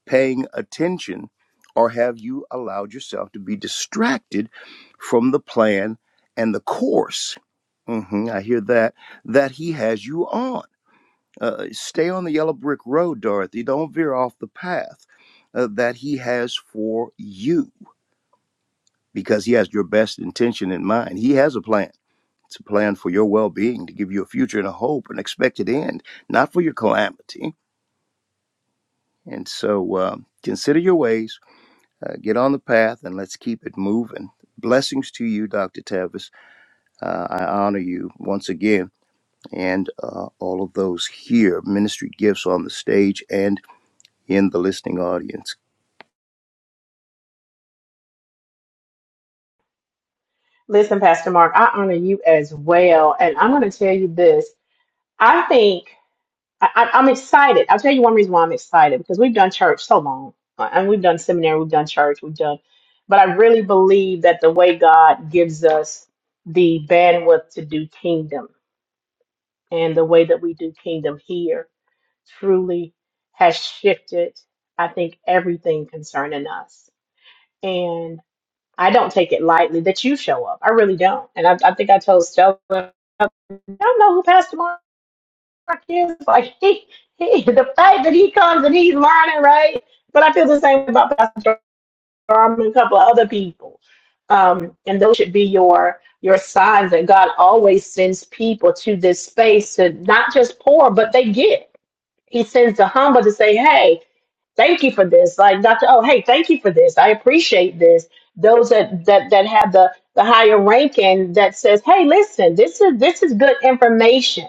paying attention or have you allowed yourself to be distracted from the plan and the course? hmm I hear that, that he has you on. Uh, stay on the yellow brick road, Dorothy. Don't veer off the path uh, that He has for you because He has your best intention in mind. He has a plan. It's a plan for your well being, to give you a future and a hope, an expected end, not for your calamity. And so um, consider your ways, uh, get on the path, and let's keep it moving. Blessings to you, Dr. Tavis. Uh, I honor you once again and uh, all of those here, ministry gifts on the stage and in the listening audience.
Listen, Pastor Mark, I honor you as well. And I'm going to tell you this. I think I, I- I'm excited. I'll tell you one reason why I'm excited because we've done church so long. Uh, And we've done seminary, we've done church, we've done, but I really believe that the way God gives us the bandwidth to do kingdom and the way that we do kingdom here truly has shifted, I think, everything concerning us. I don't take it lightly that you show up. I really don't. And I, I think I told Stella, I don't know who Pastor Mark is. Like he, he, the fact that he comes and he's learning, right? But I feel the same about Pastor Darman and a couple of other people. Um, and those should be your your signs that God always sends people to this space to not just pour, but they give. He sends the humble to say, hey, thank you for this. Like Dr. Oh, hey, thank you for this. I appreciate this. Those that that that have the the higher ranking that says, hey, listen, this is this is good information.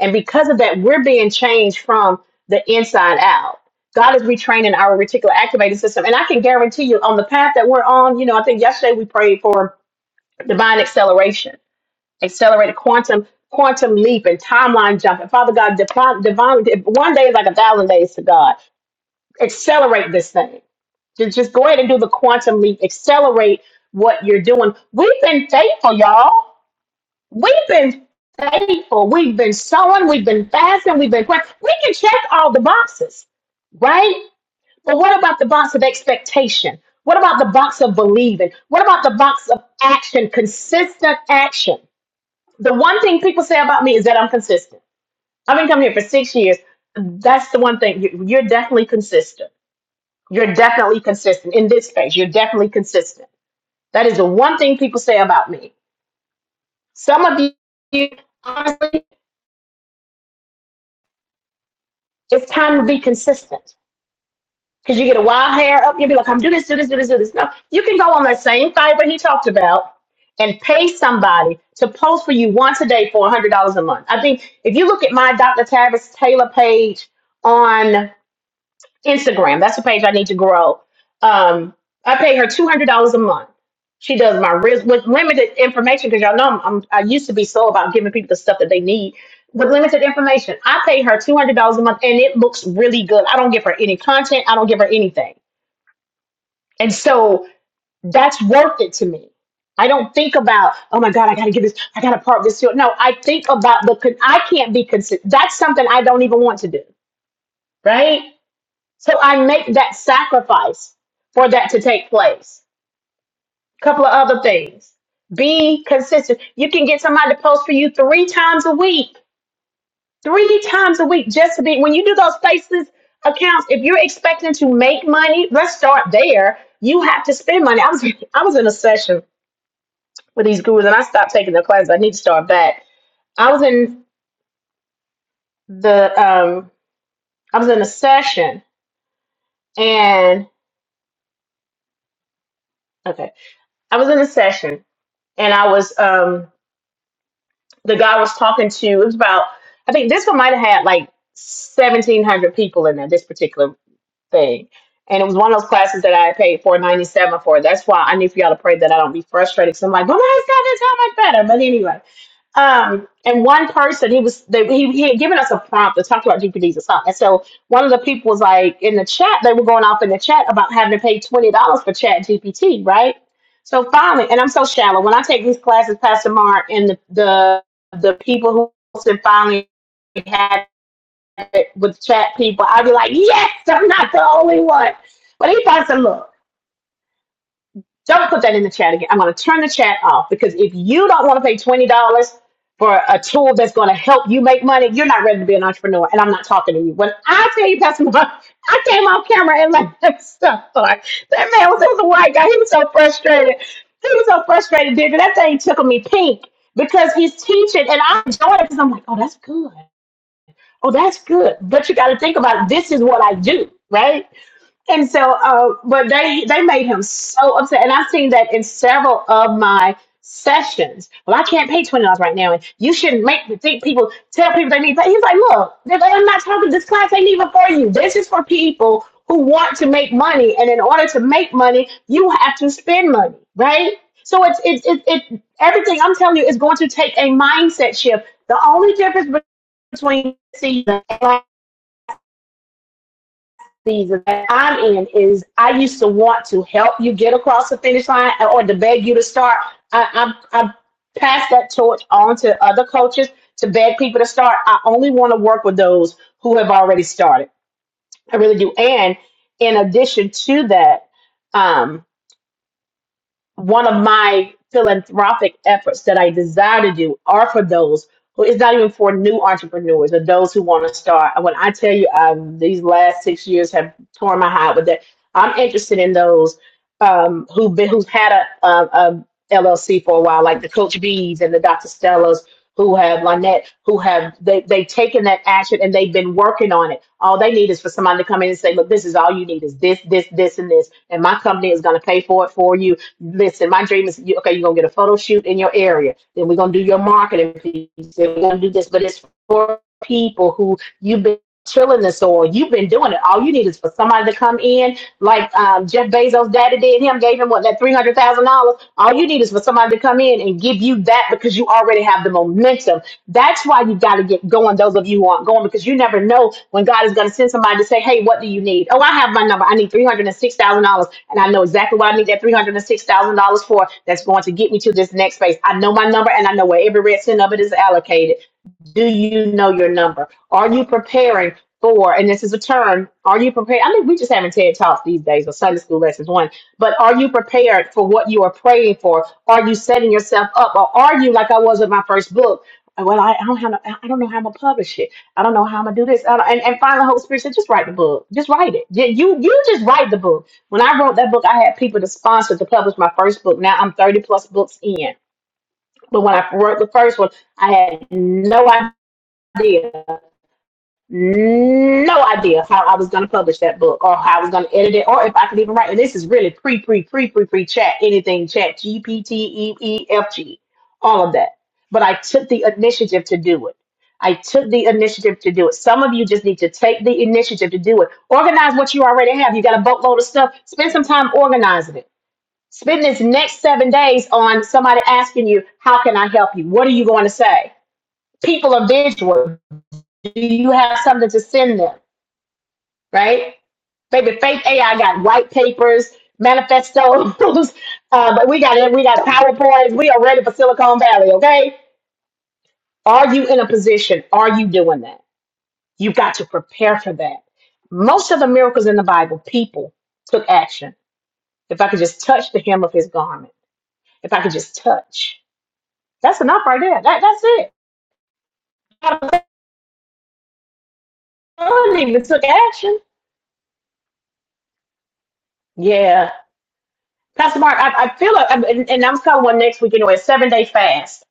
And because of that, we're being changed from the inside out. God is retraining our reticular activating system. And I can guarantee you on the path that we're on, you know, I think yesterday we prayed for divine acceleration accelerated quantum quantum leap and timeline jump. And Father God, divine, divine, one day is like a thousand days to God. Accelerate this thing. Just, just go ahead and do the quantum leap. Accelerate what you're doing. We've been faithful, y'all. We've been faithful. We've been sowing. We've been fasting. We've been praying. We can check all the boxes, right? But what about the box of expectation? What about the box of believing? What about the box of action, consistent action? the one thing people say about me is that I'm consistent. I've been coming here for six years. That's the one thing. You- You're definitely consistent. You're definitely consistent in this space. You're definitely consistent. That is the one thing people say about me. Some of you, honestly, it's time to be consistent because you get a wild hair up. You'll be like, I'm doing this, do this, do this, do this. No, you can go on that same fiber he talked about and pay somebody to post for you once a day for $100 a month. I think if you look at my Dr. Tavis Taylor page on Instagram. That's the page I need to grow. Um, I pay her two hundred dollars a month. She does my ris with limited information because y'all know I'm, I'm I used to be so about giving people the stuff that they need with limited information. I pay her two hundred dollars a month, and it looks really good. I don't give her any content. I don't give her anything, and so that's worth it to me. I don't think about oh my god, I got to give this, I got to part this. Here. No, I think about the con- I can't be considered. That's something I don't even want to do, right? So I make that sacrifice for that to take place. A couple of other things. Be consistent. You can get somebody to post for you three times a week. Three times a week just to be when you do those faces accounts, if you're expecting to make money, let's start there. You have to spend money. I was I was in a session with these gurus and I stopped taking their classes. I need to start back. I was in the um I was in a session and okay. I was in a session and I was um the guy was talking to it was about i think this one might have had like 1700 people in there this particular thing and it was one of those classes that i paid 497 for that's why i need for y'all to pray that i don't be frustrated because i'm like but why is that this how much better but anyway um, and one person he was they, he, he had given us a prompt to talk about GPDs and stuff And so one of the people was like in the chat, they were going off in the chat about having to pay twenty dollars for Chat GPT, right? So finally, and I'm so shallow. When I take these classes, Pastor Mark and the the, the people who hosted finally had it with chat people, I'd be like, yes, I'm not the only one. But he finds a look. Don't put that in the chat again. I'm going to turn the chat off because if you don't want to pay twenty dollars for a tool that's going to help you make money, you're not ready to be an entrepreneur. And I'm not talking to you. When I tell you, Pastor Mark, I came off camera and let that stuff start. That man was, it was a white guy. He was so frustrated. He was so frustrated, dude. That thing took me pink because he's teaching, and I enjoyed it because I'm like, oh, that's good. Oh, that's good. But you got to think about it. this is what I do, right? And so, uh, but they they made him so upset, and I've seen that in several of my sessions. Well, I can't pay twenty dollars right now, and you shouldn't make think people tell people they need. Pay. He's like, look, they- they- I'm not talking. This class ain't even for you. This is for people who want to make money, and in order to make money, you have to spend money, right? So it's it's it, it everything I'm telling you is going to take a mindset shift. The only difference between season that I'm in is I used to want to help you get across the finish line or to beg you to start. I, I, I pass that torch on to other coaches to beg people to start. I only want to work with those who have already started. I really do. And in addition to that, um one of my philanthropic efforts that I desire to do are for those who it's not even for new entrepreneurs or those who want to start. When I tell you, um, these last six years have torn my heart with that. I'm interested in those um, who've been who's had a, LLC for a while, like the Coach Bees and the Dr. Stellas, who have Lynette, who have they they've taken that action and they've been working on it. All they need is for somebody to come in and say, "Look, this is all you need is this, this, this, and this," and my company is going to pay for it for you Listen, my dream is you- okay. You're gonna get a photo shoot in your area. Then we're gonna do your marketing piece. Then we're gonna do this, but it's for people who you've been chilling this or You've been doing it. All you need is for somebody to come in, like um, Jeff Bezos' daddy did him, gave him what that three hundred thousand dollars. All you need is for somebody to come in and give you that because you already have the momentum that's why you got to get going, those of you who aren't going, because you never know when God is going to send somebody to say, hey, what do you need? Oh, I have my number. I need $306,000. And I know exactly what I need that $306,000 for that's going to get me to this next phase. I know my number and I know where every red cent of it is allocated. Do you know your number? Are you preparing for, and this is a term, are you prepared? I mean, we just having TED Talks these days or Sunday school lessons one, but are you prepared for what you are praying for? Are you setting yourself up? Or are you like I was with my first book? Well, I, I don't have, no, I don't know how I'm gonna publish it. I don't know how I'm gonna do this. I don't- and, and finally, Holy Spirit said, just write the book. Just write it. You, you, you just write the book. When I wrote that book, I had people to sponsor to publish my first book. Now I'm 30 plus books in. But when I wrote the first one, I had no idea idea, no idea how I was going to publish that book or how I was going to edit it or if I could even write. And this is really pre, pre, pre, pre, pre chat, anything chat, G P T E E F G. all of that. But I took the initiative to do it. I took the initiative to do it. Some of you just need to take the initiative to do it. Organize what you already have. You got a boatload of stuff. Spend some time organizing it. Spend this next seven days on somebody asking you, How can I help you? What are you going to say? People are visual. Do you have something to send them? Right? Baby, faith AI got white papers, manifestos, uh, but we got it. We got PowerPoints. We are ready for Silicon Valley. Okay? Are you in a position? Are you doing that? You've got to prepare for that. Most of the miracles in the Bible, people took action. If I could just touch the hem of his garment, if I could just touch, that's enough right there. That, that's it. I don't even took action. Yeah, Pastor Mark, I, I feel like, and, and I'm covering one next week anyway, a seven day fast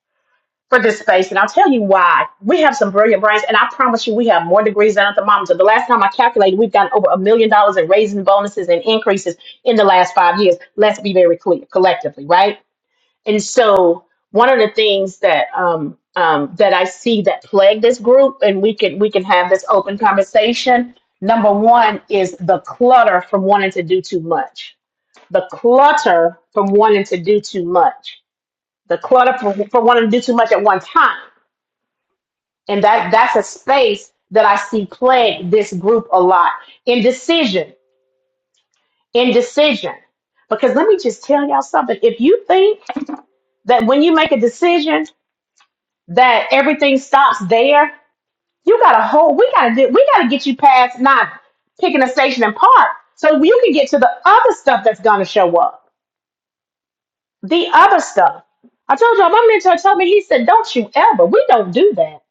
for this space. And I'll tell you why. We have some brilliant brains, and I promise you, we have more degrees than a thermometer. The last time I calculated, we've gotten over a million dollars in raising bonuses and increases in the last five years. Let's be very clear collectively, right? And so, one of the things that um, um, that I see that plague this group, and we can we can have this open conversation. Number one is the clutter from wanting to do too much the clutter from wanting to do too much, the clutter from, from wanting to do too much at one time. And that that's a space that I see plague this group a lot. Indecision, indecision. Because let me just tell y'all something. If you think that when you make a decision that everything stops there, you got a whole we gotta do we gotta get you past not picking a station and park so you can get to the other stuff that's gonna show up the other stuff. I told y'all, my mentor told me, he said, Don't you ever, we don't do that.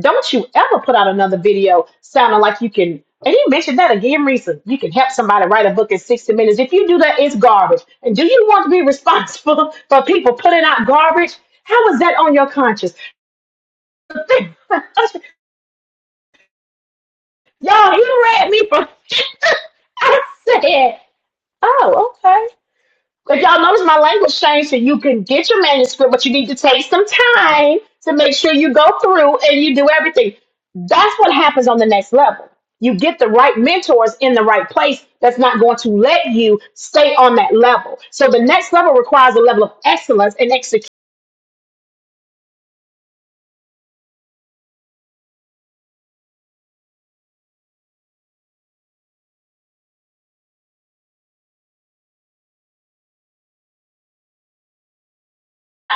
Don't you ever put out another video sounding like you can. And he mentioned that again recently. You can help somebody write a book in 60 minutes. If you do that, it's garbage. And do you want to be responsible for people putting out garbage? How is that on your conscience? The thing, y'all, you read me from. I said, Oh, okay. If y'all notice my language changed, so you can get your manuscript, but you need to take some time to make sure you go through and you do everything. That's what happens on the next level. You get the right mentors in the right place that's not going to let you stay on that level. So the next level requires a level of excellence and execution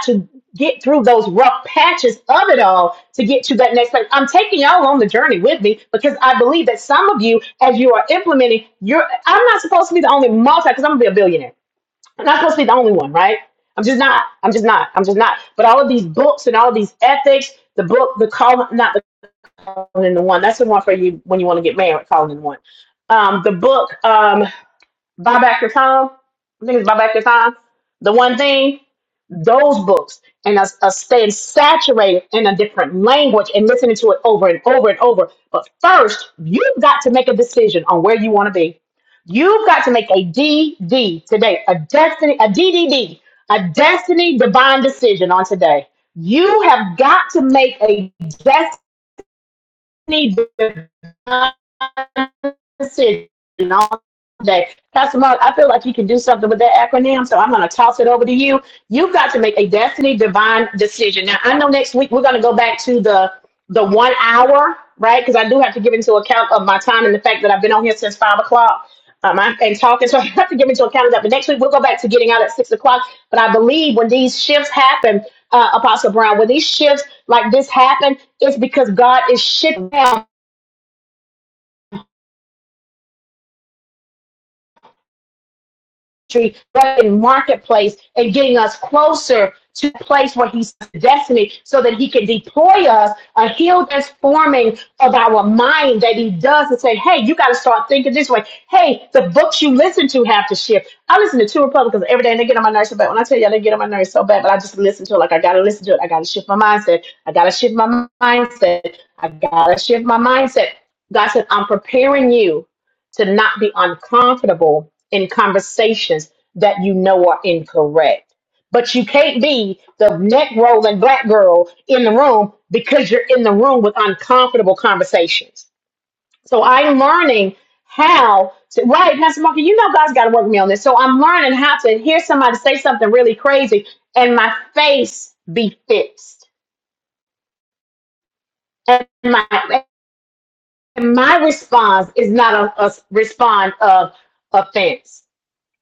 to get through those rough patches of it all to get to that next place. I'm taking y'all on the journey with me because I believe that some of you, as you are implementing, you're I'm not supposed to be the only multi because I'm gonna be a billionaire. I'm not supposed to be the only one, right? I'm just not. I'm just not. I'm just not. But all of these books and all of these ethics, the book, the call, not the calling in the one. That's the one for you when you want to get married, calling in the one. Um, the book, um, buy back your time. I think it's buy back your time. The one thing those books and us, us staying saturated in a different language and listening to it over and over and over. But first, you've got to make a decision on where you want to be. You've got to make a D D today, a destiny, a D D D, a destiny divine decision on today. You have got to make a destiny need all day. Pastor Mark, I feel like you can do something with that acronym, so I'm going to toss it over to you. You've got to make a destiny divine decision. Now, I know next week we're going to go back to the the one hour, right? Because I do have to give into account of my time and the fact that I've been on here since five o'clock um, i and talking. So I have to get into a calendar. But next week we'll go back to getting out at six o'clock. But I believe when these shifts happen, uh, Apostle Brown, when these shifts like this happen, it's because God is shifting. but in marketplace and getting us closer to the place where he's destiny so that he can deploy us a healed transforming of our mind that he does and say, hey, you got to start thinking this way. Hey, the books you listen to have to shift. I listen to two Republicans every day and they get on my nerves so bad. When I tell y'all they get on my nerves so bad, but I just listen to it like I got to listen to it. I got to shift my mindset. I got to shift my mindset. I got to shift my mindset. God said, I'm preparing you to not be uncomfortable in conversations that you know are incorrect. But you can't be the neck rolling black girl in the room because you're in the room with uncomfortable conversations. So I'm learning how to, right, Pastor Mark, you know God's got to work with me on this. So I'm learning how to hear somebody say something really crazy and my face be fixed. And my, and my response is not a, a response of offense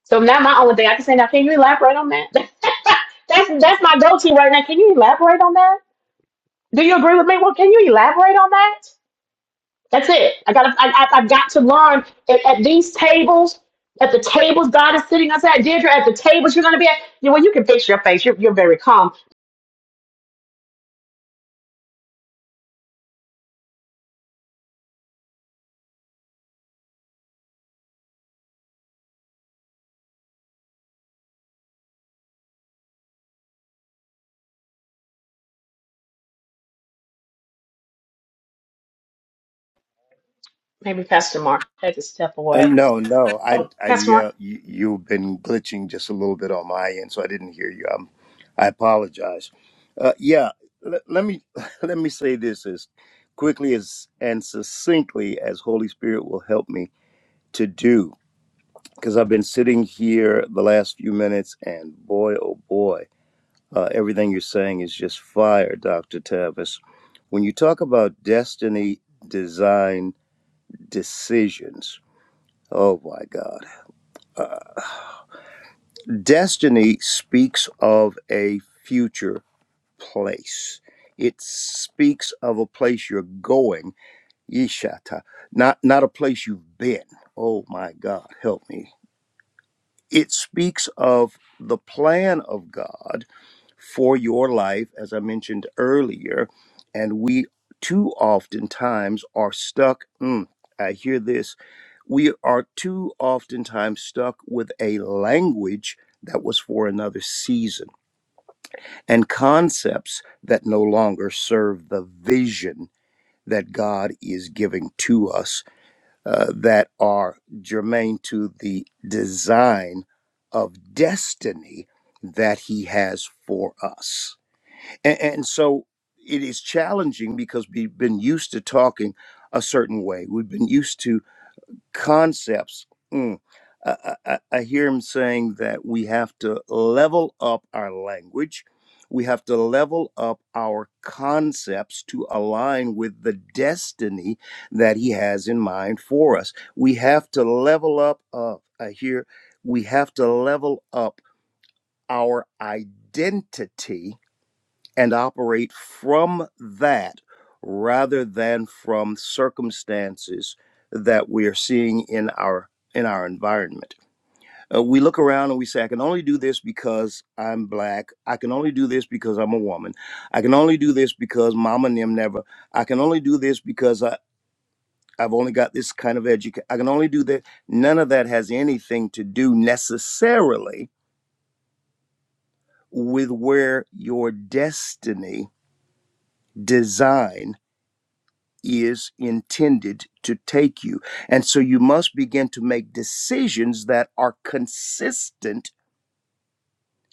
So now my only thing I can say now, can you elaborate on that? that's that's my go-to right now. Can you elaborate on that? Do you agree with me? Well, can you elaborate on that? That's it. I got. I, I, I've got to learn at, at these tables, at the tables God is sitting us at. Deirdre, at the tables you're going to be at. You, well, you can fix your face. You're, you're very calm. Maybe Pastor Mark take a step
Uh,
away.
no, no, I,
Oh,
I,
Pastor Mark.
yeah, you, you've been glitching just a little bit on my end, so I didn't hear you. Um, I apologize. Uh, yeah, l- let me let me say this as quickly as and succinctly as Holy Spirit will help me to do, because I've been sitting here the last few minutes, and boy, oh boy, uh, everything you're saying is just fire, Doctor Tavis. When you talk about destiny, design, decisions, oh my God. uh, Destiny speaks of a future place. It speaks of a place you're going, Yeshata, not not a place you've been. Oh my God, help me. It speaks of the plan of God for your life, as I mentioned earlier. And we too oftentimes are stuck. Mm, I hear this. We are too oftentimes stuck with a language that was for another season and concepts that no longer serve the vision that God is giving to us uh, that are germane to the design of destiny that He has for us. And, and so it is challenging because we've been used to talking a certain way. We've been used to concepts. Mm. I, I, I hear him saying that we have to level up our language. We have to level up our concepts to align with the destiny that he has in mind for us. We have to level up. Uh, I hear we have to level up our identity and operate from that rather than from circumstances that we are seeing in our in our environment. Uh, we look around and we say, I can only do this because I'm black. I can only do this because I'm a woman. I can only do this because mama and them never. I can only do this because I, I've only got this kind of education. I can only do that. None of that has anything to do necessarily with where your destiny, design is intended to take you. And so you must begin to make decisions that are consistent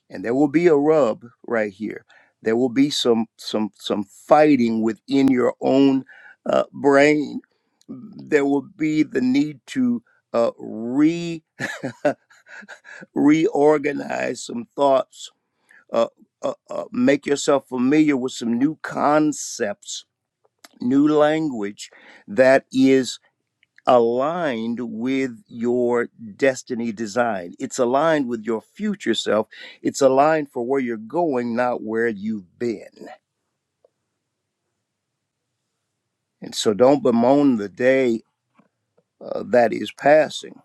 and there will be a rub right here. There will be some some some fighting within your own uh, brain. There will be the need to uh, re reorganize some thoughts. Uh, uh, uh, make yourself familiar with some new concepts, new language that is aligned with your destiny design. It's aligned with your future self. It's aligned for where you're going, not where you've been. And so don't bemoan the day uh, that is passing.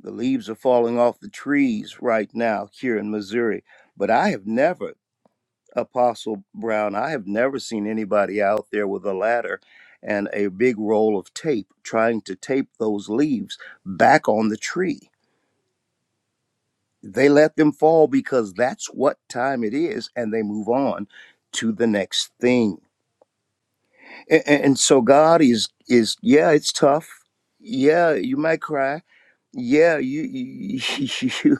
The leaves are falling off the trees right now here in Missouri. But I have never, Apostle Brown, I have never seen anybody out there with a ladder and a big roll of tape trying to tape those leaves back on the tree they let them fall because that's what time it is and they move on to the next thing and, and so god is is yeah it's tough yeah you might cry yeah you you, you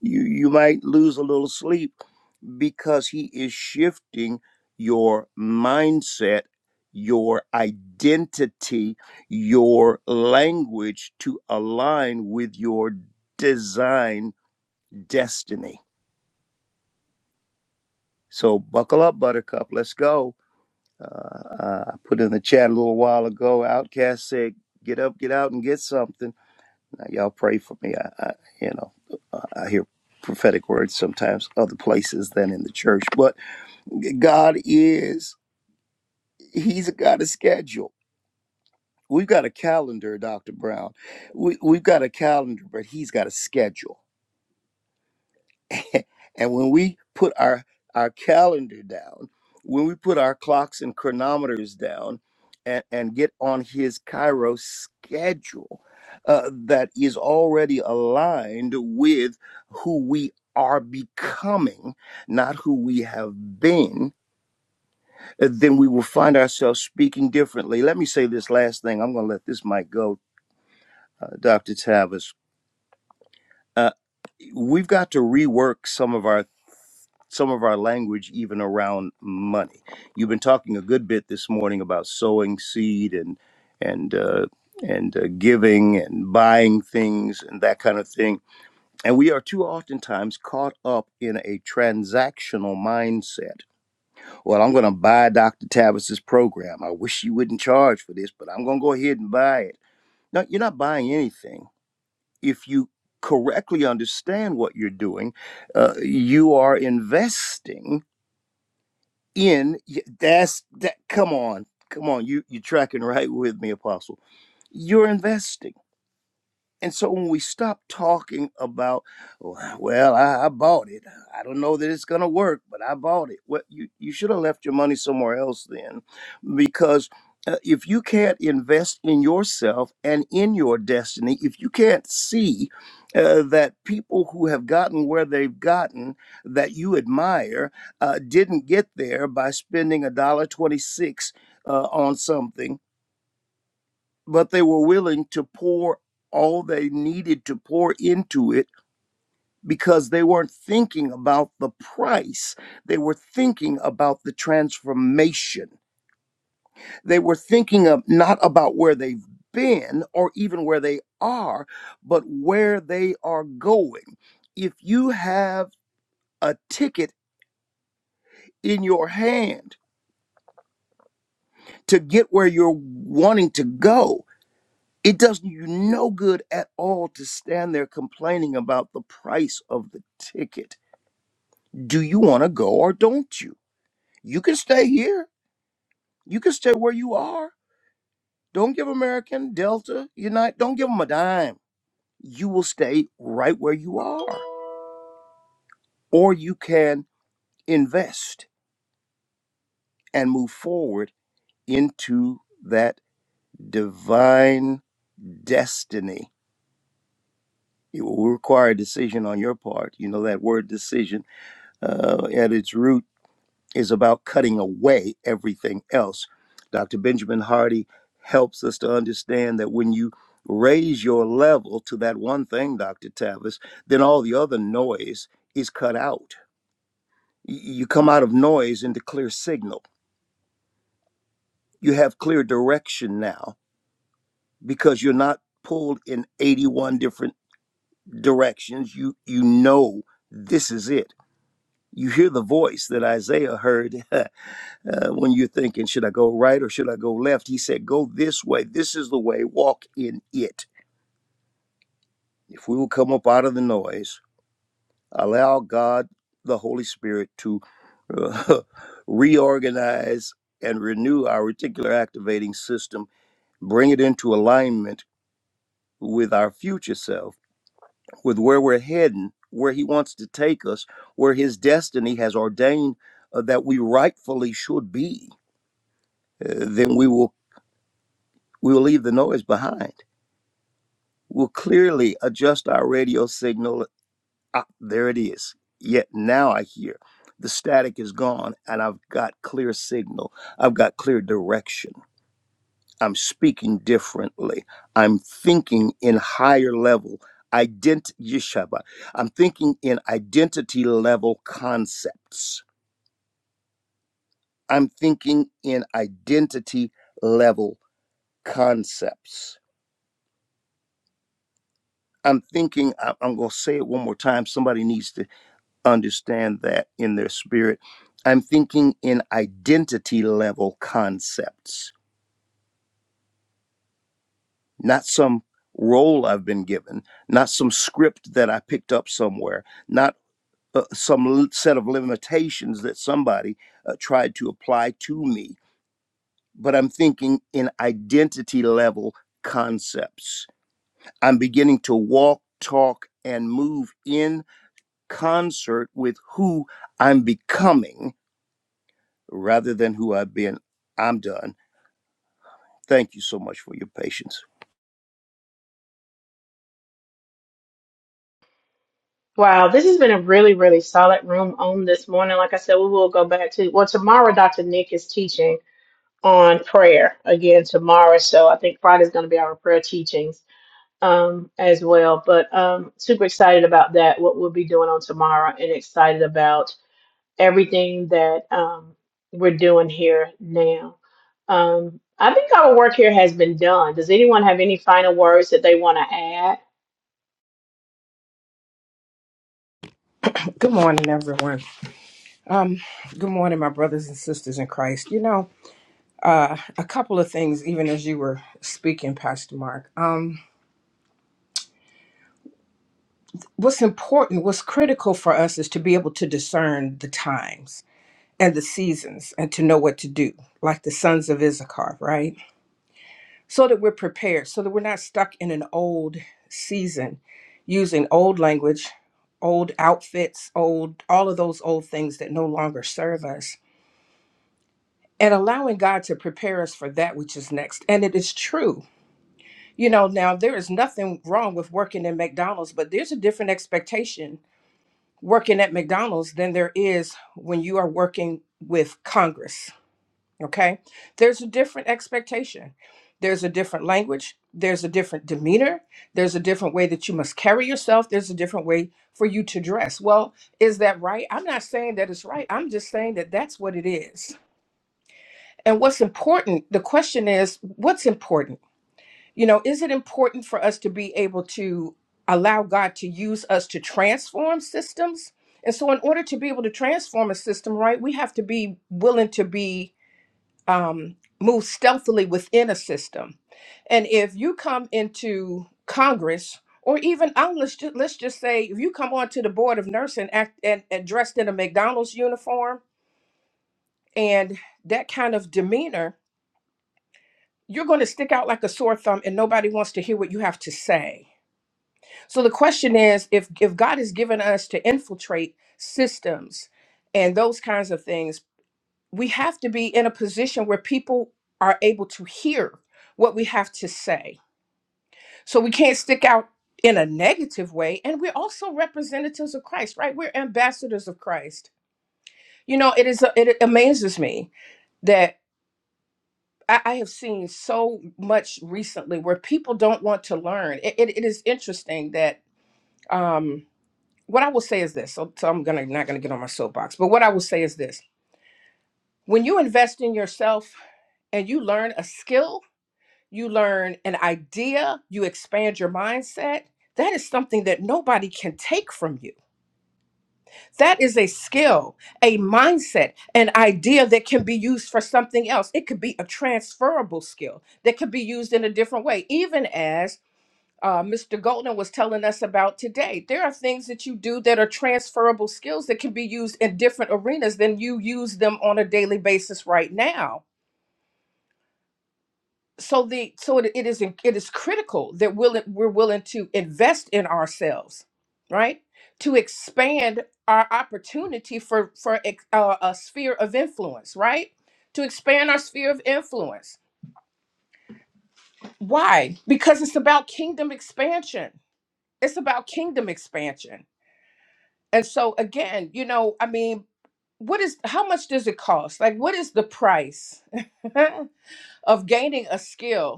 you you might lose a little sleep because he is shifting your mindset your identity your language to align with your design destiny So buckle up, Buttercup. Let's go. Uh, uh, I put in the chat a little while ago. Outcast said, "Get up, get out, and get something." Now y'all pray for me. I, I you know, uh, I hear prophetic words sometimes other places than in the church, but God is He's a God of schedule. We've got a calendar, Doctor Brown. We, we've got a calendar, but He's got a schedule. and when we put our our calendar down, when we put our clocks and chronometers down, and and get on His Cairo schedule uh, that is already aligned with who we are becoming, not who we have been, uh, then we will find ourselves speaking differently. Let me say this last thing. I'm going to let this mic go, uh, Dr. Tavis. Uh, we've got to rework some of our some of our language even around money. You've been talking a good bit this morning about sowing seed and and uh, and uh, giving and buying things and that kind of thing. And we are too oftentimes caught up in a transactional mindset. Well, I'm going to buy Dr. Tavis's program. I wish you wouldn't charge for this, but I'm going to go ahead and buy it. No, you're not buying anything if you correctly understand what you're doing uh, you are investing in that's that come on come on you you are tracking right with me apostle you're investing and so when we stop talking about, well, I, I bought it. I don't know that it's gonna work, but I bought it. Well, you you should have left your money somewhere else then, because uh, if you can't invest in yourself and in your destiny, if you can't see uh, that people who have gotten where they've gotten that you admire uh, didn't get there by spending a dollar twenty six uh, on something but they were willing to pour all they needed to pour into it because they weren't thinking about the price. They were thinking about the transformation. They were thinking of not about where they've been or even where they are, but where they are going. If you have a ticket in your hand to get where you're wanting to go, It does you no good at all to stand there complaining about the price of the ticket. Do you want to go or don't you? You can stay here. You can stay where you are. Don't give American, Delta, Unite, don't give them a dime. You will stay right where you are. Or you can invest and move forward into that divine destiny. It will require a decision on your part. You know that word decision uh, at its root is about cutting away everything else. Dr. Benjamin Hardy helps us to understand that when you raise your level to that one thing, Dr. Tavis, then all the other noise is cut out. Y- You come out of noise into clear signal. You have clear direction now because you're not pulled in 81 different directions. You you know this is it. You hear the voice that Isaiah heard uh, when you're thinking, should I go right or should I go left? He said, go this way. This is the way. Walk in it. If we will come up out of the noise, allow God, the Holy Spirit, to uh, reorganize and renew our reticular activating system, bring it into alignment with our future self, with where we're heading, where He wants to take us, where His destiny has ordained uh, that we rightfully should be, uh, then we will we will leave the noise behind will clearly adjust our radio signal. Ah, there it is. Yet now I hear the static is gone and I've got clear signal. I've got clear direction. I'm speaking differently. I'm thinking in higher level ident yeshaba. I'm thinking in identity level concepts. I'm thinking in identity level concepts. I'm thinking I- I'm going to say it one more time. Somebody needs to understand that in their spirit. I'm thinking in identity level concepts, not some role I've been given, not some script that I picked up somewhere, not uh, some l- set of limitations that somebody uh, tried to apply to me, but I'm thinking in identity level concepts. I'm beginning to walk, talk, and move in concert with who I'm becoming rather than who I've been. I'm done. Thank you so much for your patience.
Wow, this has been a really, really solid room on this morning. Like I said, we will go back to well tomorrow. Dr. Nick is teaching on prayer again tomorrow. So I think Friday's going to be our prayer teachings um, as well. But um, super excited about that, what we'll be doing on tomorrow, and excited about everything that um, we're doing here now. Um, I think our work here has been done. Does anyone have any final words that they want to add?
Good morning, everyone. Um, good morning, my brothers and sisters in Christ. You know, uh, a couple of things, even as you were speaking, Pastor Mark. Um, what's important, what's critical for us is to be able to discern the times and the seasons and to know what to do, like the sons of Issachar, right? So that we're prepared, so that we're not stuck in an old season using old language, old outfits, old, all of those old things that no longer serve us and allowing God to prepare us for that which is next. And it is true. You know, now there is nothing wrong with working in McDonald's, but there's a different expectation working at McDonald's than there is when you are working with Congress. Okay? There's a different expectation. There's a different language. There's a different demeanor. There's a different way that you must carry yourself. There's a different way for you to dress. Well, is that right? I'm not saying that it's right. I'm just saying that that's what it is and what's important, the question is, what's important? You know, is it important for us to be able to allow God to use us to transform systems? And so, in order to be able to transform a system, right, we have to be willing to be um, move stealthily within a system. And if you come into Congress, or even um, let's just, let's just say if you come onto the board of nursing act and, and dressed in a McDonald's uniform and that kind of demeanor, you're going to stick out like a sore thumb and nobody wants to hear what you have to say. So the question is if if God has given us to infiltrate systems and those kinds of things, we have to be in a position where people are able to hear what we have to say. So we can't stick out in a negative way and we're also representatives of Christ, right? We're ambassadors of Christ. You know, it is it amazes me that. I, I have seen so much recently where people don't want to learn. It, it, it is interesting that um, what I will say is this. So, so I'm gonna not gonna get on my soapbox, but what I will say is this: when you invest in yourself and you learn a skill, you learn an idea, you expand your mindset. That is something that nobody can take from you That is a skill, a mindset, an idea that can be used for something else. It could be a transferable skill that could be used in a different way, even as uh, Mr. Golden was telling us about today. There are things that you do that are transferable skills that can be used in different arenas than you use them on a daily basis right now so the so it, it is in- it is critical that willing we're willing to invest in ourselves right to expand our opportunity for for ex- uh, a sphere of influence right to expand our sphere of influence why because it's about kingdom expansion it's about kingdom expansion and so again you know i mean what is how much does it cost like what is the price of gaining a skill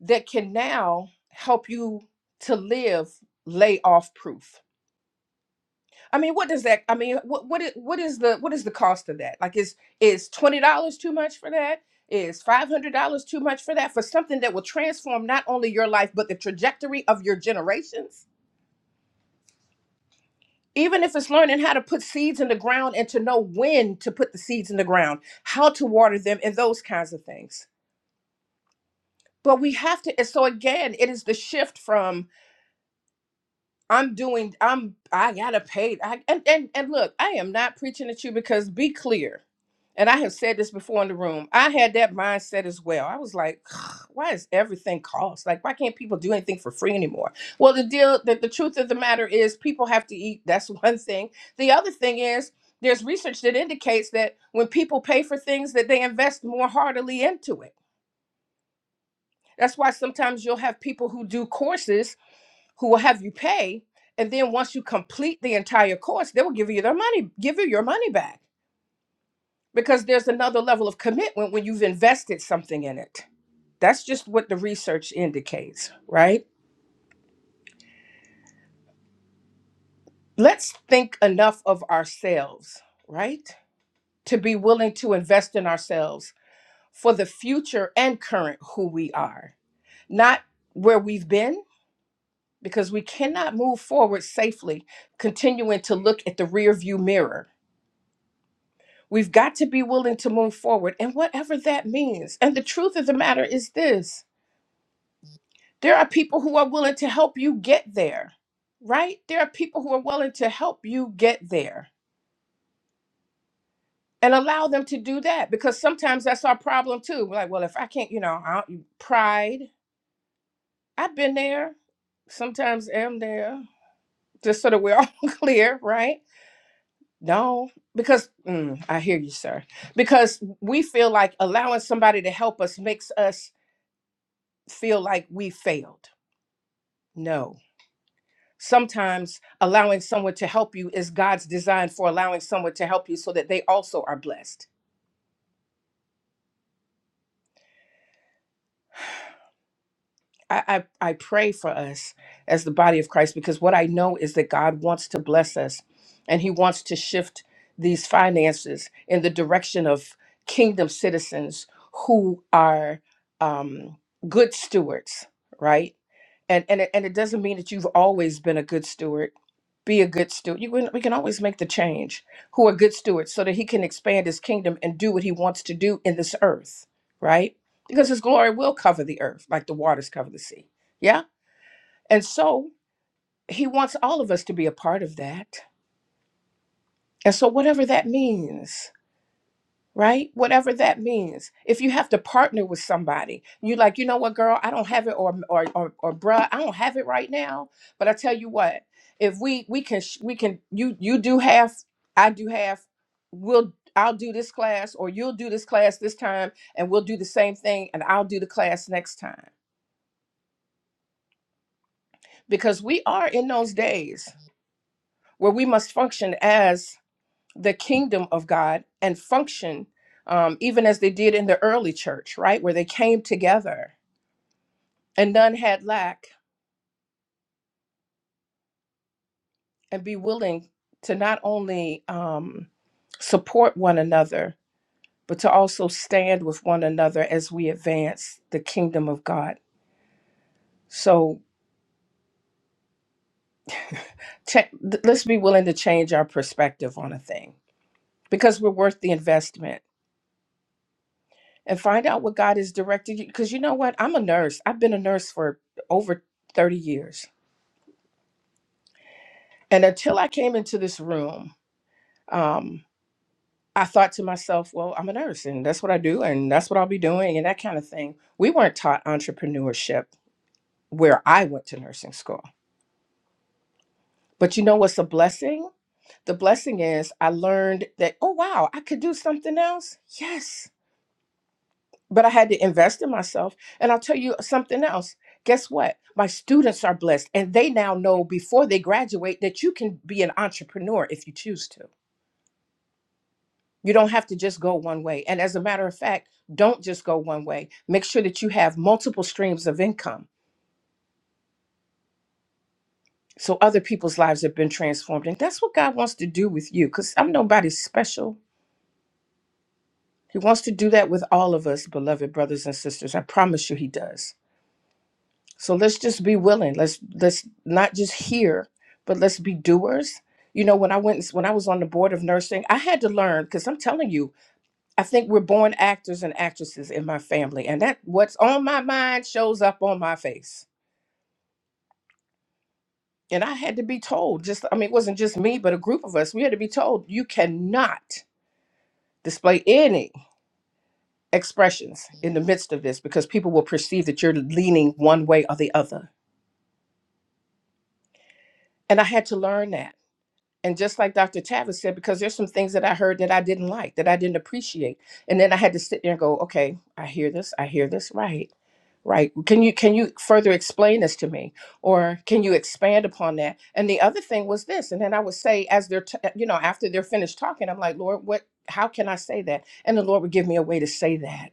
that can now help you to live layoff proof. I mean, what does that? I mean, what what is, what is the what is the cost of that? Like, is is twenty dollars too much for that? Is five hundred dollars too much for that? For something that will transform not only your life but the trajectory of your generations. Even if it's learning how to put seeds in the ground and to know when to put the seeds in the ground, how to water them, and those kinds of things. But we have to. And so again, it is the shift from I'm doing I'm I gotta pay I and, and and look, I am not preaching at you because be clear. And I have said this before in the room. I had that mindset as well. I was like, why is everything cost? Like, why can't people do anything for free anymore? Well, the deal that the the truth of the matter is people have to eat. That's one thing. The other thing is there's research that indicates that when people pay for things that they invest more heartily into it. That's why sometimes you'll have people who do courses who will have you pay. And then once you complete the entire course, they will give you their money, give you your money back because there's another level of commitment when you've invested something in it. That's just what the research indicates, right? Let's think enough of ourselves, right? To be willing to invest in ourselves for the future and current who we are, not where we've been, because we cannot move forward safely continuing to look at the rearview mirror We've got to be willing to move forward, and whatever that means. And the truth of the matter is this there are people who are willing to help you get there, right? There are people who are willing to help you get there and allow them to do that because sometimes that's our problem too. We're like, well, if I can't, you know, I don't, pride, I've been there, sometimes am there, just so that we're all clear, right? No, because mm, I hear you, sir. Because we feel like allowing somebody to help us makes us feel like we failed. No. Sometimes allowing someone to help you is God's design for allowing someone to help you so that they also are blessed. I, I, I pray for us as the body of Christ because what I know is that God wants to bless us and He wants to shift these finances in the direction of kingdom citizens who are um, good stewards, right? and and it, and it doesn't mean that you've always been a good steward be a good steward you can, we can always make the change who are good stewards so that he can expand his kingdom and do what he wants to do in this earth right because his glory will cover the earth like the waters cover the sea yeah and so he wants all of us to be a part of that and so whatever that means right? Whatever that means. If you have to partner with somebody, you like, you know what, girl, I don't have it, or or or, or bruh, I don't have it right now. But I tell you what, if we we can sh- we can you you do half, I do half. We'll I'll do this class, or you'll do this class this time, and we'll do the same thing, and I'll do the class next time because we are in those days where we must function as the kingdom of God and function, um, even as they did in the early church, right? Where they came together and none had lack and be willing to not only um, support one another, but to also stand with one another as we advance the kingdom of God. So cha- th- let's be willing to change our perspective on a thing because we're worth the investment and find out what God is directing you. Because you know what? I'm a nurse, I've been a nurse for over 30 years And until I came into this room, um, I thought to myself, well, I'm a nurse and that's what I do and that's what I'll be doing and that kind of thing. We weren't taught entrepreneurship where I went to nursing school. But you know what's a blessing? The blessing is I learned that, oh, wow, I could do something else. Yes. But I had to invest in myself. And I'll tell you something else. Guess what? My students are blessed and they now know before they graduate that you can be an entrepreneur if you choose to. You don't have to just go one way. And as a matter of fact, don't just go one way. Make sure that you have multiple streams of income so other people's lives have been transformed. And that's what God wants to do with you because I'm nobody special. He wants to do that with all of us, beloved brothers and sisters. I promise you he does. So let's just be willing. Let's let's not just hear, but let's be doers. You know, when I went when I was on the board of nursing, I had to learn because I'm telling you, I think we're born actors and actresses in my family, and that what's on my mind shows up on my face. And I had to be told, just I mean, it wasn't just me, but a group of us, we had to be told you cannot display any expressions in the midst of this because people will perceive that you're leaning one way or the other. And I had to learn that. And just like Dr. Tavis said, because there's some things that I heard that I didn't like, that I didn't appreciate. And then I had to sit there and go, okay, I hear this, I hear this, right. Right. Can you can you further explain this to me? Or can you expand upon that? And the other thing was this. And then I would say, as they're t- you know, after they're finished talking, I'm like, Lord, what how can I say that? And the Lord would give me a way to say that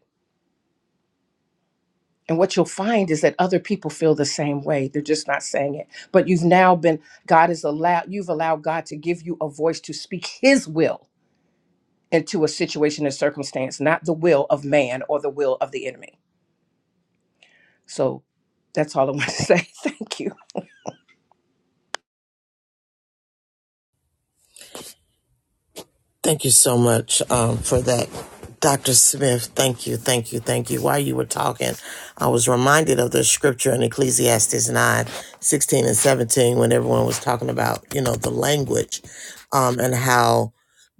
and what you'll find is that other people feel the same way. They're just not saying it. But you've now been, God has allowed, you've allowed God to give you a voice to speak his will into a situation and circumstance, not the will of man or the will of the enemy. So that's all I want to say. Thank you.
Thank you so much um, for that, Dr. Smith. Thank you, thank you, thank you. While you were talking, I was reminded of the scripture in Ecclesiastes 9, 16 and 17 when everyone was talking about, you know, the language um, and how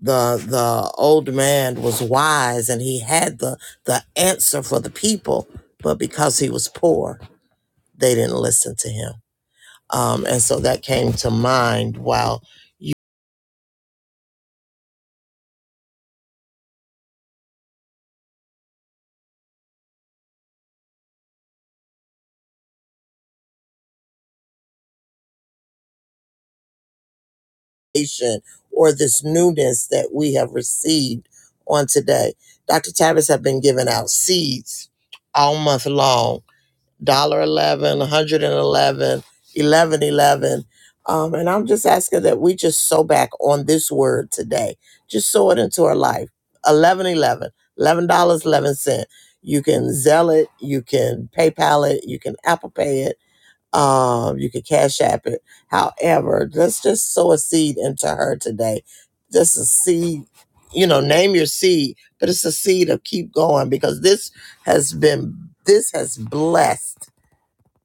the the old man was wise and he had the the answer for the people but because he was poor they didn't listen to him um, and so that came to mind wow revelation or this newness that we have received on today. Dr. Tavis have been giving out seeds all month long, one dollar eleven, one hundred eleven, eleven eleven. Um, and I'm just asking that we just sow back on this word today. Just sow it into our life. Eleven eleven, eleven dollars eleven cent. You can Zelle it, you can PayPal it, you can Apple Pay it um, you could cash app it. However, let's just sow a seed into her today. Just a seed, you know, name your seed, but it's a seed of keep going because this has been this has blessed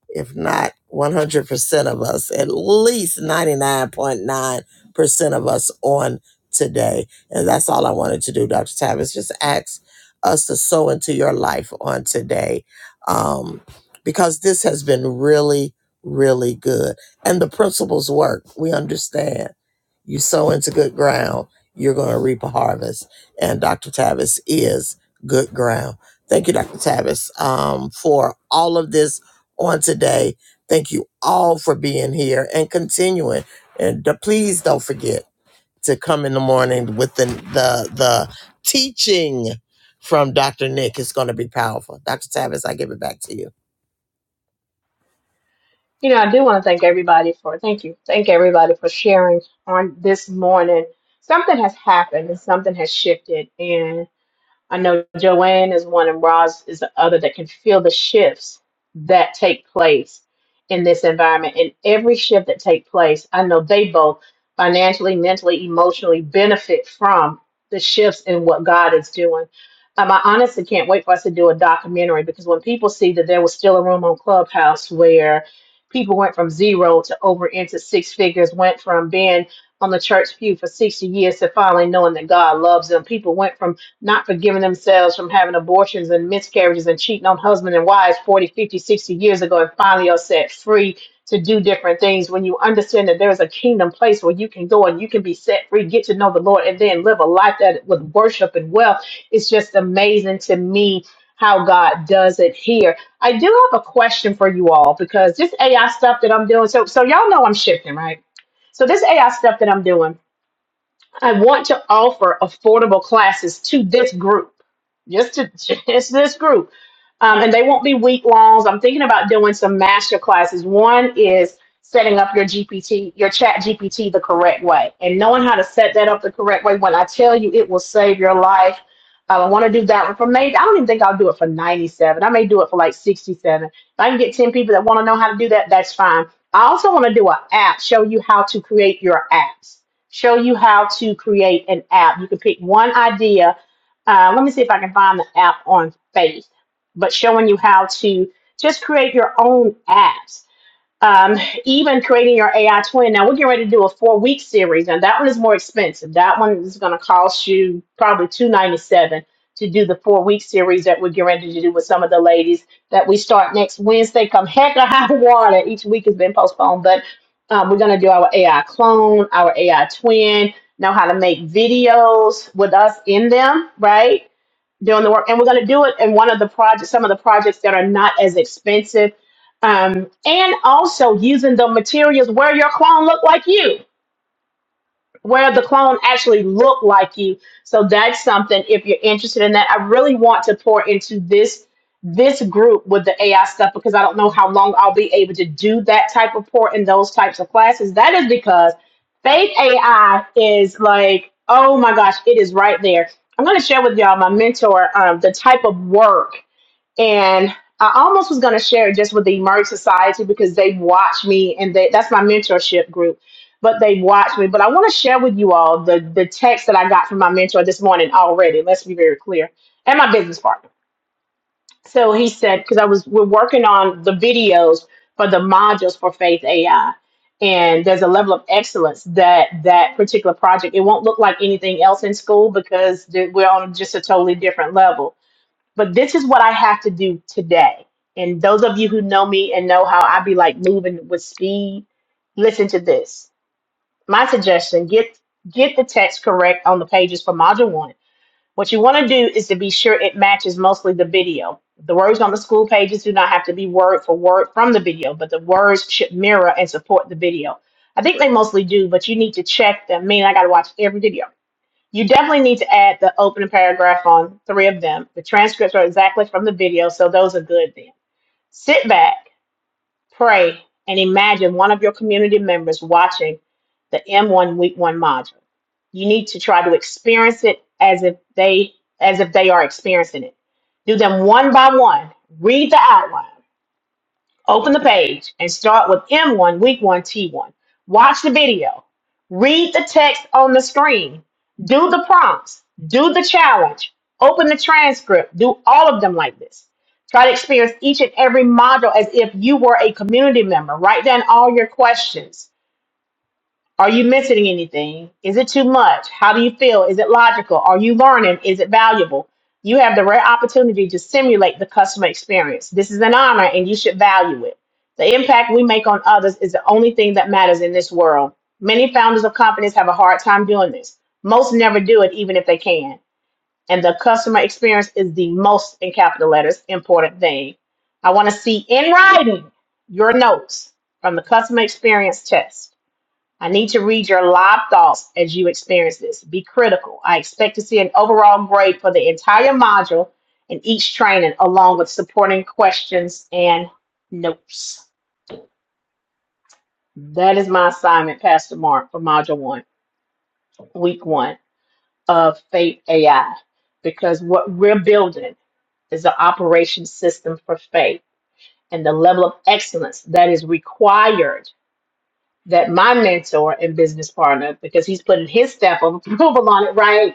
if not 100% of us, at least 99.9% of us on today. And that's all I wanted to do, Dr. Tavis. Just ask us to sow into your life on today um, because this has been really, really good. And the principles work. We understand. You sow into good ground, you're going to reap a harvest. And Dr. Tavis is good ground. Thank you, Dr. Tavis, um, for all of this on today. Thank you all for being here and continuing. And d- please don't forget to come in the morning with the the, the teaching from Dr. Nick. It's going to be powerful. Dr. Tavis, I give it back to you.
You know, I do want to thank everybody for, thank you, thank everybody for sharing on this morning. Something has happened and something has shifted. I know Joanne is one and Roz is the other that can feel the shifts that take place in this environment. And every shift that take place, I know they both financially, mentally, emotionally benefit from the shifts in what God is doing. Um, I honestly can't wait for us to do a documentary because when people see that there was still a room on Clubhouse where people went from zero to over into six figures, went from being on the church pew for 60 years to finally knowing that God loves them. People went from not forgiving themselves from having abortions and miscarriages and cheating on husbands and wives 40, 50, 60 years ago and finally are set free to do different things. When you understand that there is a kingdom place where you can go and you can be set free, get to know the Lord, and then live a life that with worship and wealth, it's just amazing to me how God does it here. I do have a question for you all because this AI stuff that I'm doing, so so y'all know I'm shifting, right? So this AI stuff that I'm doing. I want to offer affordable classes to this group, just to just this group, um, and they won't be week longs. I'm thinking about doing some master classes. One is setting up your GPT, your Chat GPT, the correct way, and knowing how to set that up the correct way. When I tell you, it will save your life. Uh, I want to do that one for maybe. I don't even think I'll do it for 97. I may do it for like 67. If I can get 10 people that want to know how to do that, that's fine. I also want to do an app, show you how to create your apps show you how to create an app. You can pick one idea. Uh, let me see if I can find the app on faith, but showing you how to just create your own apps um, even creating your AI twin. Now we're getting ready to do a four week series, and that one is more expensive. That one is going to cost you probably two ninety seven to do the four week series that we're getting ready to do with some of the ladies that we start next Wednesday. Come heck or high water, each week has been postponed, but um, we're going to do our AI clone, our AI twin, know how to make videos with us in them, right? doing the work and we're going to do it in one of the projects some of the projects that are not as expensive um, and also using the materials where your clone look like you where the clone actually looked like you. So that's something if you're interested in that. I really want to pour into this this group with the AI stuff because I don't know how long I'll be able to do that type of pour in those types of classes. That is because fake AI is like, oh my gosh, it is right there. I'm going to share with y'all my mentor um, the type of work and I almost was going to share it just with the Emerge Society because they watch me and they, that's my mentorship group, but they watch me. But I want to share with you all the, the text that I got from my mentor this morning already. Let's be very clear. And my business partner. So he said, because I was, we're working on the videos for the modules for Faith AI. And there's a level of excellence that that particular project, it won't look like anything else in school because the- we're on just a totally different level but this is what I have to do today. And those of you who know me and know how I be like moving with speed, listen to this. My suggestion, get get the text correct on the pages for module one. What you want to do is to be sure it matches mostly the video. The words on the school pages do not have to be word for word from the video, but the words should mirror and support the video. I think they mostly do, but you need to check them. Meaning, I got to watch every video you definitely need to add the opening paragraph on three of them. The transcripts are exactly from the video, so those are good then. Sit back, pray, and imagine one of your community members watching the M1 Week 1 module. You need to try to experience it as if they as if they are experiencing it. Do them one by one. Read the outline. Open the page and start with M1, week one, T1. Watch the video. Read the text on the screen. Do the prompts. Do the challenge. Open the transcript. Do all of them like this. Try to experience each and every module as if you were a community member. Write down all your questions. Are you missing anything? Is it too much? How do you feel? Is it logical? Are you learning? Is it valuable? You have the rare opportunity to simulate the customer experience. This is an honor and you should value it. The impact we make on others is the only thing that matters in this world. Many founders of companies have a hard time doing this. Most never do it, even if they can. And the customer experience is the most, in capital letters, important thing. I want to see in writing your notes from the customer experience test. I need to read your live thoughts as you experience this. Be critical. I expect to see an overall grade for the entire module and each training, along with supporting questions and notes. That is my assignment, Pastor Mark, for Module 1, Week 1 of Faith AI, because what we're building is the operation system for faith and the level of excellence that is required that my mentor and business partner, because he's putting his stamp of approval on it, right?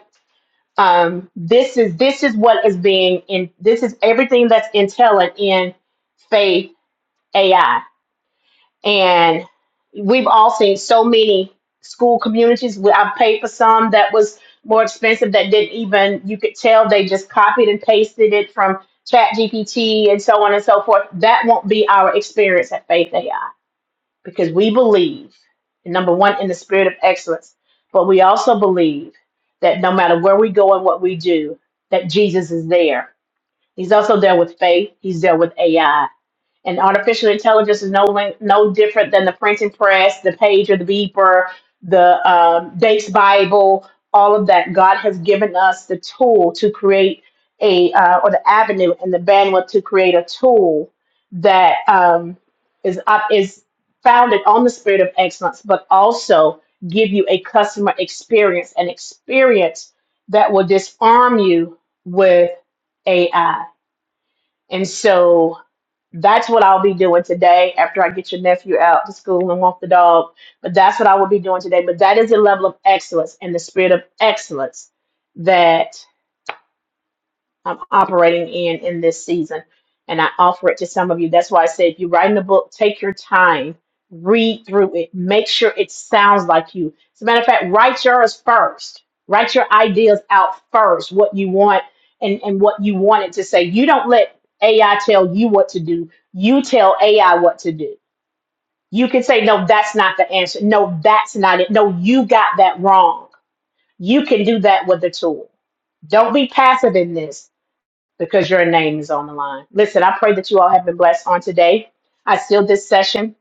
um, this is this is what is being in this is everything that's intelligent in faith AI and we've all seen so many school communities We- I've paid for some that was more expensive that didn't even you could tell they just copied and pasted it from chat GPT and so on and so forth that won't be our experience at faith AI because we believe, number one, in the spirit of excellence, but we also believe that no matter where we go and what we do, that Jesus is there. He's also there with faith, He's there with AI. And artificial intelligence is no lin- no different than the printing press, the pager, the beeper, the um, Dates Bible, all of that. God has given us the tool to create a uh, or the avenue and the bandwidth to create a tool that um, is up is founded on the spirit of excellence, but also give you a customer experience, an experience that will disarm you with AI. And so that's what I'll be doing today after I get your nephew out to school and walk the dog. But that's what I will be doing today. But that is a level of excellence and the spirit of excellence that I'm operating in in this season. And I offer it to some of you. That's why I say if you're writing a book, take your time, read through it, make sure it sounds like you. As a matter of fact, write yours first. Write your ideas out first, what you want and, and what you want it to say. You don't let AI tell you what to do. You tell AI what to do. You can say, no, that's not the answer. No, that's not it. No, you got that wrong. You can do that with the tool. Don't be passive in this because your name is on the line. Listen, I pray that you all have been blessed on today. I seal this session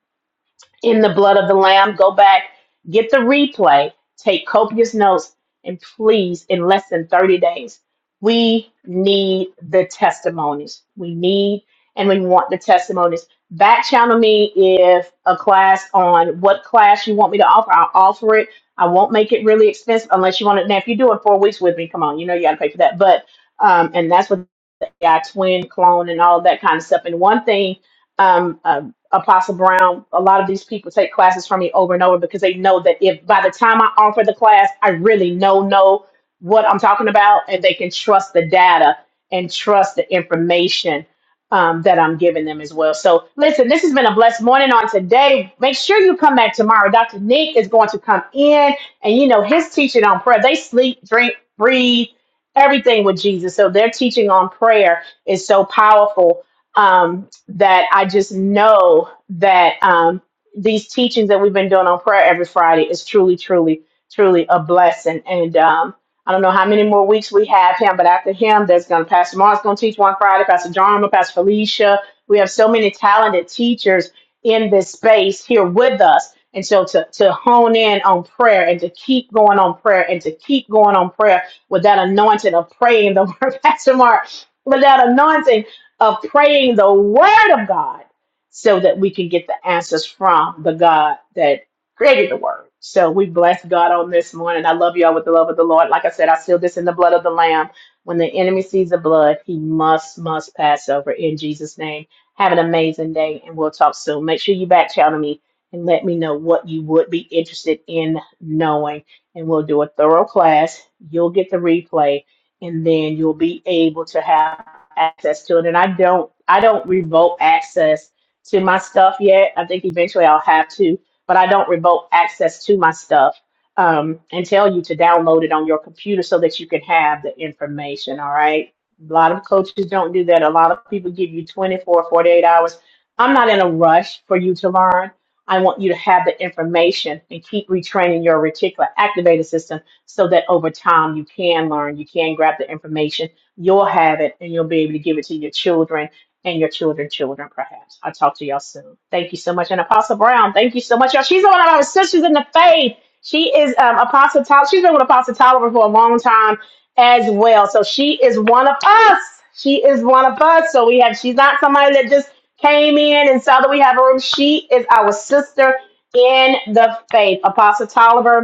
in the blood of the Lamb. Go back, get the replay, take copious notes, and please, in less than 30 days, we need the testimonies. We need and we want the testimonies. Back channel me if a class on what class you want me to offer. I'll offer it. I won't make it really expensive unless you want it. Now, if you're doing four weeks with me, come on, you know you got to pay for that. But, um, and that's what the AI twin, clone, and all of that kind of stuff. And one thing um, uh, Apostle Brown, a lot of these people take classes from me over and over because they know that if by the time I offer the class, I really know know what I'm talking about, and they can trust the data and trust the information um, that I'm giving them as well. So, listen, this has been a blessed morning on today. Make sure you come back tomorrow. Dr. Nick is going to come in, and you know his teaching on prayer. They sleep, drink, breathe, everything with Jesus. So their teaching on prayer is so powerful um, that I just know that um, these teachings that we've been doing on prayer every Friday is truly, truly, truly a blessing. And um, I don't know how many more weeks we have him, but after him, there's going to Pastor Mark's going to teach one Friday, Pastor Jarma, Pastor Felicia. We have so many talented teachers in this space here with us. And so to, to hone in on prayer and to keep going on prayer and to keep going on prayer with that anointing of praying the word, Pastor Mark, with that anointing of praying the word of God so that we can get the answers from the God that created the word. So we bless God on this morning. I love y'all with the love of the Lord. Like I said, I seal this in the blood of the Lamb. When the enemy sees the blood, he must, must pass over in Jesus' name. Have an amazing day, and we'll talk soon. Make sure you back channel me and let me know what you would be interested in knowing. And we'll do a thorough class. You'll get the replay, and then you'll be able to have access to it and i don't i don't revoke access to my stuff yet i think eventually i'll have to but i don't revoke access to my stuff um, and tell you to download it on your computer so that you can have the information all right a lot of coaches don't do that a lot of people give you 24 48 hours i'm not in a rush for you to learn i want you to have the information and keep retraining your reticular activator system so that over time you can learn you can grab the information You'll have it and you'll be able to give it to your children and your children's children, perhaps. I'll talk to y'all soon. Thank you so much. And Apostle Brown, thank you so much, y'all. She's one of our sisters in the faith. She is um, Apostle Tyler. She's been with Apostle Tyler for a long time as well. So she is one of us. She is one of us. So we have, she's not somebody that just came in and saw that we have a room. She is our sister in the faith. Apostle Tolliver,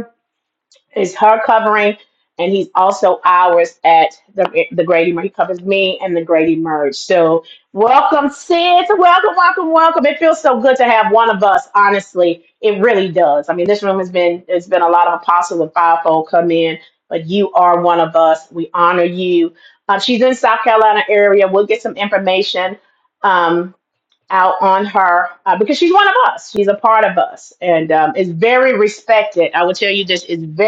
is her covering, and he's also ours at the the Grady Merge. He covers me and the Grady Merge. So welcome, sis. Welcome, welcome, welcome. It feels so good to have one of us. Honestly, it really does. I mean, this room has been it's been a lot of apostle and fivefold come in, but you are one of us. We honor you. Uh, she's in South Carolina area. We'll get some information. Um, out on her uh, because she's one of us. She's a part of us and um, is very respected. I will tell you this is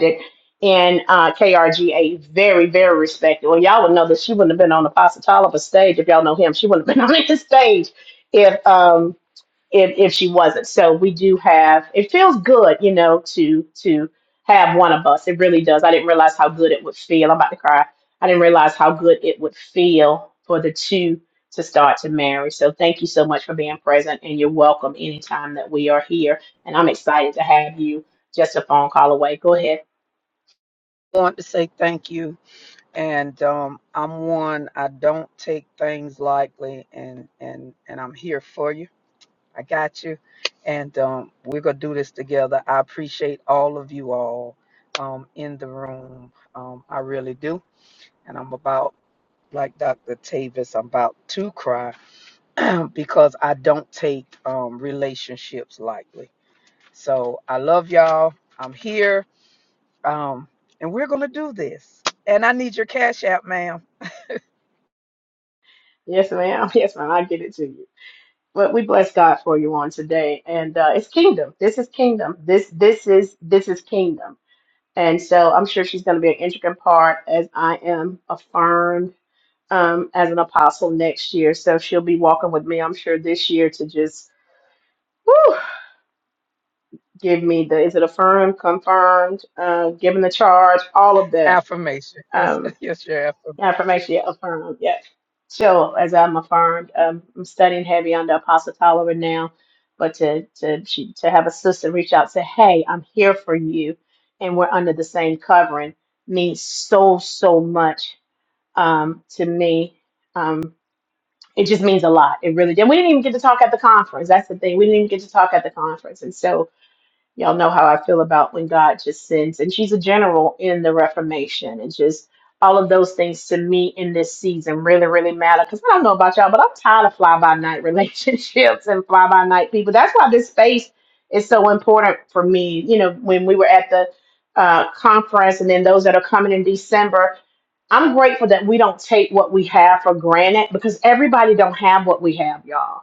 respected in uh, KRGA, very, very respected. Well, y'all would know that she wouldn't have been on Apostle Tolliver's stage if y'all know him. She wouldn't have been on his stage if um if if she wasn't. So we do have. It feels good, you know, to to have one of us. It really does. I didn't realize how good it would feel. I'm about to cry. I didn't realize how good it would feel for the two to start to marry. So thank you so much for being present and you're welcome anytime that we are here. And I'm excited to have you just a phone call away. Go ahead.
I want to say thank you and um I'm one I don't take things lightly and and and I'm here for you. I got you. And um we're going to do this together. I appreciate all of you all um in the room. Um I really do. And I'm about like Dr. Tavis, I'm about to cry because I don't take um relationships lightly. So I love y'all. I'm here. Um, and we're gonna do this. And I need your cash app, ma'am.
Yes, ma'am. Yes, ma'am. I get it to you. But we bless God for you on today, and uh, it's kingdom. This is kingdom. This this is this is kingdom. And so I'm sure she's going to be an intricate part as I am affirmed um, as an apostle next year. So she'll be walking with me, I'm sure, this year to just whew, give me the is it affirmed, confirmed, uh, given the charge, all of that.
It's
Um, Affirmation, yeah, affirmed. yeah. So as I'm affirmed, um, I'm studying heavy on the Apostle Tyler right now, but to to she, to have a sister reach out, say, "Hey, I'm here for you," and we're under the same covering means so so much um, to me. Um, it just means a lot. It really did. We didn't even get to talk at the conference. That's the thing. We didn't even get to talk at the conference, and so Y'all know how I feel about when God just sends, and she's a general in the Reformation, and just all of those things to me in this season really, really matter. Because I don't know about y'all, but I'm tired of fly by night relationships and fly by night people. That's why this space is so important for me. You know, when we were at the uh, conference, and then those that are coming in December, I'm grateful that we don't take what we have for granted because everybody don't have what we have, y'all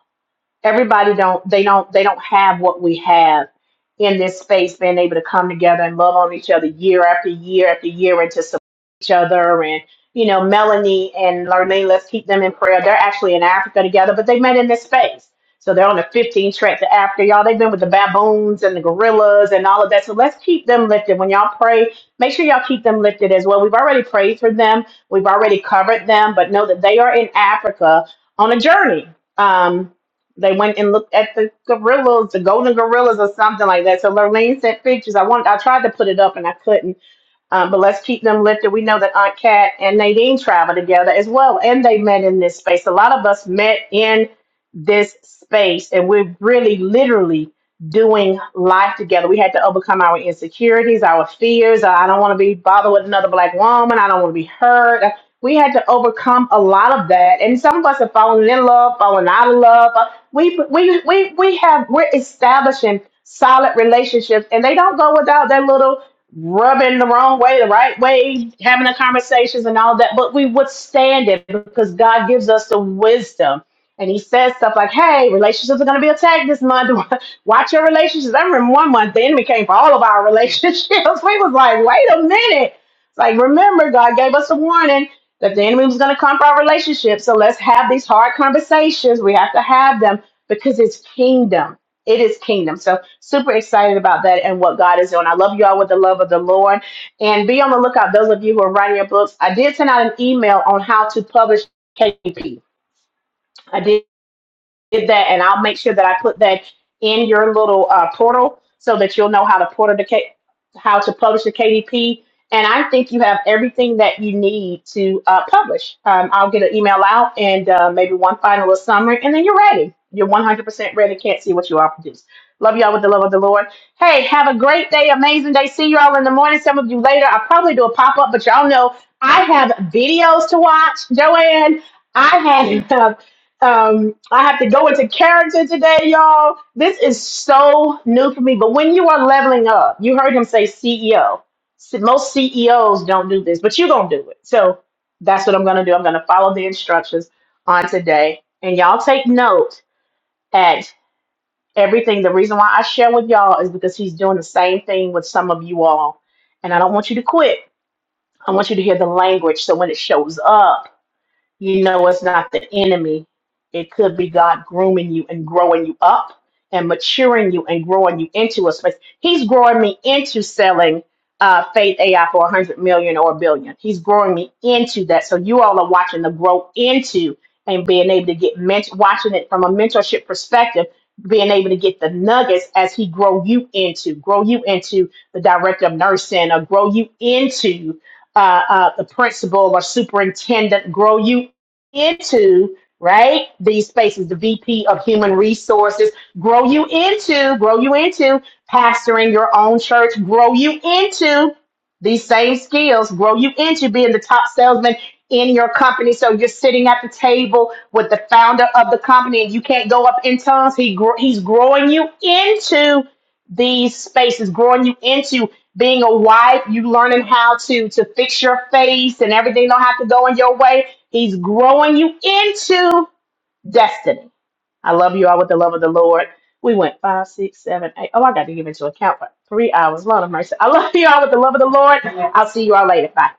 everybody don't they don't they don't have what we have in this space being able to come together and love on each other year after year after year and to support each other and you know melanie and lorraine let's keep them in prayer they're actually in africa together but they met in this space so they're on the 15 track to africa y'all they've been with the baboons and the gorillas and all of that so let's keep them lifted when y'all pray make sure y'all keep them lifted as well we've already prayed for them we've already covered them but know that they are in africa on a journey Um, they went and looked at the gorillas, the golden gorillas, or something like that. So Lurleen sent pictures. I wanted, I tried to put it up and I couldn't. Um, but let's keep them lifted. We know that Aunt Kat and Nadine travel together as well, and they met in this space. A lot of us met in this space, and we're really literally doing life together. We had to overcome our insecurities, our fears. Uh, I don't want to be bothered with another black woman. I don't want to be hurt. Uh, We had to overcome a lot of that, and some of us have fallen in love, fallen out of love. Uh, We we we we have we're establishing solid relationships, and they don't go without their little rubbing the wrong way, the right way, having the conversations and all that, but we withstand it because God gives us the wisdom. And he says stuff like, hey, relationships are going to be attacked this month. Watch your relationships. I remember one month the enemy came for all of our relationships. We was like, wait a minute. It's Like, remember, God gave us a warning that the enemy was going to come for our relationships. So let's have these hard conversations. We have to have them because it's kingdom. It is kingdom. So super excited about that and what God is doing. I love you all with the love of the Lord. And be on the lookout, those of you who are writing your books. I did send out an email on how to publish KP. I did did that, and I'll make sure that I put that in your little uh, portal so that you'll know how to portal the K- how to publish the KDP. And I think you have everything that you need to uh, publish. Um, I'll get an email out and uh, maybe one final little summary, and then you're ready. You're 100% ready. Can't see what you all produce. Love y'all with the love of the Lord. Hey, have a great day, amazing day. See you all in the morning. Some of you later. I'll probably do a pop up, but y'all know I have videos to watch, Joanne. I have Um, I have to go into character today, y'all. This is so new for me. But when you are leveling up, you heard him say CEO. S- Most CEOs don't do this, but you're going to do it. So that's what I'm going to do. I'm going to follow the instructions on today. And y'all take note at everything. The reason why I share with y'all is because he's doing the same thing with some of you all. And I don't want you to quit. I want you to hear the language. So when it shows up, you know it's not the enemy. It could be God grooming you and growing you up and maturing you and growing you into a space. He's growing me into selling uh, Faith AI for 100 million or a billion. He's growing me into that. So you all are watching the grow into and being able to get ment- watching it from a mentorship perspective, being able to get the nuggets as he grow you into, grow you into the director of nursing or grow you into uh, uh, the principal or superintendent, grow you into right these spaces the vp of human resources grow you into grow you into pastoring your own church grow you into these same skills grow you into being the top salesman in your company so you're sitting at the table with the founder of the company and you can't go up in tongues he gr- he's growing you into these spaces growing you into being a wife, you learning how to to fix your face and everything don't have to go in your way. He's growing you into destiny. I love you all with the love of the Lord. We went five, six, seven, eight. Oh, I got to give into account for three hours. Lord of mercy. I love you all with the love of the Lord. I'll see you all later. Bye.